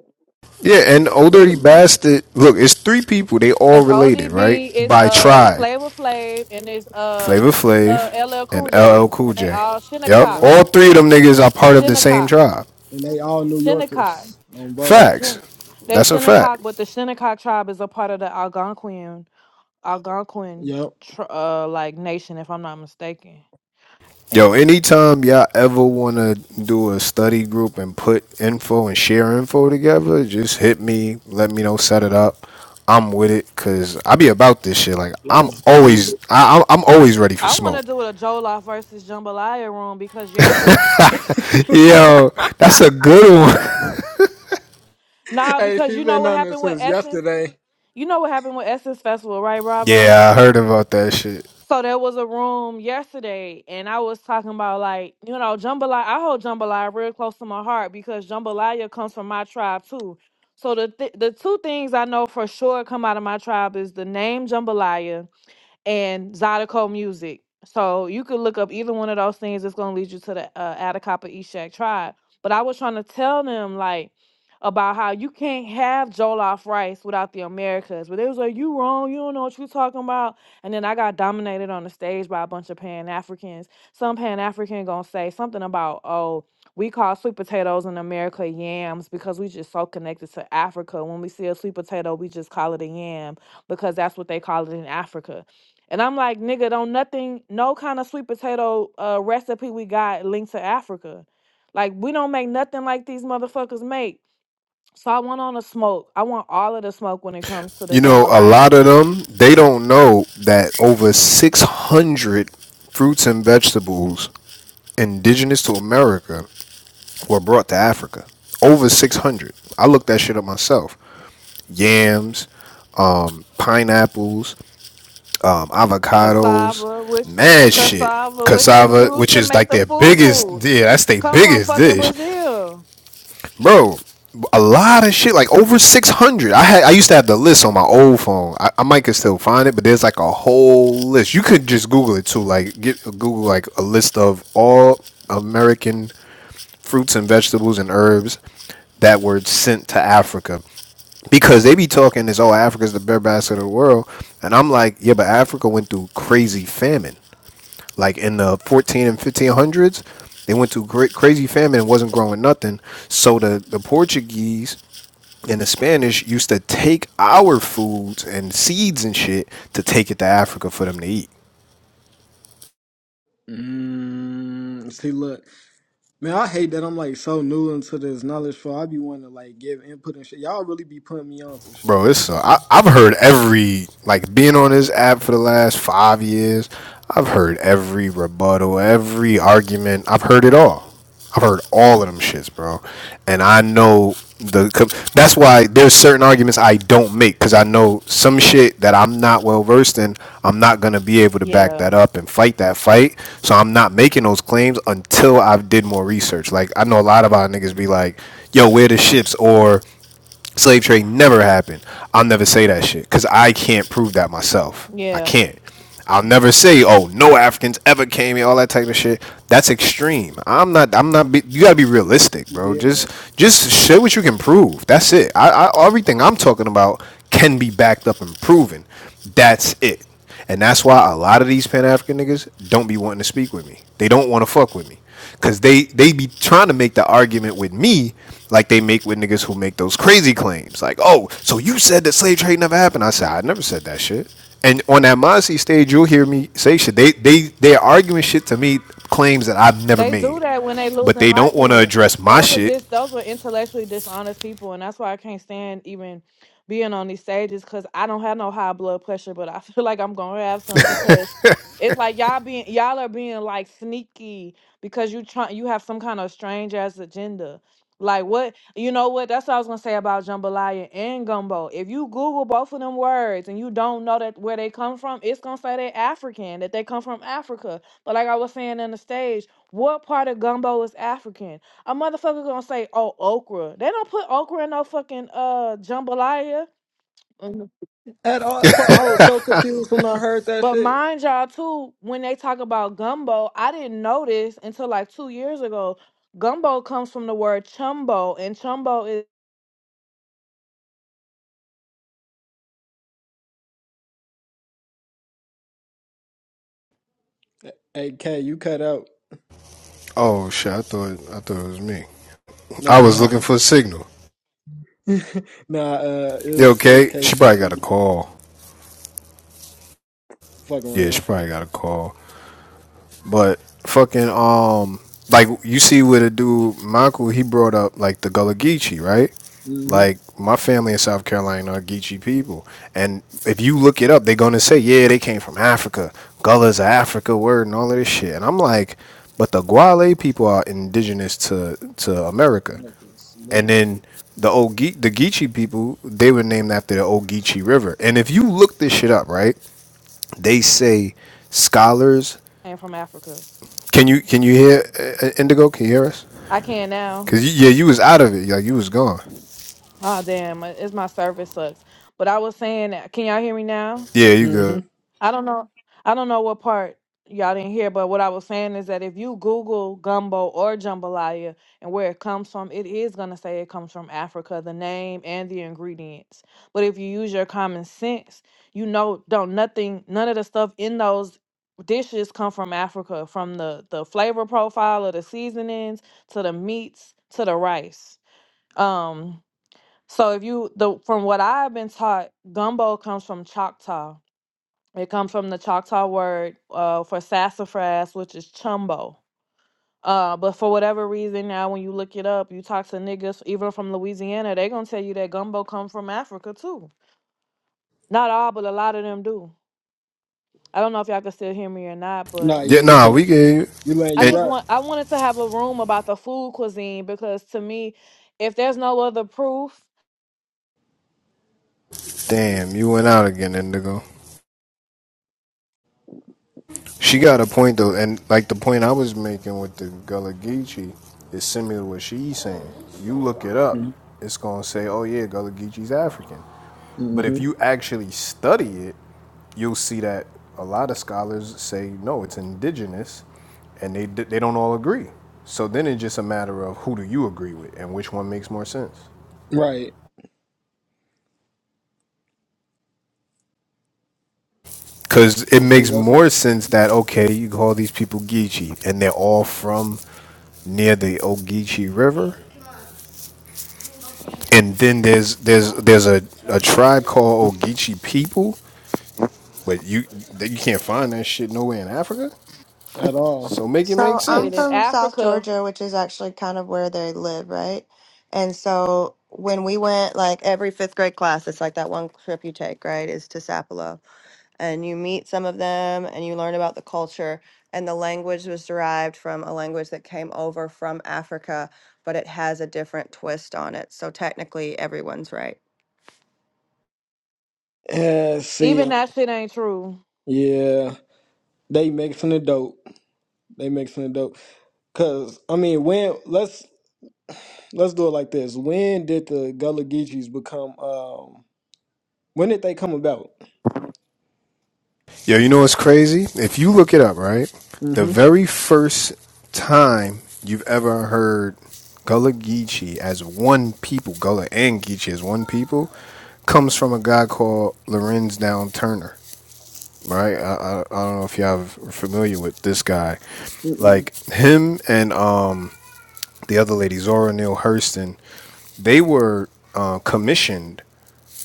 [SPEAKER 4] Yeah, and Old Dirty
[SPEAKER 1] literally
[SPEAKER 4] Bastard. Look, it's three people. They all
[SPEAKER 3] it's
[SPEAKER 4] related, right?
[SPEAKER 3] ODB, it's
[SPEAKER 4] By
[SPEAKER 3] uh
[SPEAKER 4] tribe,
[SPEAKER 3] Flavor Flav, and it's um
[SPEAKER 4] Flavor Flav,
[SPEAKER 3] uh, LL
[SPEAKER 4] and
[SPEAKER 3] Cool
[SPEAKER 4] LL
[SPEAKER 3] J,
[SPEAKER 4] Cool
[SPEAKER 3] and they
[SPEAKER 4] J.
[SPEAKER 3] all
[SPEAKER 4] Yep,
[SPEAKER 3] Shinnecock,
[SPEAKER 1] yep.
[SPEAKER 4] all three of them niggas are part of the same
[SPEAKER 3] Shinnecock.
[SPEAKER 4] tribe.
[SPEAKER 1] and they all New
[SPEAKER 3] Shinnecock.
[SPEAKER 1] Yorkers um
[SPEAKER 3] They're
[SPEAKER 1] bro
[SPEAKER 4] Facts.
[SPEAKER 3] Shin- they're
[SPEAKER 4] That's a fact.
[SPEAKER 3] Shinnecock, but the Shinnecock tribe is a part of the Algonquian Algonquin
[SPEAKER 1] yep
[SPEAKER 3] tr- uh like nation, if I'm not mistaken. Eh,
[SPEAKER 4] Yo, anytime y'all ever want to do a study group and put info and share info together, just hit me. Let me know. Set it up. I'm with it because I be about this shit. Like I'm
[SPEAKER 1] let's do
[SPEAKER 4] always, I, I'm always ready for
[SPEAKER 3] I want
[SPEAKER 4] smoke.
[SPEAKER 3] to do a Jollof versus Jambalaya room because yesterday,
[SPEAKER 4] Yo, that's a good one.
[SPEAKER 1] it
[SPEAKER 3] nah,
[SPEAKER 1] hey
[SPEAKER 3] because
[SPEAKER 1] she's
[SPEAKER 3] you know
[SPEAKER 1] been
[SPEAKER 3] what
[SPEAKER 1] on this
[SPEAKER 3] happened with
[SPEAKER 1] since
[SPEAKER 3] Essence.
[SPEAKER 1] yesterday
[SPEAKER 3] You know what happened with Essence Festival, right, Bravo?
[SPEAKER 4] Yeah, I heard about that shit.
[SPEAKER 3] So there was a room yesterday, and I was talking about like you know jambalaya. I hold jambalaya real close to my heart because jambalaya comes from my tribe too. So the th- the two things I know for sure come out of my tribe is the name jambalaya and Zydeco Music. So you could look up either one of those things. It's gonna lead you to the uh, Atacapa Eshak tribe. But I was trying to tell them like about how you can't have Jollof rice without the Americas. But they was like, "You wrong. You don't know what you're talking about." And then I got dominated on the stage by a bunch of Pan Africans. Some Pan African gonna say something about, "Oh, we call sweet potatoes in America yams because we just so connected to Africa. When we see a sweet potato, we just call it a yam." because that's what they call it in Africa. And I'm like, nigga, don't nothing, no kind of sweet potato uh, recipe we got linked to Africa. Like, we don't make nothing like these motherfuckers make. So I want on the smoke. I want all of the smoke when it comes to the
[SPEAKER 4] You know, a lot
[SPEAKER 3] jambalaya.
[SPEAKER 4] of them they don't know that over 600 fruits and vegetables indigenous to America were brought to Africa. Over 600. I looked that shit up myself. Yams, um, pineapples, um, avocados,
[SPEAKER 3] Cassava, which
[SPEAKER 4] mad shit.
[SPEAKER 3] cassava, which they
[SPEAKER 4] Cassava,
[SPEAKER 3] use
[SPEAKER 4] which
[SPEAKER 3] to
[SPEAKER 4] is
[SPEAKER 3] make
[SPEAKER 4] like
[SPEAKER 3] the
[SPEAKER 4] their
[SPEAKER 3] foo
[SPEAKER 4] biggest,
[SPEAKER 3] foo,
[SPEAKER 4] yeah, that's their
[SPEAKER 3] come from
[SPEAKER 4] biggest
[SPEAKER 3] fucking
[SPEAKER 4] dish.
[SPEAKER 3] Brazil.
[SPEAKER 4] bro. A lot of shit, like over six hundred. I had I used to have the list on my old phone. I, I might could still find it, but there's like a whole list. You could just Google it too. Like get Google like a list of all American fruits and vegetables and herbs that were sent to Africa because they be talking this oh Africa's the breadbasket of the world, and I'm like yeah, but Africa went through crazy famine. Like in the 14 and 1500s, they went through great, crazy famine and wasn't growing nothing. So the the Portuguese and the Spanish used to take our foods and seeds and shit to take it to Africa for them to eat.
[SPEAKER 1] Mm, see, look, man, I hate that I'm like so new into this knowledge. For I be wanting to like give input and shit. Y'all really be putting me on to shit.
[SPEAKER 4] bro, it's uh, I, I've heard every like being on this app for the last five years. I've heard every rebuttal, every argument. I've heard it all. I've heard all of them shits, bro. And I know the. 'cause That's why there's certain arguments I don't make because I know some shit that I'm not well versed in. I'm not gonna be able to back
[SPEAKER 3] Yeah,
[SPEAKER 4] that up and fight that fight. So I'm not making those claims until I've did more research. Like I know a lot of our niggas be like, "Yo, where the ships?" or slave trade never happened. I'll never say that shit because I can't prove that myself. I
[SPEAKER 3] yeah.
[SPEAKER 4] can't. I'll never say, oh, no Africans ever came here, all that type of shit. That's extreme. I'm not. I'm not. Be, you gotta be realistic, bro.
[SPEAKER 1] Yeah.
[SPEAKER 4] Just, just show what you can prove. That's it. I, I, everything I'm talking about can be backed up and proven. That's it. And that's why a lot of these Pan African niggas don't be wanting to speak with me. They don't want to fuck with me. Cause they they be trying to make the argument with me like they make with niggas who make those crazy claims. Like, oh, so you said that slave trade never happened. I said, I never said that shit. And on that Mossy stage, you'll hear me say shit. They they they're arguing shit to me, claims that I've never
[SPEAKER 3] They do
[SPEAKER 4] made.
[SPEAKER 3] that when they
[SPEAKER 4] But
[SPEAKER 3] losing
[SPEAKER 4] they don't want to
[SPEAKER 3] arguments.
[SPEAKER 4] address my
[SPEAKER 3] Those are
[SPEAKER 4] shit.
[SPEAKER 3] dis those are intellectually dishonest people, and that's why I can't stand even being on these stages because I don't have no high blood pressure, but I feel like I'm gonna have some because it's like y'all being y'all are being like sneaky because you try you have some kind of strange ass agenda. Like what you know what? That's what I was gonna say about jambalaya and gumbo. If you Google both of them words and you don't know that where they come from, it's gonna say they're African, that they come from Africa. But like I was saying on the stage. What part of gumbo is African? A motherfucker gonna say, oh, okra. They don't put okra in no fucking uh jambalaya. Mhm.
[SPEAKER 1] At all, fu- I was so confused when I heard that
[SPEAKER 3] But
[SPEAKER 1] shit.
[SPEAKER 3] mind y'all too, when they talk about gumbo, I didn't know this until like two years ago. Gumbo comes from the word chumbo, and chumbo is
[SPEAKER 1] Hey, K, you cut out.
[SPEAKER 4] Oh shit! I thought I thought it was me.
[SPEAKER 1] No,
[SPEAKER 4] I
[SPEAKER 1] no,
[SPEAKER 4] was looking for a signal.
[SPEAKER 1] nah. Uh,
[SPEAKER 4] Yeah,
[SPEAKER 1] it's it's
[SPEAKER 4] okay.
[SPEAKER 1] K
[SPEAKER 4] She
[SPEAKER 1] shit.
[SPEAKER 4] probably got
[SPEAKER 1] She
[SPEAKER 4] a call.
[SPEAKER 1] fucking
[SPEAKER 4] Yeah, she
[SPEAKER 1] around.
[SPEAKER 4] probably got a call. But fucking um, like you see with a dude Michael, he brought up like the Gullah Geechee, right?
[SPEAKER 1] Mm-hmm.
[SPEAKER 4] Like my family in South Carolina are Geechee people, and if you look it up, they're gonna say, yeah, they came from Africa. Gullah's an Africa word and all of this shit. And I'm like, but the Guale people are indigenous to to America,
[SPEAKER 1] Niggas,
[SPEAKER 4] and
[SPEAKER 1] literally.
[SPEAKER 4] then the old Ge- the Geechee people, they were named after the old Geechee River. And if you look this shit up, right, they say scholars
[SPEAKER 3] came from Africa.
[SPEAKER 4] can you can you hear uh, uh, Indigo? Can you hear us?
[SPEAKER 3] I can now.
[SPEAKER 4] Cause you, yeah, you was out of it. Like you was gone.
[SPEAKER 3] Oh damn, uh, it's my service sucks. But I was saying, that- can y'all hear me now?
[SPEAKER 4] Yeah, you
[SPEAKER 1] Mm-hmm.
[SPEAKER 4] good.
[SPEAKER 3] I don't know. I don't know what part y'all didn't hear, but what I was saying is that if you Google gumbo or jambalaya and where it comes from, it is going to say it comes from Africa, the name and the ingredients. But if you use your common sense, you know, don't nothing, none of the stuff in those dishes come from Africa, from the the flavor profile of the seasonings to the meats to the rice. Um, so if you the from what I've been taught, gumbo comes from Choctaw it comes from the Choctaw word uh, for sassafras, which is chumbo. Uh, but for whatever reason, now when you look it up, you talk to niggas even from Louisiana, they gonna tell you that gumbo comes from Africa too. Not all, but a lot of them do. I don't know if y'all can still hear me or not,
[SPEAKER 1] Nah,
[SPEAKER 3] but
[SPEAKER 4] Yeah,
[SPEAKER 1] yeah, we
[SPEAKER 4] nah,
[SPEAKER 1] can.
[SPEAKER 4] we can hear you.
[SPEAKER 1] We letting
[SPEAKER 3] I
[SPEAKER 1] you
[SPEAKER 4] And
[SPEAKER 3] just
[SPEAKER 1] rock.
[SPEAKER 3] want I wanted to have a room about the food cuisine because to me, if there's no other proof
[SPEAKER 4] damn, you went out again, Indigo. She got a point though, and like the point I was making with the Gullah Geechee is similar to what she's saying. You look it up,
[SPEAKER 1] Mm-hmm.
[SPEAKER 4] it's gonna say, "Oh yeah, Gullah Geechee's African." But if you actually study it, you'll see that a lot of scholars say no, it's indigenous and they they don't all agree. So then it's just a matter of who do you agree with and which one makes more sense.
[SPEAKER 1] Right.
[SPEAKER 4] Because it
[SPEAKER 1] And see,
[SPEAKER 4] makes
[SPEAKER 1] that's not
[SPEAKER 4] more sense that okay, you call these people Geechee and they're all from near the Ogeechee River, and then there's there's there's a, a tribe called Ogeechee people, but you that you can't find that shit nowhere in Africa.
[SPEAKER 1] at all.
[SPEAKER 4] So make it
[SPEAKER 6] So
[SPEAKER 4] make
[SPEAKER 3] that
[SPEAKER 6] I'm
[SPEAKER 3] in
[SPEAKER 4] sense.
[SPEAKER 6] from South
[SPEAKER 3] Africa,
[SPEAKER 6] Georgia, which is actually kind of where they live, right? And so when we went, like every fifth grade class, it's like that one trip you take, right? Is to Sapelo. and you meet some of them and you learn about the culture and the language was derived from a language that came over from Africa but it has a different twist on it so technically everyone's right
[SPEAKER 1] Yeah.
[SPEAKER 3] even
[SPEAKER 1] See.
[SPEAKER 3] that shit ain't true.
[SPEAKER 1] Yeah. They mixing the dope. They mixing the dope. Cause I mean, when let's let's do it like this. When did the Gullah Geechees become? Um, when did they come about?
[SPEAKER 4] Yo, you know what's crazy? If you look it up, right? The
[SPEAKER 1] Mm-hmm.
[SPEAKER 4] very first time you've ever heard Gullah Geechee as one people, Gullah and Geechee as one people, comes from a guy called Lorenz Down Turner, right? I, I, I don't know if y'all are familiar with this guy.
[SPEAKER 1] Mm-mm.
[SPEAKER 4] Like him and um, the other lady, Zora Neale Hurston, they were uh, commissioned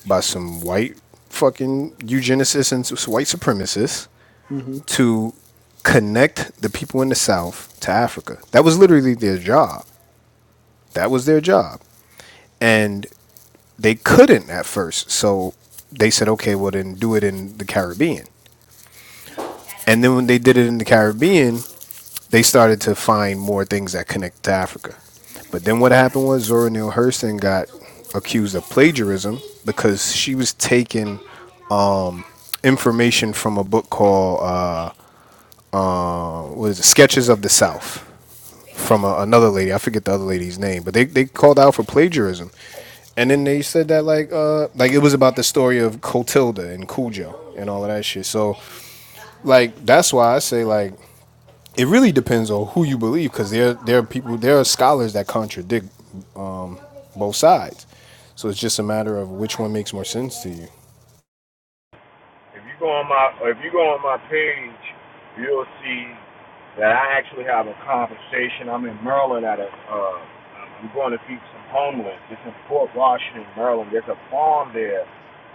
[SPEAKER 4] by some white fucking eugenicists and white supremacists
[SPEAKER 1] Mm-hmm.
[SPEAKER 4] to connect the people in the South to Africa. That was literally their job. That was their job. And they couldn't at first. So they said, okay, well, then do it in the Caribbean. And then when they did it in the Caribbean, they started to find more things that connect to Africa. But then what happened was Zora Neale Hurston got accused of plagiarism because she was taking information from a book called uh, uh, what is it? Sketches of the South. from a, another lady. I forget the other lady's name, but they, they called out for plagiarism, and then they said that like uh like it was about the story of Clotilda and Cujo and all of that shit. So like that's why I say like it really depends on who you believe because there there are people there are scholars that contradict um, both sides. So it's just a matter of which one makes more sense to you.
[SPEAKER 2] If you go on my if you go on my page, you'll see that I actually have a conversation. I'm in Maryland at a uh, I'm going to feed some homeless. It's in Fort Washington, Maryland. There's a farm there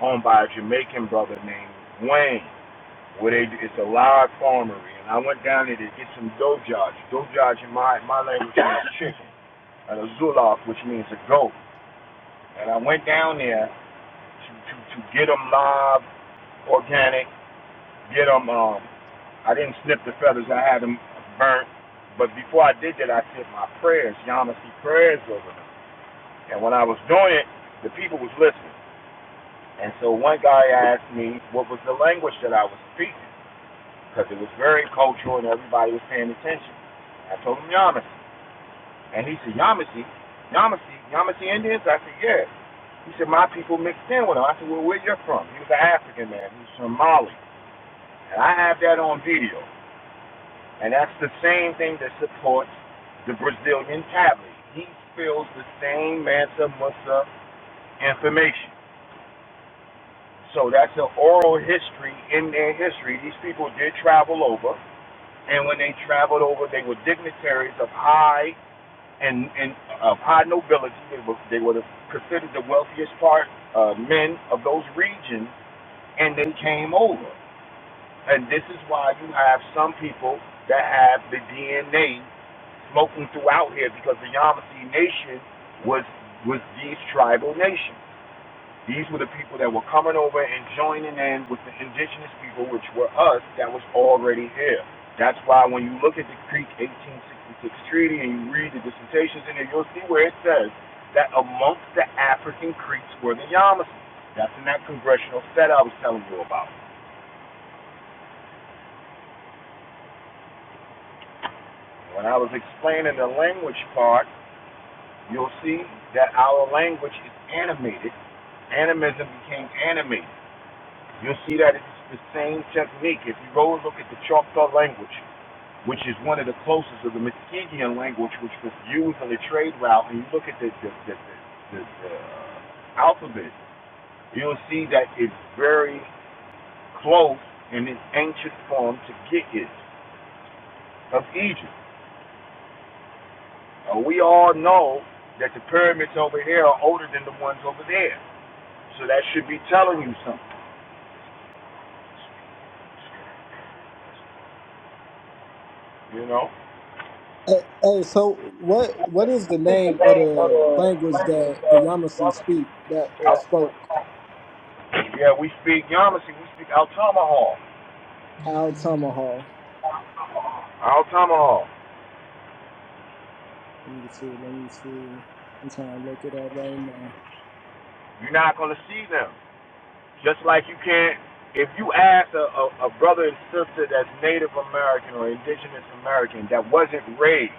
[SPEAKER 2] owned by a Jamaican brother named Wayne. where they it's a live farmery, and I went down there to get some dojaj. Dojaj in my my language means chicken, and a zulaf, which means a goat. And I went down there to to, to get them live, organic, get them. Um, I didn't snip the feathers; I had them burnt. But before I did that, I said my prayers, Yamasi prayers over them. And when I was doing it, the people was listening. And so one guy asked me what was the language that I was speaking. because it was very cultural and everybody was paying attention. I told him Yamasi. And he said, Yamasi? Yamasi? Yamasi Indians? I said, yeah. He said, my people mixed in with them. I said, well, where you are from? He was an African man. He was from Mali. And I have that on video. And that's the same thing that supports the Brazilian tablet. He spills the same Mansa Musa information. So that's an oral history in their history. These people did travel over. and when they traveled over, they were dignitaries of high and, and of high nobility. They were, they were the, considered the wealthiest part uh, men of those regions, and they came over. And this is why you have some people that have the DNA smoking throughout here because the Yamasee Nation was was these tribal nations. These were the people that were coming over and joining in with the indigenous people, which were us, that was already here. That's why when you look at the Creek 1866 Treaty and you read the dissertations in there, you'll see where it says that amongst the African Creeks were the Yamasee. That's in that congressional set I was telling you about. When I was explaining the language part, you'll see that our language is animated. Animism became animated. You'll see that it's the same technique. If you go and look at the Choctaw language, which is one of the closest of the Muskegon language, which was used on the trade route, and you look at the, the, the, the, the, the uh, alphabet, you'll see that it's very close in its ancient form to Gigit of Egypt. Uh, we all know that the pyramids over here are older than the ones over there. So that should be telling you something, you know?
[SPEAKER 1] Hey, hey, so what what is the name of the language that the Yamasee speak that or
[SPEAKER 2] Al-
[SPEAKER 1] spoke?
[SPEAKER 2] yeah, we speak Yamasee, we speak Altamaha.
[SPEAKER 1] Al Tamahal.
[SPEAKER 2] All tomahawk.
[SPEAKER 1] Let me see. Let me see. I'm trying to look it up right now.
[SPEAKER 2] You're not gonna see them. Just like you can't. If you ask a, a, a brother and sister that's Native American or Indigenous American that wasn't raised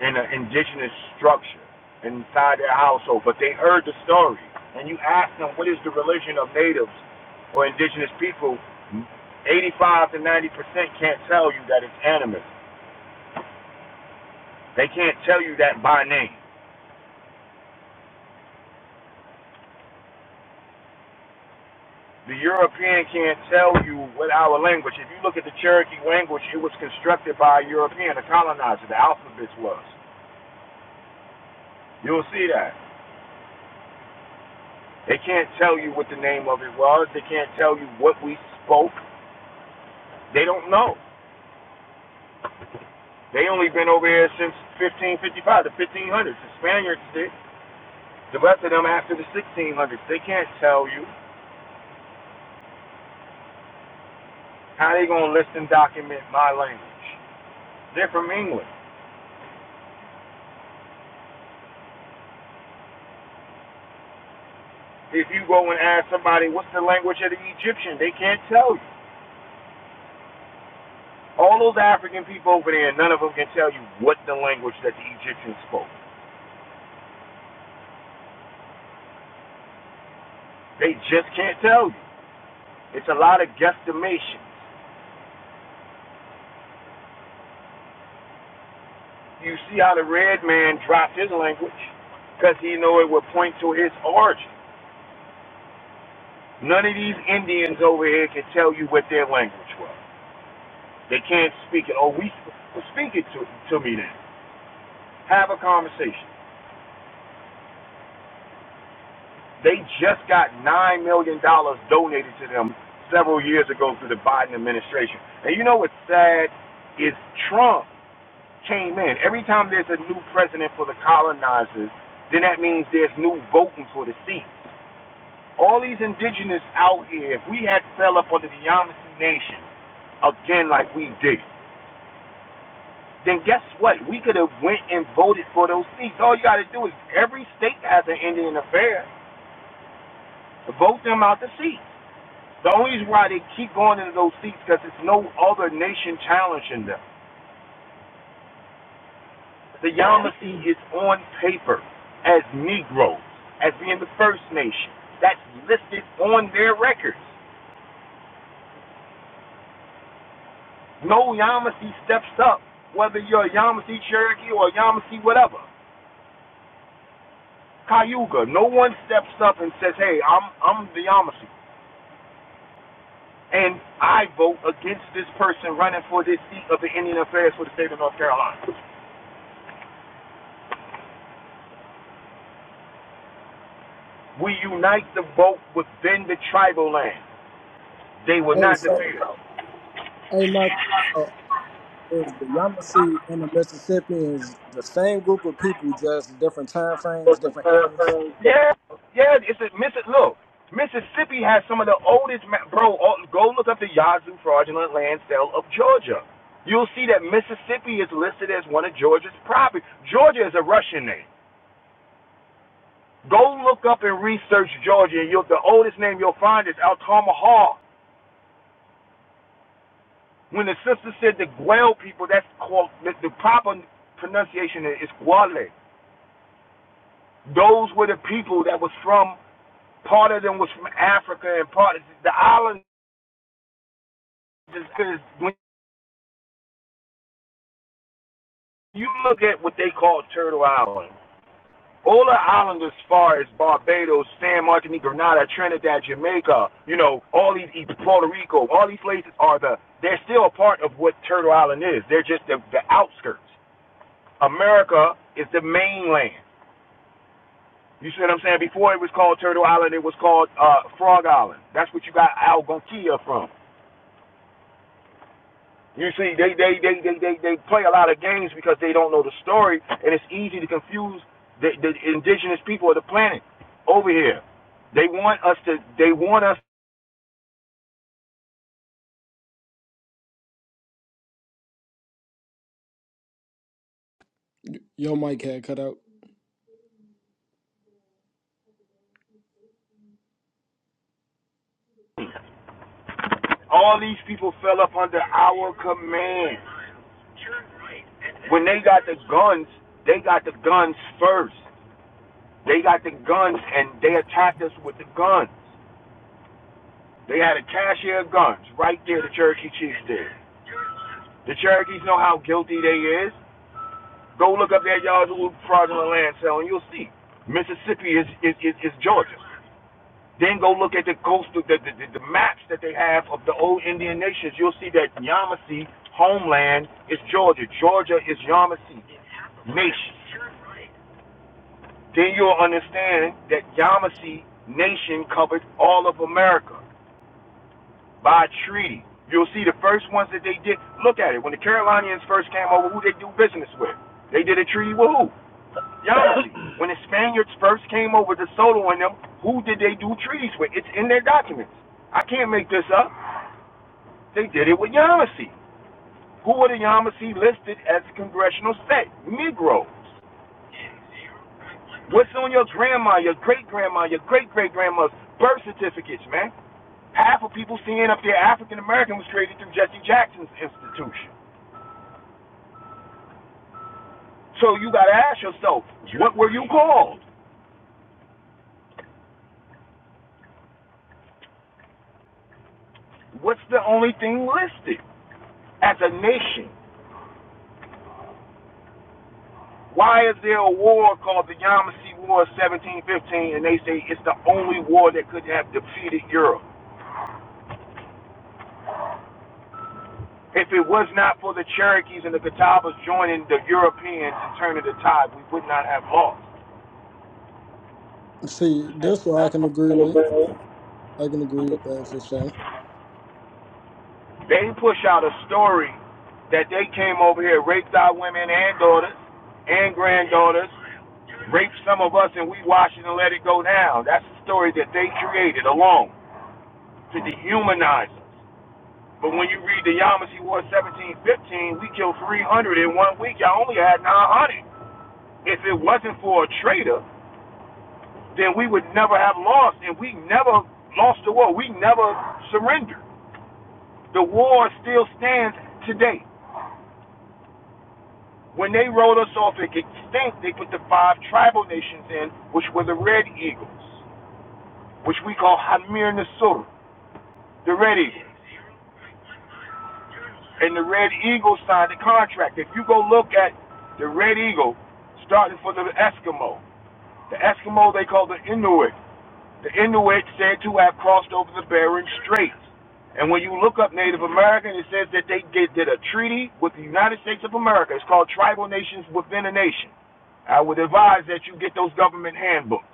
[SPEAKER 2] in an indigenous structure inside their household, but they heard the story, and you ask them what is the religion of natives or indigenous people, 85 to 90 percent can't tell you that it's animism. They can't tell you that by name. The European can't tell you what our language. If you look at the Cherokee language, it was constructed by a European, a colonizer. The alphabet was. You'll see that. They can't tell you what the name of it was. They can't tell you what we spoke. They don't know. They only been over here since 1555, the 1500s. The Spaniards did. The rest of them after the 1600s. They can't tell you how they gonna list and document my language. They're from England. If you go and ask somebody what's the language of the Egyptian, they can't tell you. All those African people over there, none of them can tell you what the language that the Egyptians spoke. They just can't tell you. It's a lot of guesstimations. You see how the red man dropped his language because he knew it would point to his origin. None of these Indians over here can tell you what their language was. They can't speak it. Oh, we well, speak it to, to me then. Have a conversation. They just got nine million dollars donated to them several years ago through the Biden administration. And you know what's sad is Trump came in. Every time there's a new president for the colonizers, then that means there's new voting for the seat. All these indigenous out here, if we had fell up under the Yamasee Nation again like we did, then guess what? We could have went and voted for those seats. All you got to do is every state has an Indian affair. Vote them out the seat. The only reason why they keep going into those seats because there's no other nation challenging them. The Yamasee is on paper as Negroes, as being the first nation. That's listed on their records. No Yamasee steps up, whether you're a Yamasee Cherokee or a Yamasee whatever. Cayuga, no one steps up and says, hey, I'm, I'm the Yamasee. And I vote against this person running for this seat of the Indian Affairs for the state of North Carolina. We unite the vote within the tribal land. They will
[SPEAKER 1] Hey,
[SPEAKER 2] not
[SPEAKER 1] so
[SPEAKER 2] defeat it.
[SPEAKER 1] hey, Mark. is the Yamasee and the Mississippi is the same group of people, just different time frames, different eras.
[SPEAKER 2] Yeah, yeah. It's a Missi- Look, Mississippi has some of the oldest. Ma- bro, go look up the Yazoo fraudulent land sale of Georgia. You'll see that Mississippi is listed as one of Georgia's property. Georgia is a Russian name. Go look up and research Georgia, and you'll, the oldest name you'll find is Altama Hall. When the sister said the Guel people, that's called the, the proper pronunciation is Guale. Those were the people that was from part of them was from Africa and part of the islanders. Because when you look at what they call Turtle Island, all the islands as far as Barbados, San Martinique, Grenada, Trinidad, Jamaica, you know, all these Puerto Rico, all these places are the they're still a part of what Turtle Island is. They're just the, the outskirts. America is the mainland. You see what I'm saying? Before it was called Turtle Island, it was called uh, Frog Island. That's what you got Algonquia from. You see, they they they they they, they play a lot of games because they don't know the story, and it's easy to confuse the, the indigenous people of the planet over here. They want us to. They want us.
[SPEAKER 1] Your mic had cut out.
[SPEAKER 2] All these people fell up under our command. When they got the guns, they got the guns first. They got the guns, and they attacked us with the guns. They had a cashier of guns right there. The Cherokee Chiefs did. The Cherokees know how guilty they is. Go look up that Yazoo fraudulent land sale, and you'll see Mississippi is is, is, is Georgia. Then go look at the coastal the, the, the, the maps that they have of the old Indian nations. You'll see that Yamasee homeland is Georgia. Georgia is Yamasee nation. Then you'll understand that Yamasee nation covered all of America by treaty. You'll see the first ones that they did. Look at it. When the Carolinians first came over, who they do business with? They did a treaty with who? Honestly, when the Spaniards first came over to Soto and them, who did they do treaties with? It's in their documents. I can't make this up. They did it with Yamasee. Who were the Yamasee listed as a congressional state? Negroes. What's on your grandma, your great grandma, your great great grandma's birth certificates, man? Half of people seeing up there African American was created through Jesse Jackson's institution. So you gotta ask yourself, what were you called? What's the only thing listed as a nation? Why is there a war called the Yamasee War of 1715 and they say it's the only war that could have defeated Europe? If it was not for the Cherokees and the Catawbas joining the Europeans and turning the tide, we would not have lost.
[SPEAKER 1] See, this one I can agree with. I can agree with that for sure.
[SPEAKER 2] They push out a story that they came over here, raped our women and daughters and granddaughters, raped some of us, and we watched it and let it go down. That's the story that they created alone to dehumanize us. But when you read the Yamas, he wore 17 15. we killed 300 in one week. Y'all only had 900. If it wasn't for a traitor, then we would never have lost, and we never lost the war. We never surrendered. The war still stands today. When they rolled us off at extinct, they put the five tribal nations in, which were the Red Eagles, which we call Hamir Nasur, the Red Eagles. and the Red Eagle signed the contract. If you go look at the Red Eagle, starting from the Eskimo, the Eskimo they call the Inuit. The Inuit said to have crossed over the Bering Straits. And when you look up Native American, it says that they did, did a treaty with the United States of America. It's called Tribal Nations Within a Nation. I would advise that you get those government handbooks.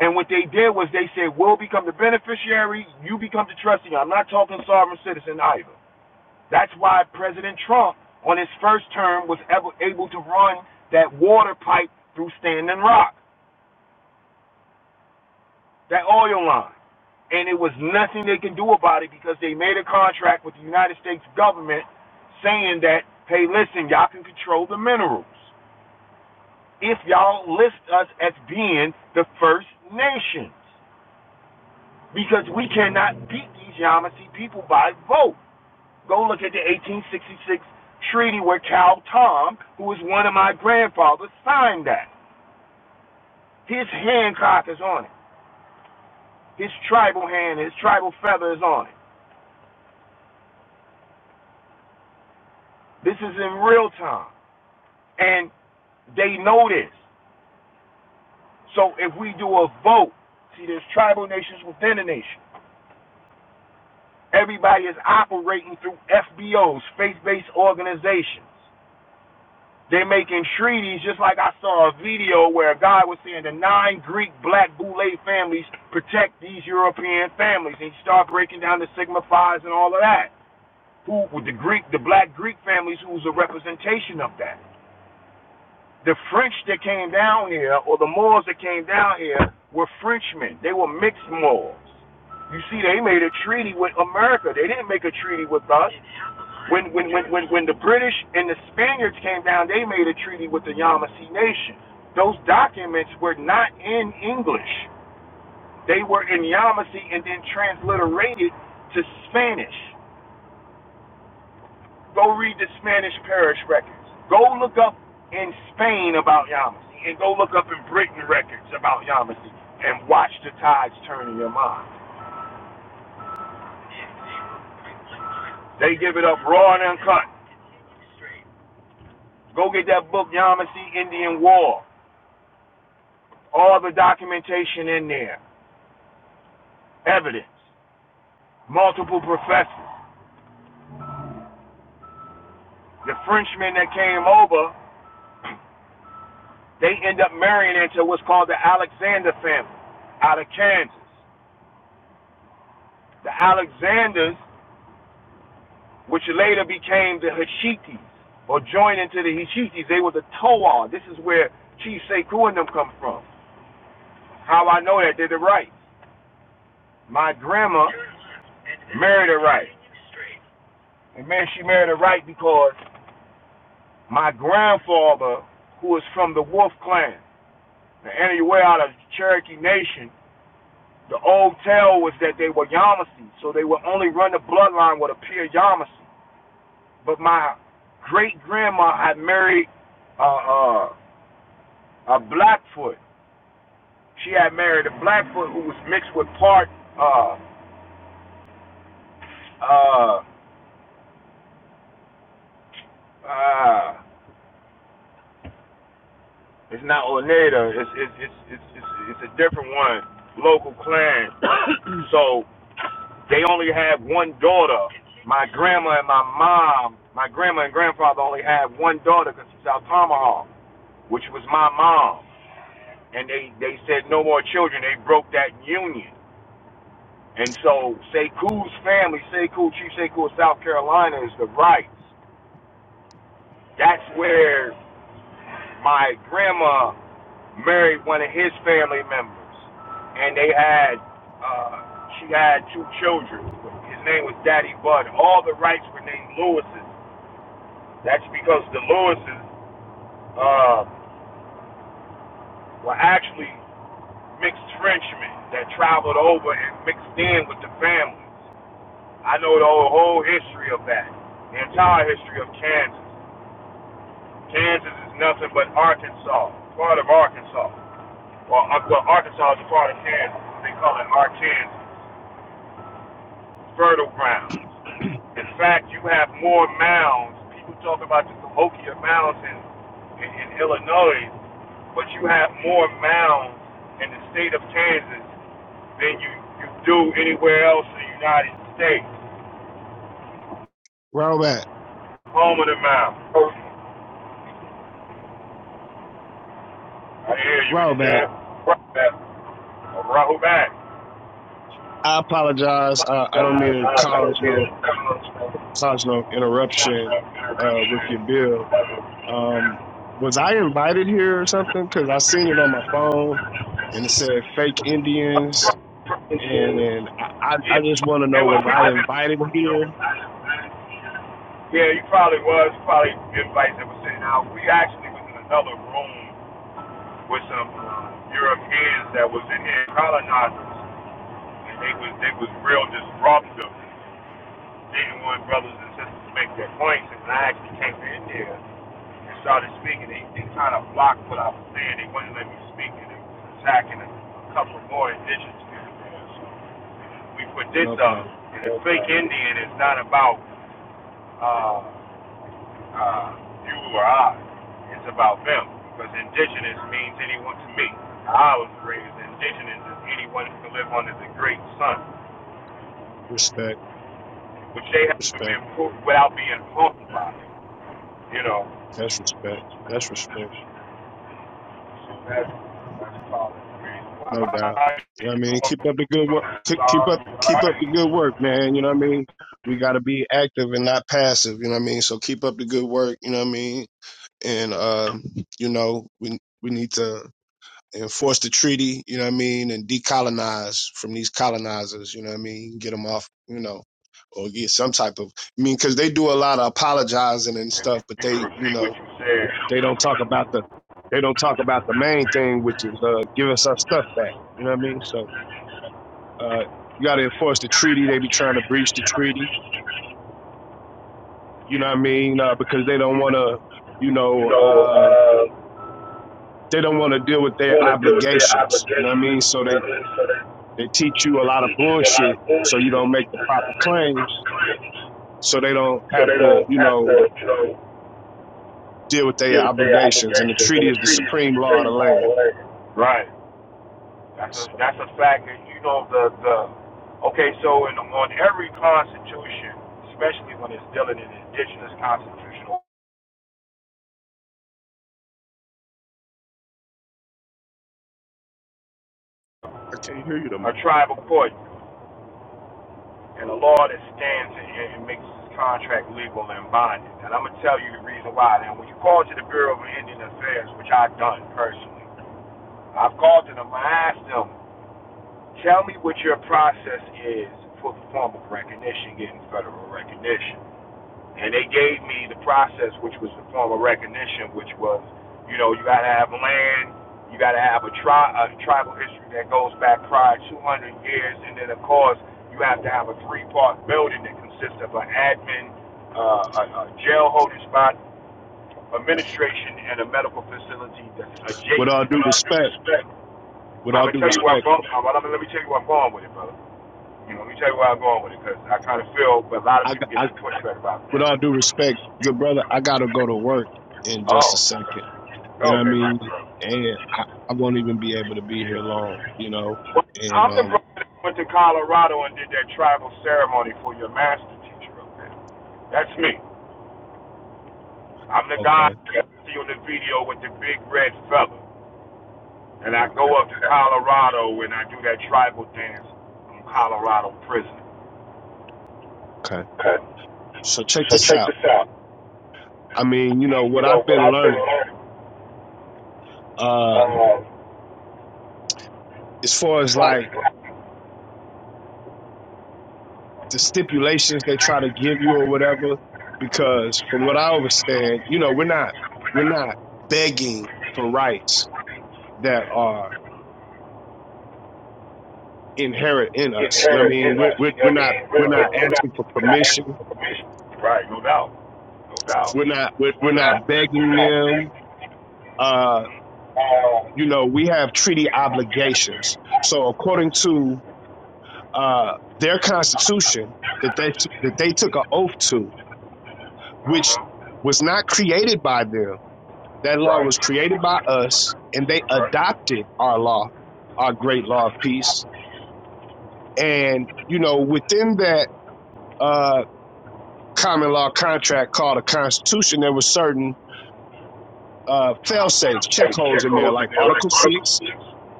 [SPEAKER 2] And what they did was they said, we'll become the beneficiary, you become the trustee. I'm not talking sovereign citizen either. That's why President Trump, on his first term, was ever able to run that water pipe through Standing Rock, that oil line. And it was nothing they can do about it because they made a contract with the United States government saying that, hey, listen, y'all can control the minerals if y'all list us as being the first nations because we cannot beat these Yamasee people by vote. Go look at the 1866 treaty where Cal Tom, who was one of my grandfathers, signed that. His Hancock is on it. His tribal hand, his tribal feather is on it. This is in real time. And they know this. So if we do a vote, see, there's tribal nations within a nation. Everybody is operating through FBOs, faith based organizations. They're making treaties, just like I saw a video where a guy was saying the nine Greek black Boule families protect these European families, and he started breaking down the Sigma Phi's and all of that. Who with the Greek, the black Greek families, who's a representation of that? the French that came down here or the Moors that came down here were Frenchmen. They were mixed Moors. You see, they made a treaty with America. They didn't make a treaty with us. When when when when, when the British and the Spaniards came down, they made a treaty with the Yamasee Nation. Those documents were not in English. They were in Yamasee and then transliterated to Spanish. Go read the Spanish Parish records. Go look up in Spain about Yamasee, and go look up in Britain records about Yamasee, and watch the tides turn in your mind. They give it up raw and uncut. Go get that book, Yamasee Indian War. All the documentation in there, evidence, multiple professors. The Frenchmen that came over, they end up marrying into what's called the Alexander family out of Kansas. The Alexanders which later became the Hashitis, or joined into the Hashitis. They were the Toa. This is where Chief Sekou and them come from. How I know that they're the Wrights. My grandma married a Wright, And man, she married a Wright because my grandfather, who was from the Wolf Clan, and anywhere out of Cherokee Nation, the old tale was that they were Yamasee, so they would only run the bloodline with a pure Yamasee. But my great grandma had married uh, uh, a Blackfoot, She had married a Blackfoot who was mixed with part uh uh uh it's not Oneida, it's it's it's it's it's, it's a different one, local clan. so they only had one daughter. My grandma and my mom, my grandma and grandfather only had one daughter because she's out Tomahawk, which was my mom. And they they said no more children. They broke that union. And so Sekou's family, Sekou, Chief Sekou of South Carolina, is the rights. That's where my grandma married one of his family members, and they had uh, she had two children. His name was Daddy Bud. All the rights were named Lewis's. That's because the Lewis's uh, were actually mixed Frenchmen that traveled over and mixed in with the families. I know the whole, whole history of that, the entire history of Kansas. Kansas is nothing but Arkansas, part of Arkansas. Well, uh, well Arkansas is a part of Kansas. They call it Arkansas. Fertile grounds. In fact, you have more mounds. People talk about the Cahokia Mounds in, in, Illinois, but you have more mounds in the state of Kansas than you, you do anywhere else in the United States.
[SPEAKER 7] Robert,
[SPEAKER 2] Home of the mound. I hear you. What you said?
[SPEAKER 7] Robert,
[SPEAKER 2] Right back. Right back.
[SPEAKER 7] I apologize. I, I don't
[SPEAKER 2] does.
[SPEAKER 7] mean to
[SPEAKER 2] I, I
[SPEAKER 7] cause
[SPEAKER 2] don't care.
[SPEAKER 7] no
[SPEAKER 2] I don't understand.
[SPEAKER 7] cause no interruption
[SPEAKER 2] right.
[SPEAKER 7] uh, with your bill. Um, was I invited here or something? Because I seen it on my phone and it said fake Indians, and I, I, I just want to
[SPEAKER 2] Yeah. And
[SPEAKER 7] know
[SPEAKER 2] when
[SPEAKER 7] was
[SPEAKER 2] we
[SPEAKER 7] I
[SPEAKER 2] I was didn't
[SPEAKER 7] invited
[SPEAKER 2] work no
[SPEAKER 7] here?
[SPEAKER 2] I did yeah, you probably was probably invites that were sitting out. We actually was in another room with some uh, Europeans that was in here colonizers, and they was they was real disruptive. genuine brothers and sisters make their points, and when I actually came in there and started speaking, they, they kind of blocked what I was saying. They wouldn't let me speak, and they was attacking a, couple of more indigenous people there. So we put this
[SPEAKER 7] No
[SPEAKER 2] up,
[SPEAKER 7] problem.
[SPEAKER 2] and the fake Indian is not about uh, uh, you or I. It's about them, because indigenous means anyone to me. I was raised indigenous as anyone who can live under the great sun,
[SPEAKER 7] Respect,
[SPEAKER 2] which they haven't
[SPEAKER 7] respect.
[SPEAKER 2] been proved without being harmed by it. you know.
[SPEAKER 7] That's respect. That's respect.
[SPEAKER 2] So that's, that's all it means. But
[SPEAKER 7] No doubt.
[SPEAKER 2] I,
[SPEAKER 7] You know what
[SPEAKER 2] you
[SPEAKER 7] I mean? Keep
[SPEAKER 2] know,
[SPEAKER 7] up the good work. Keep
[SPEAKER 2] sorry,
[SPEAKER 7] up, keep up
[SPEAKER 2] I,
[SPEAKER 7] the good work, man. You know what I mean? We got to be active and not passive. You know what I mean? So keep up the good work. You know what I mean? And, uh, you know, we, we need to enforce the treaty. You know what I mean? And decolonize from these colonizers. You know what I mean? Get them off, you know, or get some type of, I mean, cause they do a lot of apologizing and stuff, but
[SPEAKER 2] you can
[SPEAKER 7] they, you
[SPEAKER 2] repeat what
[SPEAKER 7] know,
[SPEAKER 2] you said.
[SPEAKER 7] they don't talk about the, they don't talk about the main thing, which is, uh, give us our stuff back. You know what I mean? So, uh, you got to enforce the treaty. They be trying to breach the treaty. You know what
[SPEAKER 2] Yeah.
[SPEAKER 7] I mean? Uh, because they don't want to, you
[SPEAKER 2] You
[SPEAKER 7] know,
[SPEAKER 2] know,
[SPEAKER 7] uh,
[SPEAKER 2] uh,
[SPEAKER 7] they don't want to deal with their
[SPEAKER 2] want to deal with their
[SPEAKER 7] obligations. You know what I
[SPEAKER 2] obligations.
[SPEAKER 7] mean? So
[SPEAKER 2] You
[SPEAKER 7] they
[SPEAKER 2] know what I mean? So they,
[SPEAKER 7] they teach you a
[SPEAKER 2] they
[SPEAKER 7] lot of
[SPEAKER 2] teach you a lot
[SPEAKER 7] bullshit
[SPEAKER 2] of
[SPEAKER 7] so you
[SPEAKER 2] bullshit.
[SPEAKER 7] don't make the
[SPEAKER 2] So
[SPEAKER 7] proper claims. So they don't
[SPEAKER 2] So
[SPEAKER 7] have
[SPEAKER 2] they
[SPEAKER 7] to,
[SPEAKER 2] don't
[SPEAKER 7] you
[SPEAKER 2] have
[SPEAKER 7] know,
[SPEAKER 2] to, you know,
[SPEAKER 7] deal with their
[SPEAKER 2] deal with their
[SPEAKER 7] obligations. And the
[SPEAKER 2] obligations and
[SPEAKER 7] treaty
[SPEAKER 2] the
[SPEAKER 7] is the
[SPEAKER 2] treated
[SPEAKER 7] supreme
[SPEAKER 2] the
[SPEAKER 7] law of
[SPEAKER 2] same
[SPEAKER 7] the
[SPEAKER 2] hard
[SPEAKER 7] land.
[SPEAKER 2] way. Right. That's a
[SPEAKER 7] So,
[SPEAKER 2] that's a fact. And you know the the okay. So in, on every constitution, especially when it's dealing in indigenous constitutional
[SPEAKER 7] I can't hear you no more.
[SPEAKER 2] a tribal court and a law that stands and, and makes this contract legal and binding. And I'm gonna tell you the reason why. Now, when you call to the Bureau of Indian Affairs, which I've done personally, I've called to them. I asked them Tell me what your process is for the form of recognition, getting federal recognition. And they gave me the process, which was the form of recognition, which was, you know, you got to have land, you got to have a, tri- a tribal history that goes back prior 200 years, and then, of course, you have to have a three-part building that consists of an admin, uh, a, a jail holding spot, administration, and a medical facility that's
[SPEAKER 7] with
[SPEAKER 2] adjacent.
[SPEAKER 7] all
[SPEAKER 2] With
[SPEAKER 7] due
[SPEAKER 2] all due
[SPEAKER 7] respect,
[SPEAKER 2] respect.
[SPEAKER 7] with
[SPEAKER 2] I'm
[SPEAKER 7] all
[SPEAKER 2] gonna
[SPEAKER 7] due
[SPEAKER 2] tell you where I'm
[SPEAKER 7] respect,
[SPEAKER 2] going. well, let me tell you where I'm going with it, brother. You know, let me tell you where I'm going with it, because I kind of feel a lot of
[SPEAKER 7] I,
[SPEAKER 2] people get
[SPEAKER 7] I
[SPEAKER 2] twisted about
[SPEAKER 7] with
[SPEAKER 2] that.
[SPEAKER 7] all due respect, good brother, I gotta go to work in just a
[SPEAKER 2] Oh,
[SPEAKER 7] second. You know what I
[SPEAKER 2] okay,
[SPEAKER 7] mean?
[SPEAKER 2] Michael.
[SPEAKER 7] And I, I won't even be able to be here long, you know?
[SPEAKER 2] Well,
[SPEAKER 7] And,
[SPEAKER 2] I'm the
[SPEAKER 7] um,
[SPEAKER 2] brother that went to Colorado and did that tribal ceremony for your master teacher up there. That's me. I'm the guy
[SPEAKER 7] okay,
[SPEAKER 2] that you see on the video with the big red feather. And I
[SPEAKER 7] okay,
[SPEAKER 2] go up to Colorado and I do that tribal dance from Colorado prison.
[SPEAKER 7] okay. So check this out. I mean, you know, what I've been learning, uh, as far as like the stipulations they try to give you or whatever, because from what I understand, you know, we're not, we're not begging for rights that are inherent in us. You know what I
[SPEAKER 2] inherent
[SPEAKER 7] mean?
[SPEAKER 2] in
[SPEAKER 7] We're,
[SPEAKER 2] us.
[SPEAKER 7] we're,
[SPEAKER 2] You know
[SPEAKER 7] we're
[SPEAKER 2] what I
[SPEAKER 7] not,
[SPEAKER 2] mean?
[SPEAKER 7] we're
[SPEAKER 2] We're,
[SPEAKER 7] not
[SPEAKER 2] we're, not
[SPEAKER 7] asking for
[SPEAKER 2] we're not asking
[SPEAKER 7] permission.
[SPEAKER 2] for permission. Right, no doubt. No doubt.
[SPEAKER 7] We're not, we're,
[SPEAKER 2] We're
[SPEAKER 7] we're
[SPEAKER 2] not
[SPEAKER 7] not
[SPEAKER 2] we're
[SPEAKER 7] begging
[SPEAKER 2] not
[SPEAKER 7] them Uh,
[SPEAKER 2] Um,
[SPEAKER 7] you know, we have treaty obligations. So according to uh, their constitution that they that they took an oath to, which
[SPEAKER 2] Uh-huh.
[SPEAKER 7] was not created by them, that law
[SPEAKER 2] Right.
[SPEAKER 7] was created by us, and they
[SPEAKER 2] That's right.
[SPEAKER 7] adopted our law, our great law of peace. And you know, within that uh, common law contract called a constitution, there were certain uh, fail safes, check
[SPEAKER 2] and
[SPEAKER 7] holes in there,
[SPEAKER 2] Checo's
[SPEAKER 7] like
[SPEAKER 2] in there, like
[SPEAKER 7] Article
[SPEAKER 2] Article
[SPEAKER 7] Six,
[SPEAKER 2] 6,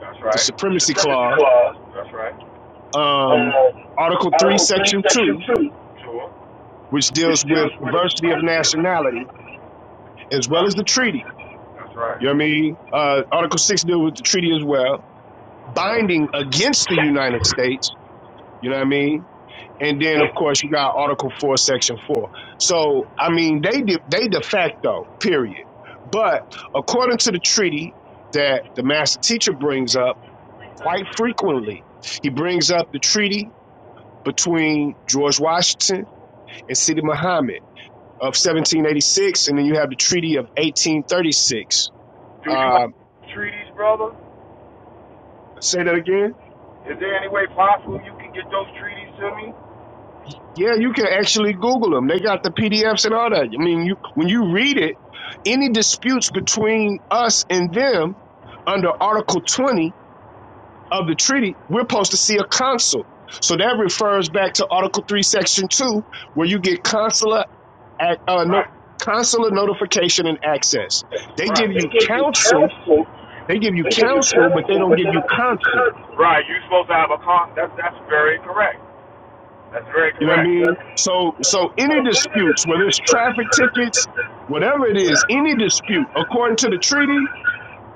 [SPEAKER 2] That's
[SPEAKER 7] the
[SPEAKER 2] right.
[SPEAKER 7] Supremacy Clause.
[SPEAKER 2] That's right.
[SPEAKER 7] Um,
[SPEAKER 2] um,
[SPEAKER 7] Article 3,
[SPEAKER 2] Article 3,
[SPEAKER 7] Section 2,
[SPEAKER 2] Section 2, Sure.
[SPEAKER 7] which deals with
[SPEAKER 2] deals with
[SPEAKER 7] diversity of
[SPEAKER 2] mercy
[SPEAKER 7] nationality, as well as the treaty.
[SPEAKER 2] That's right.
[SPEAKER 7] You know what I mean? Uh, Article 6 deals with the treaty as well, binding against the United States. You know what I mean? And then, of course, you got Article 4, Section 4. So, I mean, they de, they de facto, period. But according to the treaty that the master teacher brings up quite frequently, he brings up the treaty between George Washington and Sidi Muhammad. of 1786, and then you have the Treaty of 1836.
[SPEAKER 2] Do you
[SPEAKER 7] Uh,
[SPEAKER 2] have treaties, brother?
[SPEAKER 7] say that again.
[SPEAKER 2] Is there any way possible you can get those treaties to me?
[SPEAKER 7] Yeah, you can actually Google them. They got the PDFs and all that. I mean, you when you read it, any disputes between us and them under Article 20 of the treaty, we're supposed to see a consul. So that refers back to Article 3, Section 2, where you get consular ac- uh, no,
[SPEAKER 2] Right.
[SPEAKER 7] consular notification and access.
[SPEAKER 2] That's
[SPEAKER 7] They give
[SPEAKER 2] Right. They
[SPEAKER 7] you
[SPEAKER 2] give you
[SPEAKER 7] counsel.
[SPEAKER 2] counsel,
[SPEAKER 7] They give you
[SPEAKER 2] they give you
[SPEAKER 7] counsel, but they
[SPEAKER 2] counsel,
[SPEAKER 7] don't
[SPEAKER 2] but
[SPEAKER 7] give
[SPEAKER 2] they
[SPEAKER 7] you
[SPEAKER 2] don't give you
[SPEAKER 7] counsel.
[SPEAKER 2] counsel. Right. You're supposed to have a con. That's that's very correct. That's very
[SPEAKER 7] You know what I
[SPEAKER 2] correct.
[SPEAKER 7] mean?
[SPEAKER 2] Yes.
[SPEAKER 7] So so
[SPEAKER 2] So
[SPEAKER 7] any
[SPEAKER 2] this
[SPEAKER 7] disputes,
[SPEAKER 2] is
[SPEAKER 7] whether it's traffic tickets, whatever it is, any dispute, according to the treaty,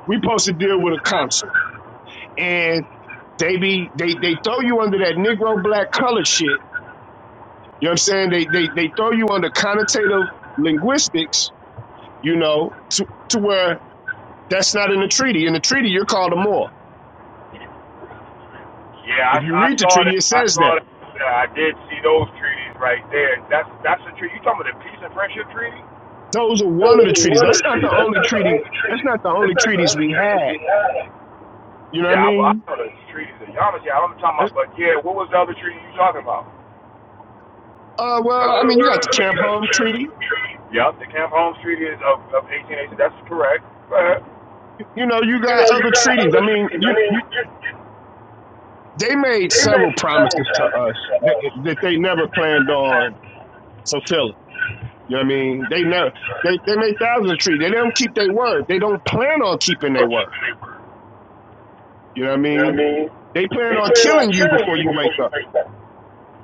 [SPEAKER 7] we supposed to deal with a consul. And they be they they throw you under that Negro black color shit. You know what I'm saying? They they they throw you under connotative linguistics, you know, to to where that's not in the treaty. In the treaty, you're called a Moor. If
[SPEAKER 2] Yeah,
[SPEAKER 7] you
[SPEAKER 2] I, I
[SPEAKER 7] read the
[SPEAKER 2] saw
[SPEAKER 7] treaty,
[SPEAKER 2] that.
[SPEAKER 7] it
[SPEAKER 2] I
[SPEAKER 7] says
[SPEAKER 2] saw
[SPEAKER 7] that.
[SPEAKER 2] that. Uh, I did see those treaties right there. That's that's the treaty. You talking about the Peace and Friendship Treaty?
[SPEAKER 7] Those are
[SPEAKER 2] That
[SPEAKER 7] one of
[SPEAKER 2] was
[SPEAKER 7] the treaties.
[SPEAKER 2] one of
[SPEAKER 7] That's
[SPEAKER 2] the
[SPEAKER 7] not the
[SPEAKER 2] treaties. That's
[SPEAKER 7] only
[SPEAKER 2] not the
[SPEAKER 7] treaty.
[SPEAKER 2] only
[SPEAKER 7] That's
[SPEAKER 2] treaty.
[SPEAKER 7] not the
[SPEAKER 2] That's
[SPEAKER 7] only
[SPEAKER 2] not the
[SPEAKER 7] treaties
[SPEAKER 2] only
[SPEAKER 7] we
[SPEAKER 2] treaties
[SPEAKER 7] had.
[SPEAKER 2] we had.
[SPEAKER 7] You know what I
[SPEAKER 2] Yeah, I, well, I
[SPEAKER 7] mean?
[SPEAKER 2] know the treaties. To be honest, yeah, I'm talking about. But yeah, what was the other treaty you talking about? Uh,
[SPEAKER 7] Uh, well, I
[SPEAKER 2] the
[SPEAKER 7] mean, you
[SPEAKER 2] well,
[SPEAKER 7] got the
[SPEAKER 2] I mean, you
[SPEAKER 7] Camp
[SPEAKER 2] got the
[SPEAKER 7] Hung
[SPEAKER 2] Camp
[SPEAKER 7] Treaty.
[SPEAKER 2] Holmes Treaty. Yeah, the Camp Holmes Treaty is of, of 1880. That's correct. Go ahead.
[SPEAKER 7] You know, you
[SPEAKER 2] You
[SPEAKER 7] got
[SPEAKER 2] know, you
[SPEAKER 7] other
[SPEAKER 2] got
[SPEAKER 7] treaties. I
[SPEAKER 2] other
[SPEAKER 7] mean,
[SPEAKER 2] treaties. I
[SPEAKER 7] you,
[SPEAKER 2] mean,
[SPEAKER 7] you
[SPEAKER 2] you, you,
[SPEAKER 7] they made
[SPEAKER 2] they made
[SPEAKER 7] several
[SPEAKER 2] several
[SPEAKER 7] promises to us
[SPEAKER 2] promises to
[SPEAKER 7] that, that they never planned
[SPEAKER 2] us.
[SPEAKER 7] on fulfilling. You know what I mean? They never they, they made thousands of treaties. They don't keep their word. They don't plan on keeping
[SPEAKER 2] or
[SPEAKER 7] their word.
[SPEAKER 2] just paper.
[SPEAKER 7] You know what I
[SPEAKER 2] You know what I
[SPEAKER 7] mean?
[SPEAKER 2] mean?
[SPEAKER 7] They plan
[SPEAKER 2] They
[SPEAKER 7] on
[SPEAKER 2] plan on
[SPEAKER 7] killing you
[SPEAKER 2] killing
[SPEAKER 7] before
[SPEAKER 2] you
[SPEAKER 7] you wake
[SPEAKER 2] before you
[SPEAKER 7] up.
[SPEAKER 2] wake that.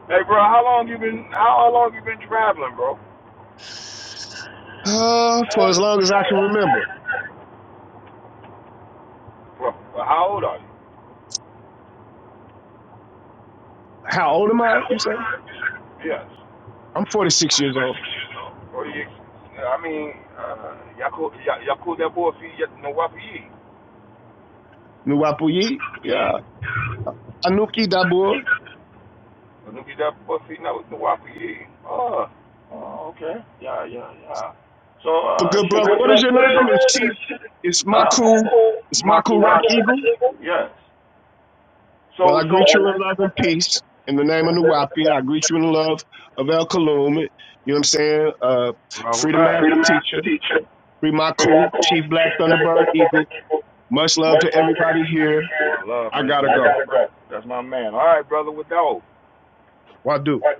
[SPEAKER 2] Hey, bro, how long you been? How, how long you been traveling, bro?
[SPEAKER 7] Uh, for
[SPEAKER 2] Uh,
[SPEAKER 7] as long as
[SPEAKER 2] so,
[SPEAKER 7] I can remember.
[SPEAKER 2] Bro, well, how old are you?
[SPEAKER 7] How old am I?
[SPEAKER 2] how
[SPEAKER 7] You
[SPEAKER 2] old
[SPEAKER 7] say?
[SPEAKER 2] am I? You said, Yes.
[SPEAKER 7] I'm 46 years old.
[SPEAKER 2] Or you? I mean, uh, y'all uh, yako ya- yako that boy fi ya- no wapi ye.
[SPEAKER 7] Nuwapuyi, yeah. Anuki Dabur,
[SPEAKER 2] No be that boy fi no no wapi ye. Oh. Oh, okay. Yeah, yeah, yeah. So,
[SPEAKER 7] But
[SPEAKER 2] uh,
[SPEAKER 7] good
[SPEAKER 2] she
[SPEAKER 7] brother, what is your
[SPEAKER 2] what is so your
[SPEAKER 7] name? It's
[SPEAKER 2] name?
[SPEAKER 7] Chief.
[SPEAKER 2] It's
[SPEAKER 7] It's
[SPEAKER 2] uh,
[SPEAKER 7] Maku.
[SPEAKER 2] Michael.
[SPEAKER 7] It's
[SPEAKER 2] Marco Michael
[SPEAKER 7] Maku Rock Eagle.
[SPEAKER 2] Yes.
[SPEAKER 7] Well,
[SPEAKER 2] So,
[SPEAKER 7] I
[SPEAKER 2] so
[SPEAKER 7] greet you in love and peace in the name of the Wapi. I greet you in the love of El Kalum. You know what I'm saying? Uh,
[SPEAKER 2] Rahul
[SPEAKER 7] Freedom
[SPEAKER 2] back.
[SPEAKER 7] Master
[SPEAKER 2] Freedom as
[SPEAKER 7] Teacher,
[SPEAKER 2] a teacher.
[SPEAKER 7] Free
[SPEAKER 2] Freedom
[SPEAKER 7] Maku,
[SPEAKER 2] as
[SPEAKER 7] Chief Black
[SPEAKER 2] team black, son
[SPEAKER 7] Thunderbird
[SPEAKER 2] of our
[SPEAKER 7] Eagle. Much love
[SPEAKER 2] Much
[SPEAKER 7] to
[SPEAKER 2] love to
[SPEAKER 7] everybody here.
[SPEAKER 2] everybody. Love
[SPEAKER 7] I
[SPEAKER 2] right there.
[SPEAKER 7] gotta
[SPEAKER 2] I
[SPEAKER 7] go.
[SPEAKER 2] gotta go. That's my man. All right, brother, with dog.
[SPEAKER 7] Wadu.
[SPEAKER 2] One